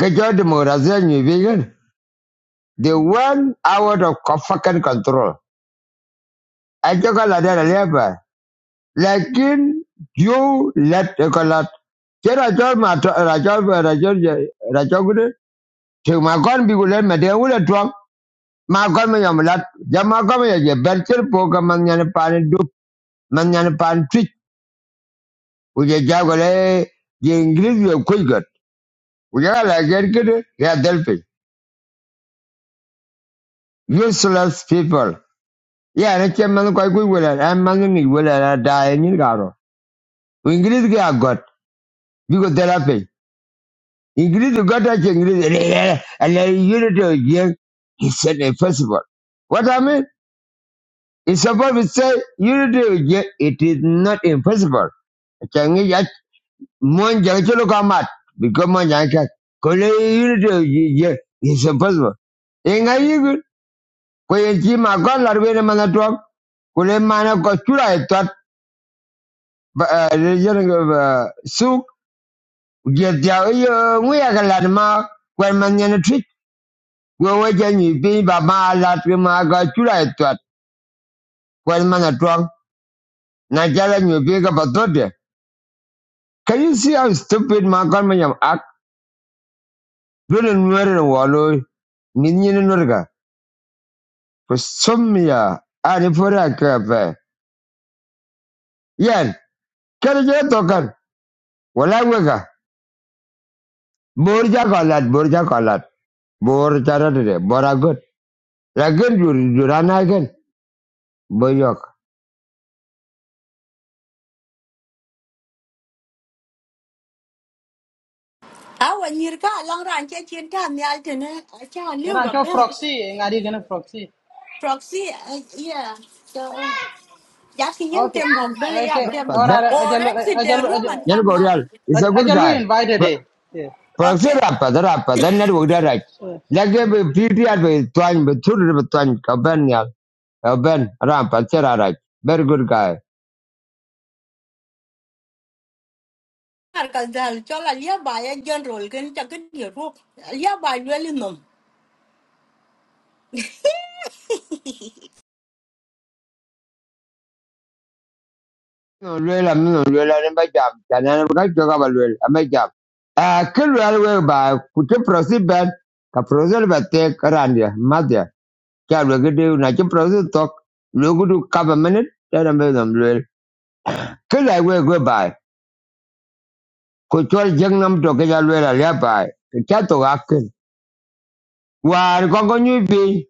Ka jo demokrasiya ni vegan. The one out of co- fucking control. Echokolat era liaba. Lakin you let echolat. Che rachol ma to- rachol rachol rachol gude. Che ma kon bi gulen ma de wule twang. Ma kon ma yam lat. Ja ma kon ma ye berchel po ka man nyane pan du man nyane pan twit. Uje ja gole ye ingrid ye kuigot. Uje la ger kede ya delphi. Useless people. Yeah, and it's man quite good with it. I'm man in it with it. I die in it. Ingrid got got. Because they're happy. English got at Ingrid and a unity again. He said impossible. What I mean? It's supposed to say unity again. It is not impossible. Changi yat mon jang cholo kamat because mon jang kat kole unity again. It's impossible. Inga yigu kwe chi ma kon larwe ne mana tuam kule mana ko chura etat rejen suk dia dia yo nguya kalad ma kwen man wewe je nyipi ba ma la tri ma ga chura etwa kwen ma na twang na jala nyipi ga patote can you see how stupid ma kan act? yam ak dole nwere na walo min nyin nurga ko somya ani fora ka pe yan kare je to kan wala wega bor ja ka lat bor ja ka lat bor ja ra de bor a gut la durana gen boyok
Awa nyirka long ran che chin ta nyal tene. Acha liu
ran
ga
chol
ben.
proxy ngadi gana proxy
Proxy, uh, yeah. So Just him
okay
them on belly
okay
up them
but that
ora
or
ajalo
exit the
ajalo
room
ajalo
and
yan
come back.
gorial is a good
ajalo
guy
invited eh yeah.
Proxy
Okay.
rapa da rapa da network da right.
Yeah.
Lagi be PTR be tuan be thuru be tuan kaban ya kaban rapa cera right. Very good guy.
Because the chola nearby a general can take it your rope. Nearby really no.
Luela mino luela am ba jam. Jana ni ba joga ba luela ba jam. Ah kelu alwe ba kutu proxy ban ka proxy ba te karandia madia. Kya lugu de na kya proxy talk lugu du kaba minute. Jana be dam luela. Kelu alwe go ba kutu jengnam to kya luela liya ba. Kya to akin. War kongo nyubi.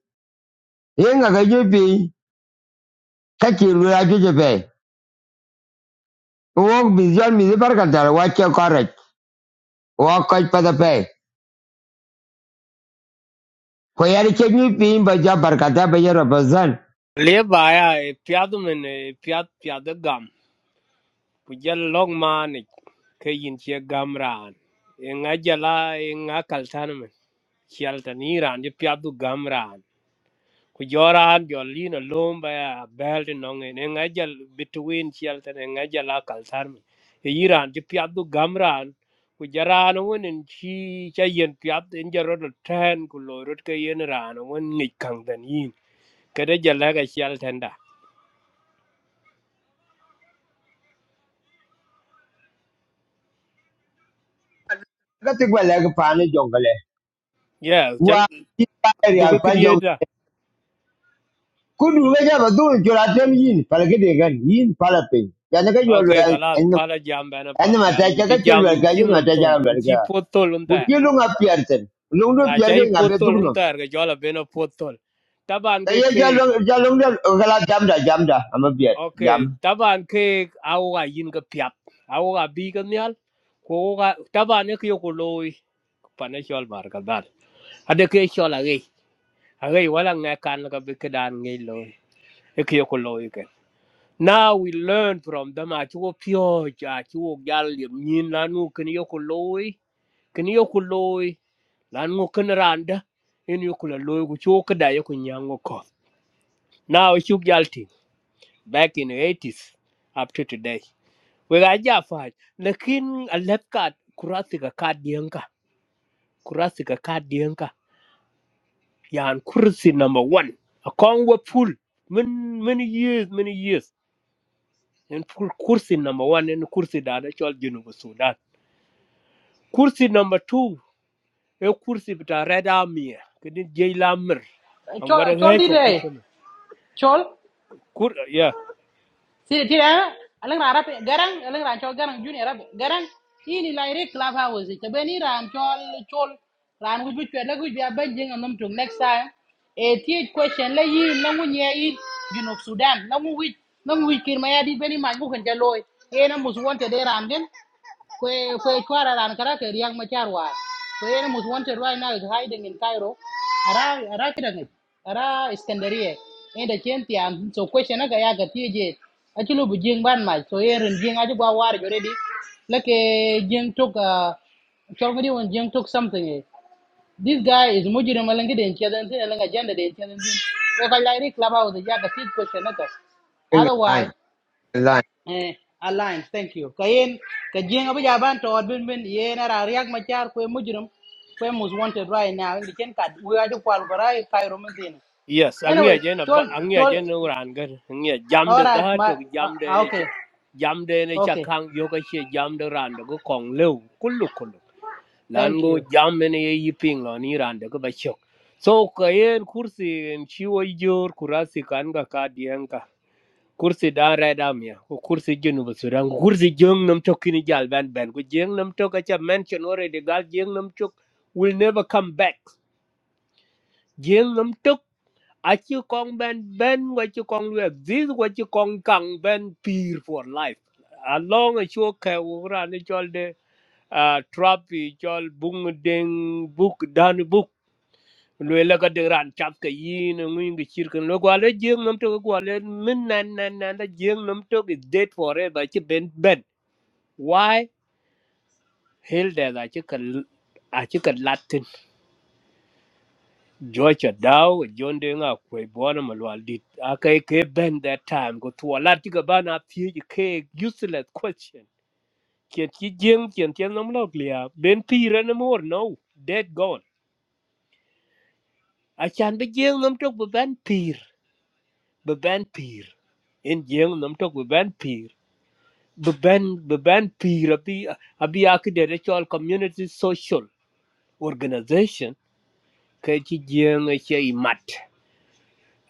yenga ga jopi kaki rura joje pe wo bizal mi de barkata wa che correct wa ko pa da pe ko yari che ni pi ba ja barkata ba yero bazan
le ba ya piad men piad piad gam ku jal long ma ni ke yin che gam ran e nga jala e nga kal tan men chal tan iran je piad gam ku joran jol lino lom ba belt nong ne ngajal between chial te ne ngajal akal tarmi e iran ti piadu gamran ku jaran wonen chi cha yen piad en jarod ten ku lorot ke yen ran won ni kang den yin kada jala ga chial tenda
ga ti gwa leg pa ni jongale
yeah chal
wa ti pa ri
duga
al pa jong
kidieda
ku du ga ja ba du ju ra tem yin pa ga de gan yin pa la pe ya na ga jo lu
okay
an
kala pala jam bana
an
pal
ma
jam
ta
in
cha
chi
ga che
jam
lu
in
ga
chi
jo na
num
ta
tol
ja
in
lu
chi
ga
potol
ku
untar
nga pi ar ten
na chai
nga be du
potol
no
untar ga jola bena potol taban
ta ye
ke
ja ja jam da jam da am bi
Okay,
jam
taban ke au ga yin ga piap, au ga bi ga nyal, ko ga taban ne kyo ko loy pana shol mar ga dal. Ade ke shol a ge, a ge wala nga kan ga bi kedan ngi loy, e kyo ko loy ke. Now we learn from them a chuo pyo cha chuo gal yim yin la nu ken yo ko loy, ken yo ko loy, la nu ken randa, en yo ko loy ku chuo ka da yo ko nyango ko. Now shuk gal ting back in the 80s up to today. we ga ja fa lakin alat ka kurasi ga ka diyanka kurasi ga ka diyanka yan kursi number 1 a kon we full min min years min years en full kursi number 1 en kursi da da chol jinu bu sudan kursi number 2 e kursi bita reda miya kedin jey lamir an
chol
wada
chol di
heka
re
gutshim
chol si ti ra alang ra garang alang ra chol garang junior rap garang ini lai re club house te beni ram chol chol ran gu bu chwe la gu ya ben anom tung next time e question la yi na mu junub sudan na wit wi na mu wi kir ma di beni ma kan jaloy e na mus won te de ram den Kwe kwe chwara ran karate riang machar war. Kwe ene most wanted right now is hiding in Cairo. Ara ara kidang it. Ara Iskandariye. Ende chenti am so question aga ya gati je. Achilo bu jing ban ma so eren jing aje gwa war already. Lake jing took uh somebody when jing took something. eh. This guy is mujire malangi den chadan tin alanga janda den chadan tin. Ko kalai ri club house ya gati question aga. Otherwise,
line
eh, alliance thank you kayen ka jenga bu jaban to bin bin ye na ra riak ma char ko mujrum ko mus wanted right now in the ken kad we are to kwal gorai kairo min
Yes,
anyway
angya jena
chol
ba angya
chol
jena uran gan angya jam
all
de
right
da to
my uh,
jam de
uh,
ne che
okay
jam de ne cha
okay
kang yo ka che jam de ran de go kong leu kullu kullu lan
thank
go
you
jam ne ye yiping lo ni ran de go ba chok so ka yen kursi en chi wo jor kurasi kan ga ka dien ka kursi da ra da mia ko kursi jenu bu suran kursi jeng nam tok kini jal ban ban ko jeng nam tok a cha mention already gal jeng nam tok will never come back jeng nam tok I you con ben ben what you con we this what you con kang ben peer for life along a show ke ura ni chol de uh, trap i chol bung ding book dan book lwe la ga de ran chap ke yin ngi ngi chir kan lo gwa le jeng nam to gwa le min nan nan nan da jeng nam to is dead forever chi ben ben why hell there that you can a chi kan latin Georgia Dow John Denga kwe bona malwal dit akai ke ben that time go to ala tiga bana thi ke useless question ken ki jeng ken ken nam lok lia ben pir na mor no dead gone a chan be jeng nam tok be ben pir be ben pir in jeng nam tok be ben pir be ben be ben pir abi abi ak de chol community social organization ke ki jeng ke i mat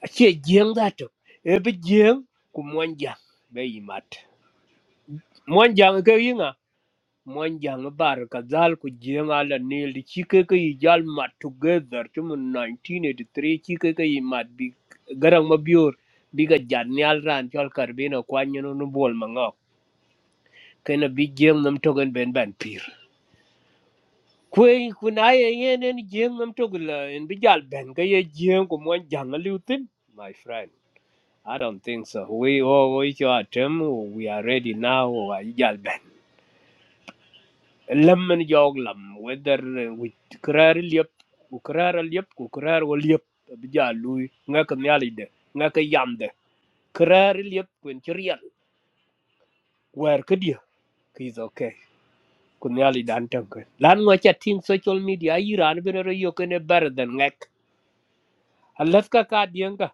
Achie jeng da to. Ebe jeng ku mwanjang be yimat. Mwanjang ke yinga. Mwanjang bar kazal ku jeng ala nil đi Chỉ cái cái yijal mat together tum 1983 chike ke yimat bi garang mabior biga jadnial ran chol karbino kwanyano no bol mangok. Kena bi jeng nam togen ben ben pir. Kwe kunaye yen en jeng nam togla en bijal ben ke ye muôn ku mwanjang alutin. My friend. I don't think so. We all we your term we are ready now or yalben. Lemon jog lam whether uh, we krar lip krar lip krar lip bija lui ngak nyalide. de ngak yam de krar lip kun chriel where could you He's okay kun nyali dan tank lan ngo chatin social media iran bin ro yo kene bar than ngak alaska ka dienga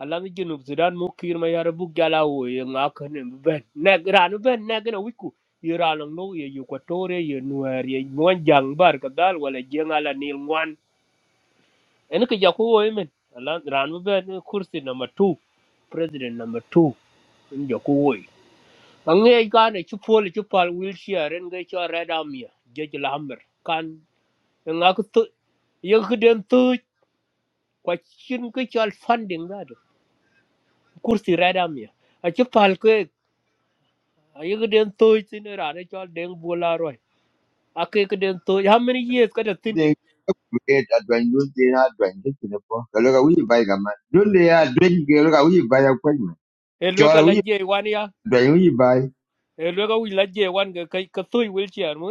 alami junub sudan mu kir ma yara buk jala wo ye nga kane ben nek ranu ben nek na wiku ye ranu no ye yu kwatore ye nuer ye ngwan jang bar ka dal wala jenga la nil ngwan en ke jako wo men alan ranu ben kursi number 2 president number 2 en jako wo ange ka ne chu pol chu pal wheelchair en ge cho red army je je lamber kan nga ku tu ye ku den tu kwa chin ke cho funding da kursi red army a chu ayi ka den toy tin ra ne chol den bola roy ake ka den toy how many years ka da tin
they create a dwen dun de na dwen de tene po ka lo ka wi bai ga ma dun de ya dwen ge lo ka wi bai ya kwa ma
e lo
cho
ka
lo
la
wi
je wan ya
dwen wi bai
e lo ka wi la je wan ga ka ka toy wil chi an mu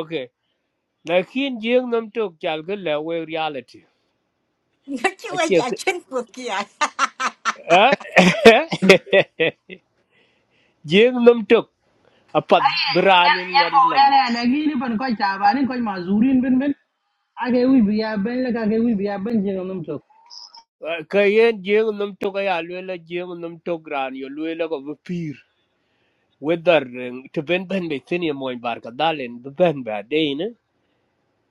okay lakin jeng nam tok chal ga la we reality
You were
ake
a
ka
chin cookie.
jeng nam tok apat branin
yan
ngari
ko re
lang
na na gi ni ban ko cha ba ni ko ma zurin bin bin age wi bi ya ben la ka ge wi bi ben jenga num tok
ka yen jeng nam tok ya lo la jeng nam tok ran yo lo la ko pir wedar to ben ben be tin ye moy barka dalen ben ba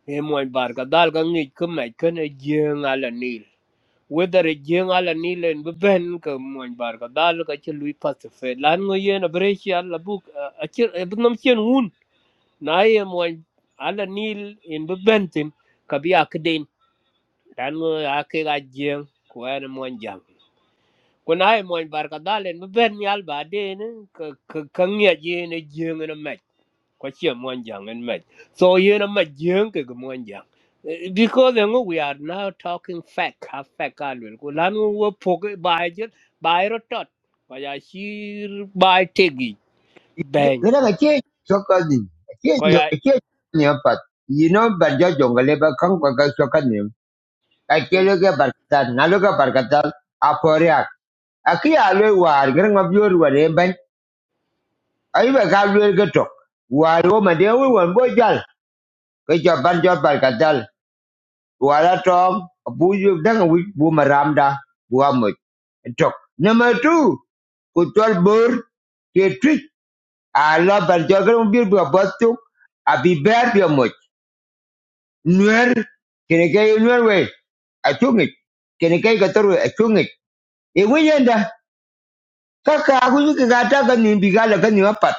e moy bar ka dal ka ngi ka mai ka ne jeng ala nil whether e jeng ala nil en be ben ka moy bar ka dal ka che lui pacified lan ngo yen a brechi ala buk a che e bnam chen un na e moy ala nil en be ben tin ka bi ak den lan ngo a ke ga jeng ko en moy jang ko na e moy bar ka dal en ben yal ba den ka ka ngi je ne jeng na kwa chia mwan jang en mech so yen a mech yen ke ke mwan jang Eh, because you know, we are now talking fact half fact ka lwel ko lan wo phok bai jet bai ro tot kwa ya shir bai tegi bang
lo ka che so ka di che
kwa
yo
ya
che ni pa you know but jo jongale ba kan kwa ka so ka ni ka che
ke
lo ka bar ka na lo ka bar ka ta a po ria a ki a lo war ge ngab yo ru re ban ai ba ka lo ge to war wo ma de wo won bo jal ka jo ban jo bar ka wala tong bu yu dang wi bu maramda bu amut tok number 2 ku tol bor ke twit ala ban jor gam bir bu bostu abi ber bi amut nuer kene ke nuer we achungit kene ke ka toru achungit e wiyenda kaka ku yu ka ta ka ni bi gala ka ni apat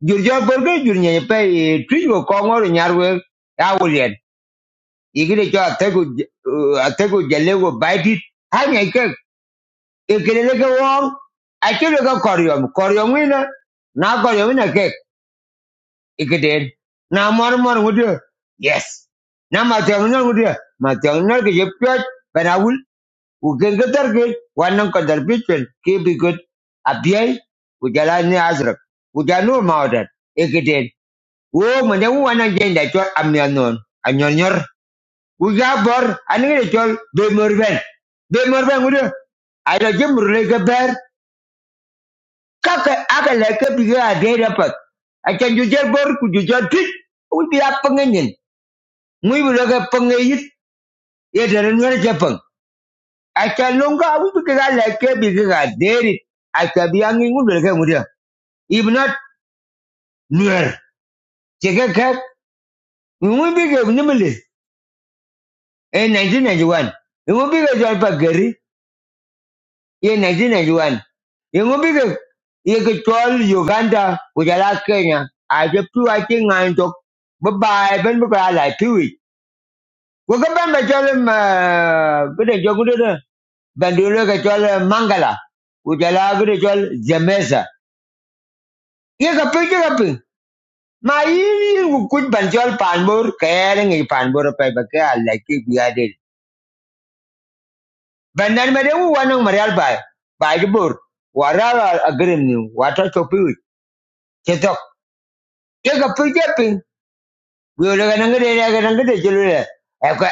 jur jor bor ke jur nye pe e, twit go kongor nyar awulien igire jo atego atego jalego baitit ikelele ke wong achilo ke koryom koryom ina na koryom ina ke ikiden na mor mor ngudio yes na matyong na ngudio matyong na ke jepyot benawul ugen ke terke wanang kadar pichwen ke bigot abiyai ujala ni azrak ujanu maudat ikiden wo mende wo wanang jenda chol amyanon anyornyor uga bor anige chol be morben be morben ayo jemurle ke ber kaka aka leke bige a data pat acha jujal bor ku jujal tit u bi a pengenyen muy bi leke pengeyit ye dere nwer japang Akan longa u bi ga leke bige ga deri acha bi angi ngu leke if not nwer cheke kak mu bi ge nimle in 1991 mui bi jual jal pa ye 1991 yengo bige ye ke tol Uganda kujala Kenya a je tu a ti ben ba la tiwi ko ga ben ba ma gede jogu de de ben Mangala kujala gede tol Zemesa ye ka pe ke ka pe ma yi ku ban tol panbor ka ye ngi panbor pe ba ka la ki bi ade ben wanang marial ba ba ji bor wara agrim ni wata to pi Jacob Japping, we were going to get a good day.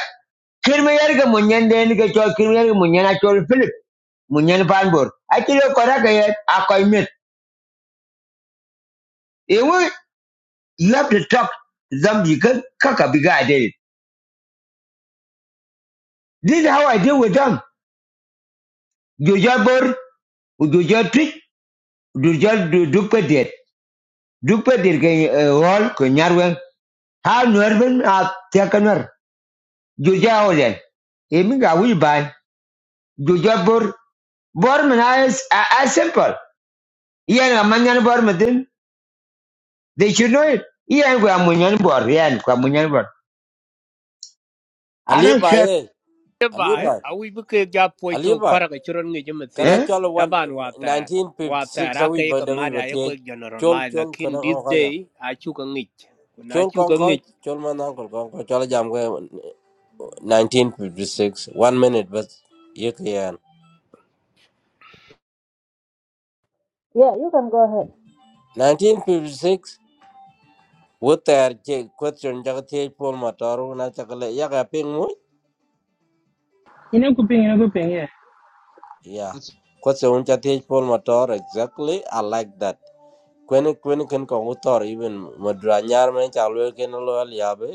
Kirmayarga Munyan then get your Kirmayarga Munyan at your Philip, Munyan Panbur. I tell you, Koraka yet, Akoi met. You have to talk to them, you can cock a big idea. This is how I deal with them. Do your board, do your trick, do your duplicate. Duplicate can roll, can yarwen. How Norman are taken her. Do your order. Amy got we buy. Do your board. Bormina is uh, as simple. Ian Amanyan Bormadin, they should know it. Ian Guamunyan Bor, Ian Guamunyan Bor. I
Ali
don't care.
Baye,
ke
Ali
bai
Eh?
Baye,
a wi bu ke ga
Ali
to
Baye.
fara ke chron ngi jam
Kara
tin
Eh?
chol one
taban wa tar
nineteen fifty
wa tar
six
a
awi
ke ke
bada
ma
awi
da ye ko
bati chol
generalize
chol
lakin
kara
this
kong
day
kaja
a chu ka ngi na
chol
chu
kong
ka
koj
ngi
chol manang kol kong koj chola jam kaya nineteen fifty six one minute but ye kiyan
Yeah, you can go ahead.
nineteen fifty six wo ter che question jaga thiye pol motor na chakale ya ka ping mu
ina ku pin ina ku pin
ya question uncha thiye pol motor exactly I like that kwen kwen ken kong utor even madra nyar men chalwe ken lo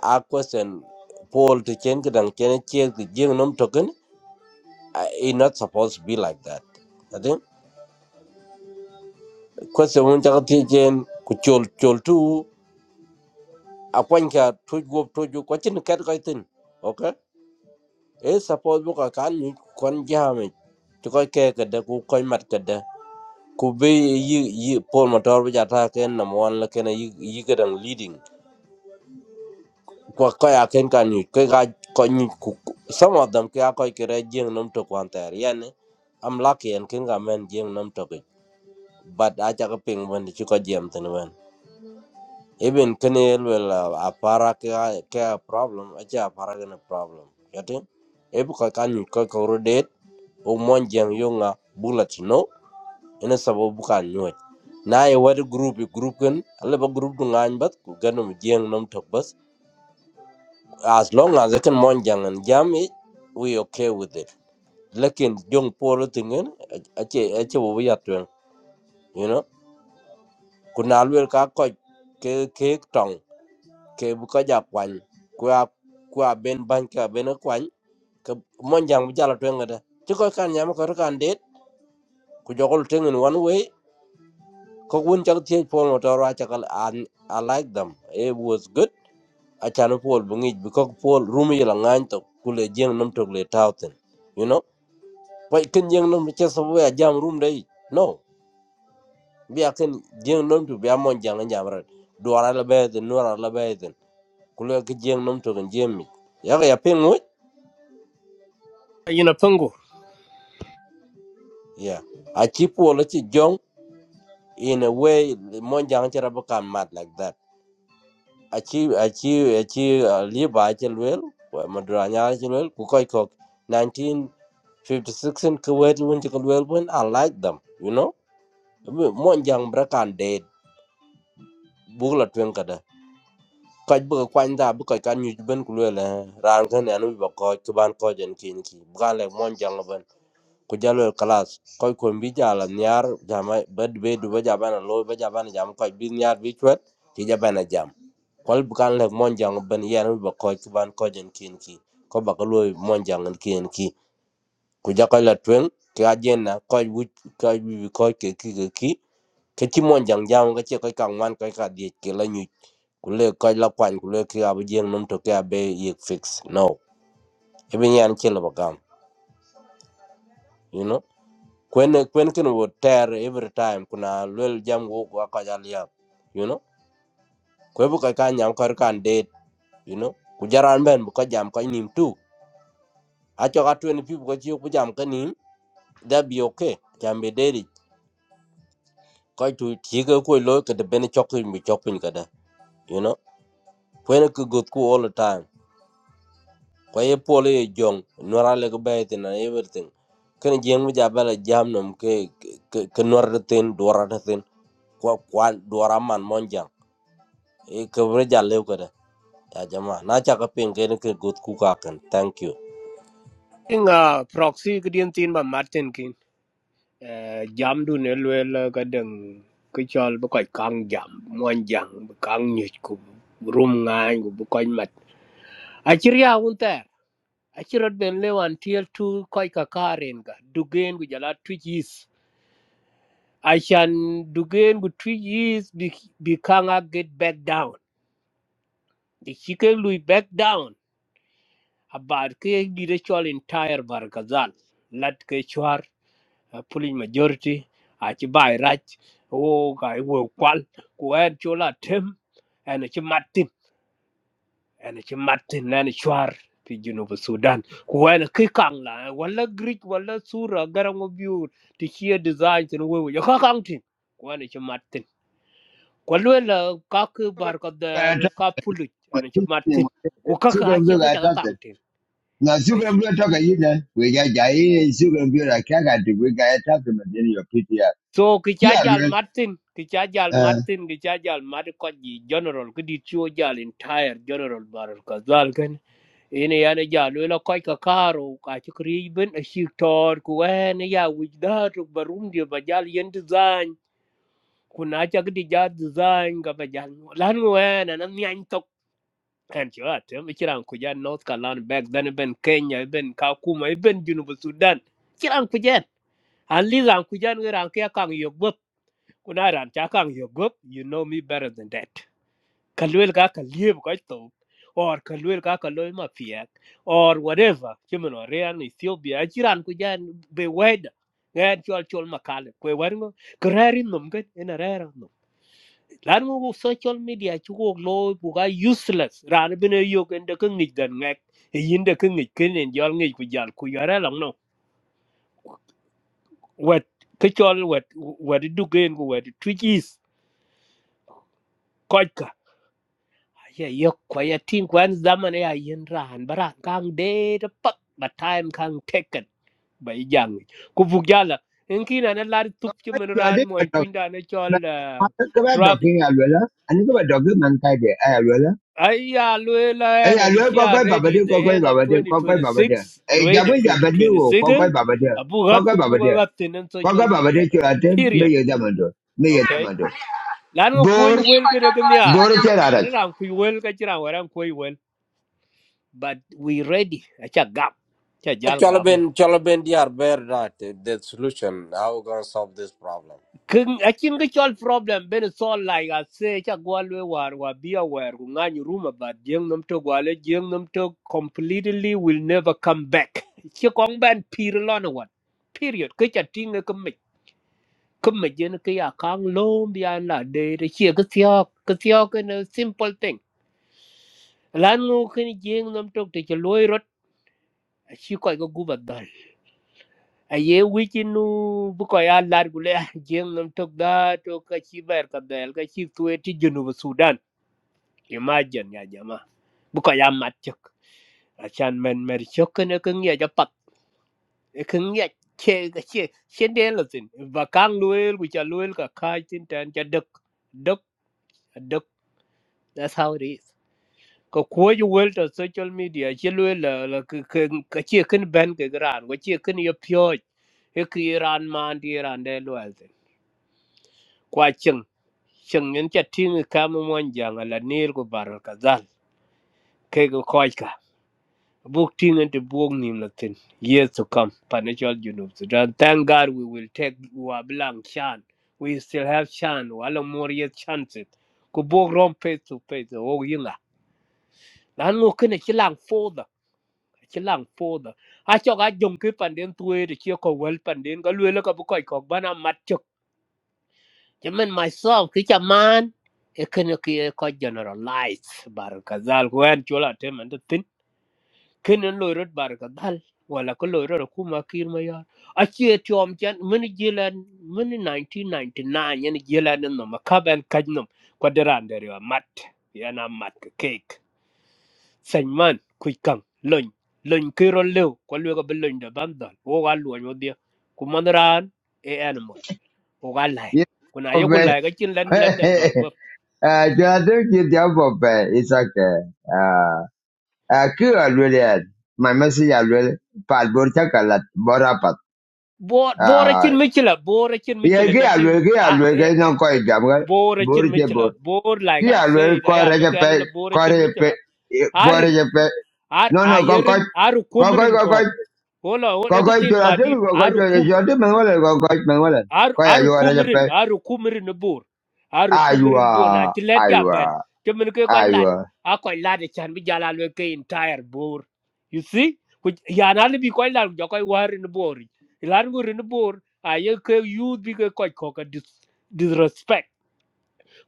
A question Paul to change it and can change the gym num token. It's not supposed to be like that. I think question one jagati jen kuchol chol tu akwanka tuj go tuju kwachin kat kaitin. Okay? It's supposed to can you kon jam it. To koi ke kada ku koi mat kada. Ku be yi yi Paul motor bi jata ken number one la ken yi yi kadang leading. ko ko ya ken kan ni ko ga ko ni ku ku- some of them ka ko kire jing num to kwan ter yani i'm lucky and ken ga men jing num to ke but a cha ko ping when chi ko jem ten wen even ken el wel a para ka ka problem a cha para ga problem yati e bu ko kan ni ko ko ro det o mon jeng yunga bullet no ina sabo bu kan na e wad group group ken alle ba group du ngany bat ku ganum jeng num to as long as it can monjang and jam it we okay with it lekin young polo tingen ache ache wo ya twen you know kunal wel ka ko ke ke tong ke buka ka ja kwan kwa kwa ben ban ka ben kwan ke monjang bu jala twen ngada ti ko kan nyam ko kan det ku jogol thing in one way ko gun chak tie pol motor wa chakal an i like them it was good achano pol bungij because pol rumi la ngany to kule jeng nam to le tawten you know Why can young nom chess away a jam room day? No. Be a can young nom to be a mon jang and jammer. Do a labad and no labour then. Kulak young nom to and jimmy. Yaga ya ping wood?
ina pango
Yeah. A cheap wallet jong in a way the mon jang cherabakan mad like that. A cheap, a cheap, a cheap, a liba chelwell, Madrana chelwell, Kukoi cock, 1956 and Kuwait when you could well I like them, you know. Mon jang brakan dead. Bugla twinkada kaj bë ka kwany dha bï köc kan nyuc bën ku luele raan kënë ënë wibo köc kï ban köc ën kin ki bëka lëk mon jöngö bën ku ja luel kalas köc kom bï jal aniar jama ba dibe duba ja bëna loi ba ja bëna jam köc bï niar bï cwet kï ja bëna jam Kol bï kan lëk mon jöngö bën yen wibo köc kï ban köc ën kin ki ko ba ka luoi mon jöngö ën kin ki ku ja köc la tweng kï ajen na köc wic köc wibi köc keki keki keci mon jöng jam ka ce köc ka ŋwan köc ka dhiec kelo nyuc kule kɔc la kuany kule ki abi jieŋ nom toke abe yik fix no even yan chilo bagam you know kwen kwen kin wo tear every time kuna lwel jam go go ka jalia you know kwe bu ka ka nyam kar kan date. you know ku ben bu kaj jam ka nim tu a cho ka twen pi bu ka chi bu jam ka nim that be okay jam be de Kaj tu ti ga ko lo ka de ben chok mi chok pin you know kwen ku gut ku all the time kwa ye polo ye jong nwara le ko bay tin everything kan jeng mu jabala jam nom ke ke ke nwar de tin dora de tin kwa kwa dora man mon jang e ke bre jalle ko da ya jama na cha ka pin ke ne ke gut ku ka kan thank you
inga proxy gdin tin ba martin Eh, jam du ne luel ka deng ke chol bu koy kang jam mon jang bu kang nyut ku rum ngan ku bu koy mat a chir ya un ter a chirot ben le wan tiel tu koy ka karen ga dugen gu jala twis a chan dugen gu twis bi bi kang a get back down the chicken lui back down about ke di de chol entire barkazal lat ke chwar uh, pulling majority achi bai rach o kai wo kwal ku en chola tem en chi matin en chi matin en chwar pi junub sudan ku en ki kang la wala greek wala sura garang biur ti chi design tin wo yo ka kang tin ku en chi matin ku lo la ka ku bar ka da
I talk
ka pulu
about
en chi
this thing.
matin ku ka
Sugar
ka
and
chi
blue,
ka
I
cha ka
talk
kang
it.
tin
Now,
ka
sugar
chi
and blue, talk you then. We got Jai and sugar and blue, I can't get it. We got to talk to them in your PTR.
so ki cha
Yeah,
jal
well,
martin ki cha jal
uh,
martin ki cha jal mad ko ji general ki di chuo jal entire general baral ka zal kan ene yana jal wela ko ka karo ka chi kri ben a shi tor ku wen ya wij da to barum di ba jal yen design ku na cha ki di jal design ga ba jal lan wen na nyan tok kan chi wa te mi kiran ku ja north carolina back then e ben kenya e ben kakuma e ben junub sudan kiran ku jan an li ran ku jan ran ka kan yok kuna ran cha kang yo gop you know me better than that kalwel ka kalieb ka to or kalwel ka kaloy ma piak or whatever chimen or rean ethiopia chiran ku jan be wed ngan chol chol makale kwe warngo krari nom gen en arera nom lan mo kung social media chu ko lo bu ga useless ran bene yo gen de kan ngik dan ngak e yin de kan ngik ken en jol ngik ku jal ku yara lang no wet ke chol wet wet du gen ku wet twitch is ya yok kwa ya tin kwan zaman ya yin ran bara kang de de pat ba time kang taken bai jang ku bu gala in kina na lad tup chi men
so I
ran
think
mo
I talk.
twin da na chol ah,
Come back,
trabi
talking, I will. I think about talking, man, I will.
ai ya lue la
Ê,
ya na
à
ni
lưới có
sia
cái bà bà
ready
đưa,
the
có cái
end
bà
of
bà đưa, có cái bà bà đưa.
2026
Ê, dạ
rain
với dạ bà đưa, có cái
2026
bà bà đưa,
abu
có
hat
cái
tu
bà bà
bu ga
đưa.
gat nen
Có cái
social
bà bà đưa
media ka
chưa là thế, mới
period
giờ ra mà được, mới giờ ra mà
okay
được.
lan ko ku
Bố,
wel ga ne ga nyar
bố nó chết là
ai
đấy.
ran ku wel ga jira but we ready acha gap cha jal gap
Cholben Cholben they are very right the solution how we gonna solve this problem
king achin ga chol problem ben so like i say cha gwalwe war wa be aware ku ngany ruma but jeng nam to gwale jeng nam to completely will never come back chi kong ban pir lon wat period ke cha ting e ke me kum me jen ke ya kang lom bia la de re chi ke tyo ke tyo ke simple thing lan ngu kin jeng nam to te chloi rot chi ko ga gubat aye wichinu buko ya lar gule "Ah, jeng nam tok da to ka chi ber ka del ka chi tuwe ti junub sudan imagine ya jama buko ya mat chok achan men mer chok ne ka ngia ja pat e ka ngia che ka che che de lo tin ba kang luel ku cha luel ka kai tin tan cha dok dok dok that's how it is ko ko ju wel to social media che luel la la ka ka ka che kan ben ka gran ko che kan yo pyo e ki ran man di ran de luel kwa cheng cheng en cha ting ka mo mon jang ala nir go bar ka dal ke go koj ka buk ting en te buk nim la tin years to come financial junub sudan thank god we will take wa blang chan we still have chan wala more yet chances ku buk rom face to face o yinga lan ngo kene chi lang foda chi lang foda a cho ga jong ke panden tuwe de chi ko wel panden ga lwe la ka bu koj ko bana mat chok Jamen myself ki chaman e ken ki ko generalize bar kazal ko en chola tem and tin ken en loy rot bar kazal wala ko loy rot ku ma kir ma yar a che tiom chen min jilen min 1999 en jilen no ma kaben kajnum ko deran der yo mat yana mat ke cake sen man ku kan lon lon ki ro lew ko lew ko be lon da bandal wo ga lon wo dia ku man ran e animal o ga lai kuna ye ku
về.
lai ga chin len len de dol go
À, chưa là thế, chưa theo bố về, it's okay. À, à, cứ ở lưới đi. ăn, Mà mới xin à lưới, phạt bố chắc cả là bố ra phạt.
bo
À,
bo ra chin michila bo ra chin
là
michila
cái
ja
à
ting
lưới, cái à
a
lưới,
eh,
cái nó
eh,
coi
eh,
giảm cái.
bo ra
Bố
chin
nó chết
michila bo lai
He
ga sei
always
ya lo ga
corregible,
le bo ra chin
corregible,
michila arin
corregible.
ar
No, no, go, go,
ayerin aru
go, go,
kumrin ko
go,
wala wala
go, go,
ga
go, to
tin
the team,
madin
go, go, to
aru
the
kum
show, team, Mangolan, go, go, Mangolan.
ar ar
Kaya, you are
kumirin
regible.
ar kumirin bur ar
Ah, you
kumirin bur na
are,
ti let
ah,
ya
you
ben
are,
ti min ke ko
ah, you
lat
are.
a ko lat e chan bi jala le ke entire bur you see ku ya na le bi ko lat jo ko war in bur lan gur in bur a ye ke you bi ke ko ko ka dis- disrespect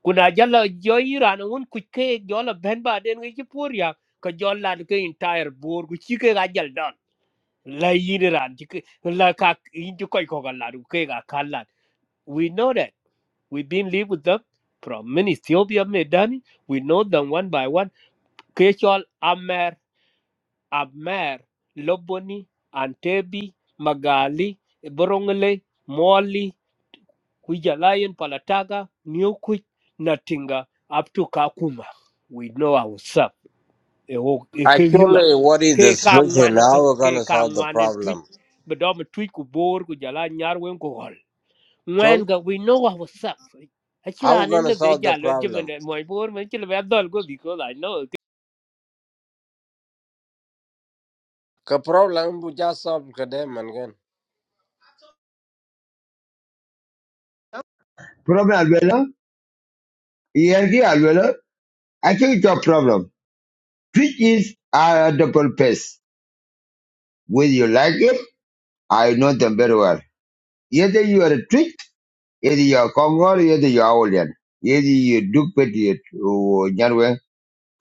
kuna jala jo iran un ku ke jo la ben ba den ke pur ya ka jo lat ke entire bur ku chi ke ga jal don la yin ran ti ke la ka yin ti ko ko ga lat ku ke ga kan lat we know that We've been live with them from many Ethiopia, Medani. We know them one by one. Kechol, Amer, Amer, Loboni, Antebi, Magali, Borongole, Moli, Kujalayan, Palataga, Newquit, Natinga, up to Kakuma. We know ourselves. Ewo ekiyunga.
actually what is the
Ke ka
solution
ngwan
how
but
we
ke
gonna
ka
solve the
ngwan en tweet.
problem
Bedom tweet ku bor ku jala nyar wen ku hol when
chol
we know ourselves.
how
Achira
we
anin
gonna
le
solve the
beja lo
problem
jimen mo bor men chile be dol go because I know
ka problem bu ja solve ka de man
Problem alwelo, ERG alwelo. I think it's a problem. Twitch is a double pace. Whether you like it, I know them very well. Either you are a Twitch, either you are Congo, either you are Olean. Either you do pet it,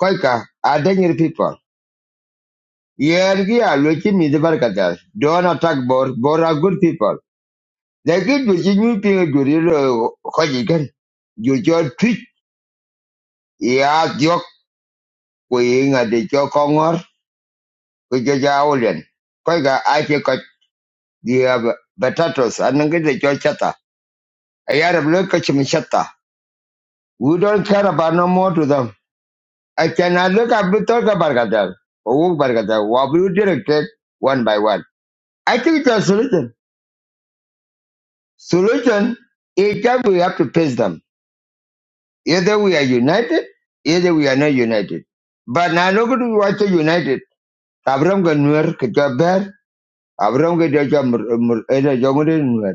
Koika, are danger people. Yergi are looking me the barkatas. Don't attack Bor. Bor are good people. They get the genuine people to real Hojigan. You just tweet. Yeah, joke. We at the joke on We just Aulian. Koika, I take a the potatoes. I don't get the joke chata. I had a look at him chata. We don't care about no more to them. I cannot look at the talk about Gadar. Oh, Bargata. What will you direct one by one? I think it's a solution. Solution is that we have to face them. Either we are united, either we are not united. But now nobody wants to united. Abraham got nuer ke jaber, Abraham ga jaja mur mur ena jomure nuer.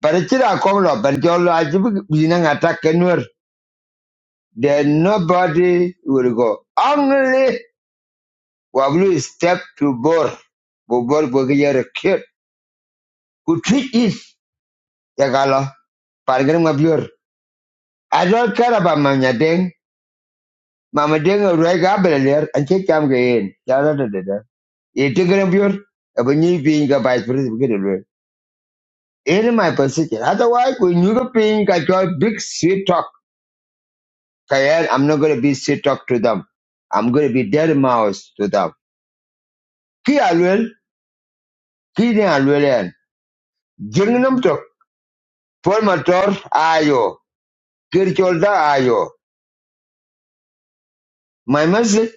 But it's still a common law, but jolo ajibu binang attack ke nuer. Then nobody will go. Only wablu step to bore. Bobor go get your kid. Who treat is the gala. Pargram of your. I don't care about my ding. mama denga ruai ga belaler anche kam ga yen jara da da da e tigre biur abani pin ga bai pris bi de lue in my position otherwise when you go pin ga joy big sweet talk kayan i'm not going to be sweet talk to them i'm going to be dead mouse to them ki alwel ki ne alwel yan jingnam to for motor ayo kirchol da ayo my message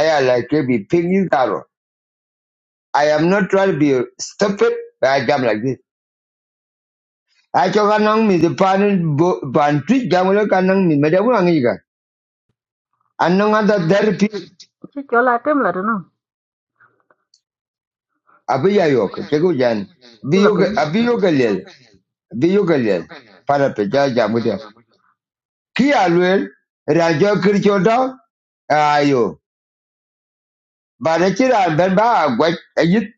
i like to be pin you i am not trying to be stupid but i am like this acho kanang mi the pan pan jamule kanang mi meda bu angi anong ada therapy
Chi chola tem la no.
abi ya yok tego jan
Chi
bi
la
yok
pin.
abi yok lel para pe ja jamuda ki alwel rajo kirchoda ayo bare chira ben ba gwa ayit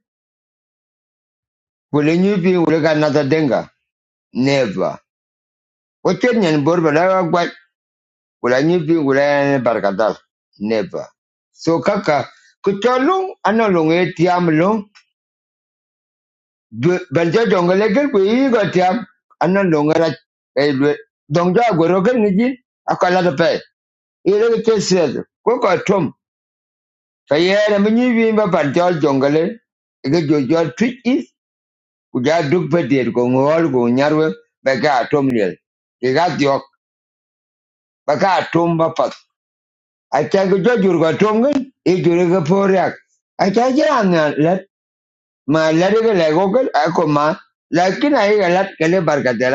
kule nyu bi ule kanata denga never ochen nyen bor bala gwa kule nyu bi ule barkatal never so kaka kucholung anolong etiam long Dwe- ban jo jongo legen ku yigo tiam anan lo ngara e dwe dong jo agwero ken ngi akala de pe ire ke kesiet ko ko tom ka yere mi nyibi ba ban jo jongo le ge jo jo is ku ja duk pe der ko ngol go nyarwe be ga tom le ke ga diok ba ga tom ba pat a cha ge jo jur go tom ngi e jur ge poryak a cha ge an le ma le ge le go lego ko ma lakin ai ga lat barka de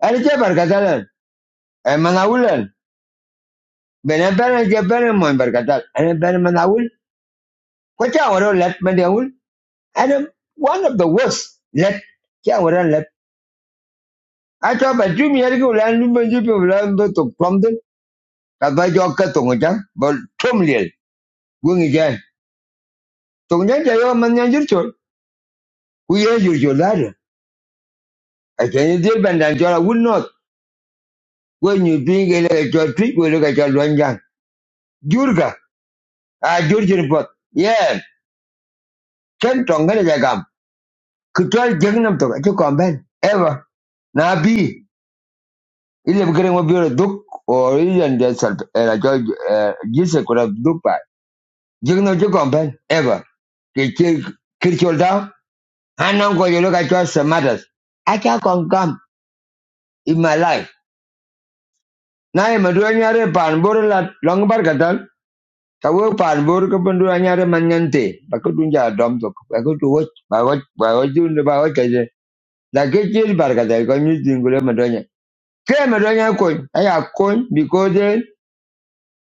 Él es Barcatal, el Manaúl, él. Ven, ven, el que ven, el muy Barcatal. Él es Ben Manaúl. ¿Cuánto ahora let Manaúl? And um, one of the worst let. ¿Qué ahora let? I thought about two years ago, land, you may be blind, but to Plumpton. Capaz yo que tongo ya, but Tumliel, Wing again. Tonga ya yo man ya yurcho. We are yurcho ladder. I can't deal bandan jola would not. When you bring a your treat, we look at your one young. Jurga, I Jurgen pot. Yeah, Ken Tonga ya Kitwal Jahannam to acho kwamben ever nabi. bi ile mkere mo biore duk o ile ndia sal era jo eh, jise kura duk pa Jahannam cho kwamben ever ke ke dah. da kau go yo ka cho samadas acha kon in my life na maduanya madu anyare pan bor la long bar kadal ta wo pan bor ko bandu anyare manyante ba ko dom to ba tu wo ba wo ba wo jun ba wo kaje la ke jil bar kadal ko nyi dingule ke me do nya ko aya ko because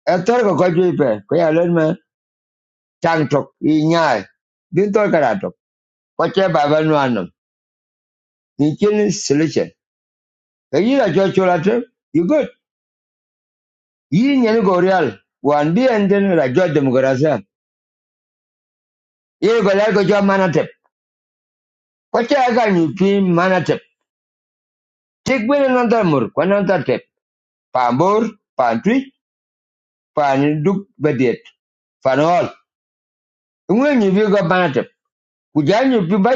e tor ko ko ju pe ko ya len me tang tok i nya no solution ke yi la jo chola te you good yi nya go real wan bi en den la jo demokrasia ye go la go jo manatep ko che ga ni pi manatep tik bi nan mur ko nan tar tep pa bor pa tri pa ni duk bedet pa no ngwe ni go manatep ku ja ni bi ba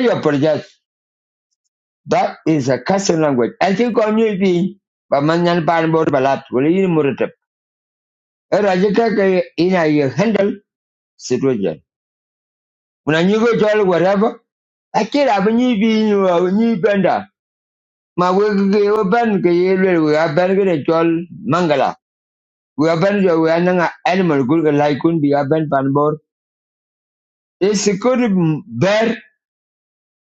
That is a custom language. I think on you be Bamanyan Banbor Balat, will you Muritab? A Rajaka in a handle situation. When you go to all wherever, I can't have a new being or a new bender. My work ban we are banging a jol mangala. We are banging we are animal good like couldn't be a band banbor. A secure bear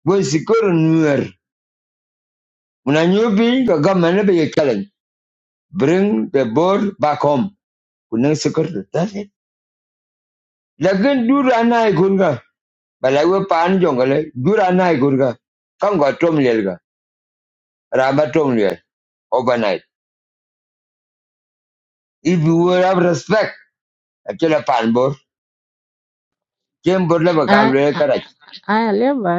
was secure newer. When a new being, the government be a challenge. Bring the board back home. Kunang secure. that. Lakin du rana ikunga. Balawe pan jongale. Du rana ikunga. Come got tom lielga. Raba tom liel. Overnight. If you will have respect. Achela pan bor. Jem bor laba kan
Ai
liel karach.
ai le ba.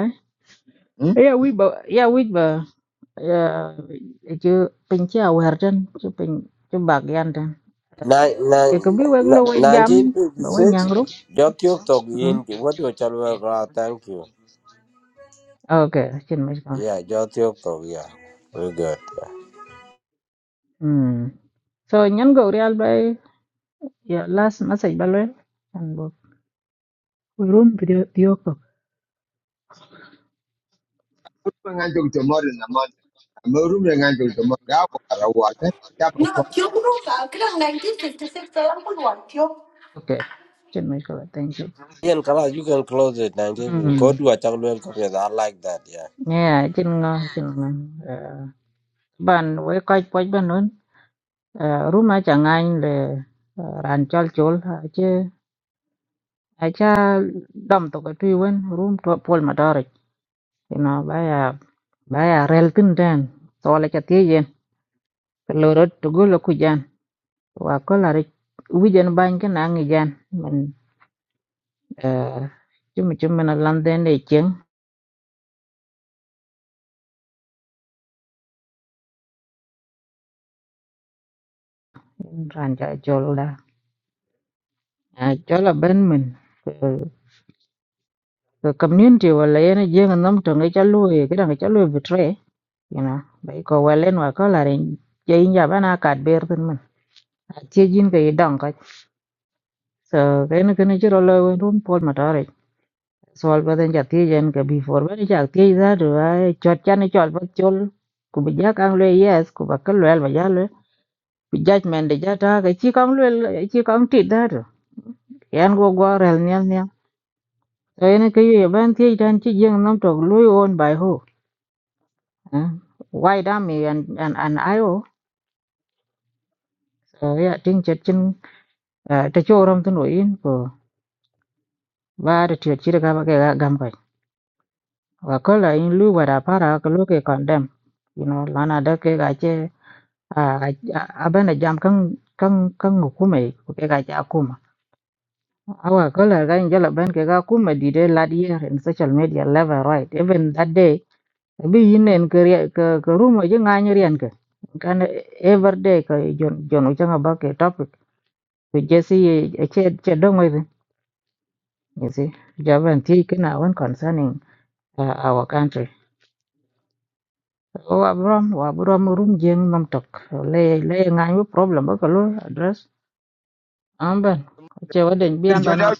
Hmm?
Yeah, wi ba yeah wi ba yeah, chứ pin cha wer den ju pin chứ bag yan den
Nine nine
e ko bi wek lo wek jam
nineteen fifty
ba we
six.
nyang ru
Jotiok Tok
Mm.
Yin, what do you tell me? Thank you.
okay chin mấy ko
Yeah, Jotiok Tok, yeah. Very good. Yeah.
mm so nyen go real ba yeah, last message ba lo and bo room video dio ko
Ngan jog tomorrow na man. Amorum ngan jog tomorrow. Awo arawa. Tapo
No,
kwa.
Cuba, 1956,
okay chin mấy ko thank you
You can, close- you can close it, 1956.
mm
Go to a Chalwell, I like that, yeah.
yeah chin ngon, chin ngon. ban we kai poj ban uh, ruma chẳng ngany le uh, ran chol chol ache acha dam to ka tu wen rum to pol ma dor you know baya baya rel tin den to la cha tie yen lo ro to go lo ku jan wa ko la ri wi jan ban ka na ngi jan men uh, chum chum men lan den de chen ran cha chol da à chol la ben men uh, community wala yen jeng nam to ngi cha lu cái da ngi cha lu betray you know bai ko walen wa ko la rin je in ja bana ka ber tin man a che jin ke dang ka so ke ne ke ne jiro lo rum pol ma tare sol ba den ja ti jen ke before ba ja ti za do a chot chan chol ba chol ku bi ja kang le yes ku ba ka le ba ja le bi judgment de ja ta ke chi kang le chi kang ti da do yan go go rel nyal nyal so ene ke ye ban ti dan chi jeng nam to lu on by ho why da me and and and i o so ya ting chet chin Ah, ta choram tun o in ko ba da tiyo chira ga ba ke ga gam kai wa ko la in lu ba da para ko lu ke condemn you know lana da ke ga che a a ba na jam kan kan kan hukume ko ke ga cha kuma awa ko la ga in jala ban ke ga kuma di de la di in social media level right even that day bi yin en ke ria- ke ke rumo je nga nyi rian ke kan every day ko jon jon ucha ba ke topic ko jesi che che dong You see, Javan taken one concerning uh, our country. Oh, Abram, o Abram, room jeng nam tok. Lay, lay, ngai, yung problem ba kalu address? Amban, cewa den bian bana
Kirjoda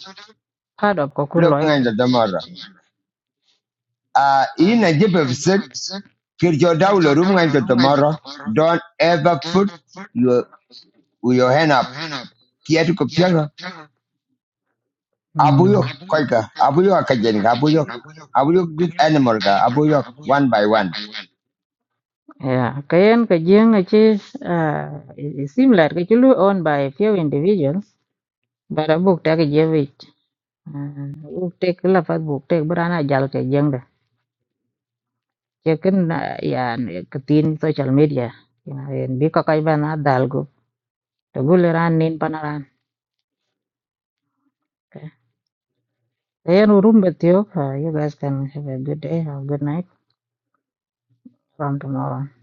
part of kokun
laba
loy.
ngan jog tomorrow. Ah, ina jipe bisik. Kirjoda laba ngan jog tomorrow. Don't ever put your, with your hand up. Kiatu
Hmm.
Abuyuk, koika, abuyuk akajen, abuyuk, abuyuk this animal, ka? abuyuk one by one.
Yeah, kayan ka jeng achi. Uh, it, it seem like it chulu owned by a few individuals, but a book take a jewit. Uh, book take la fat book take berana jal ke jeng chắc cũng là cái cái tin social media nên bị các cái bên ở Dalgo tôi gọi là ranh ninh panran thì anh hùng betio các you guys can have a good day have a good night from to all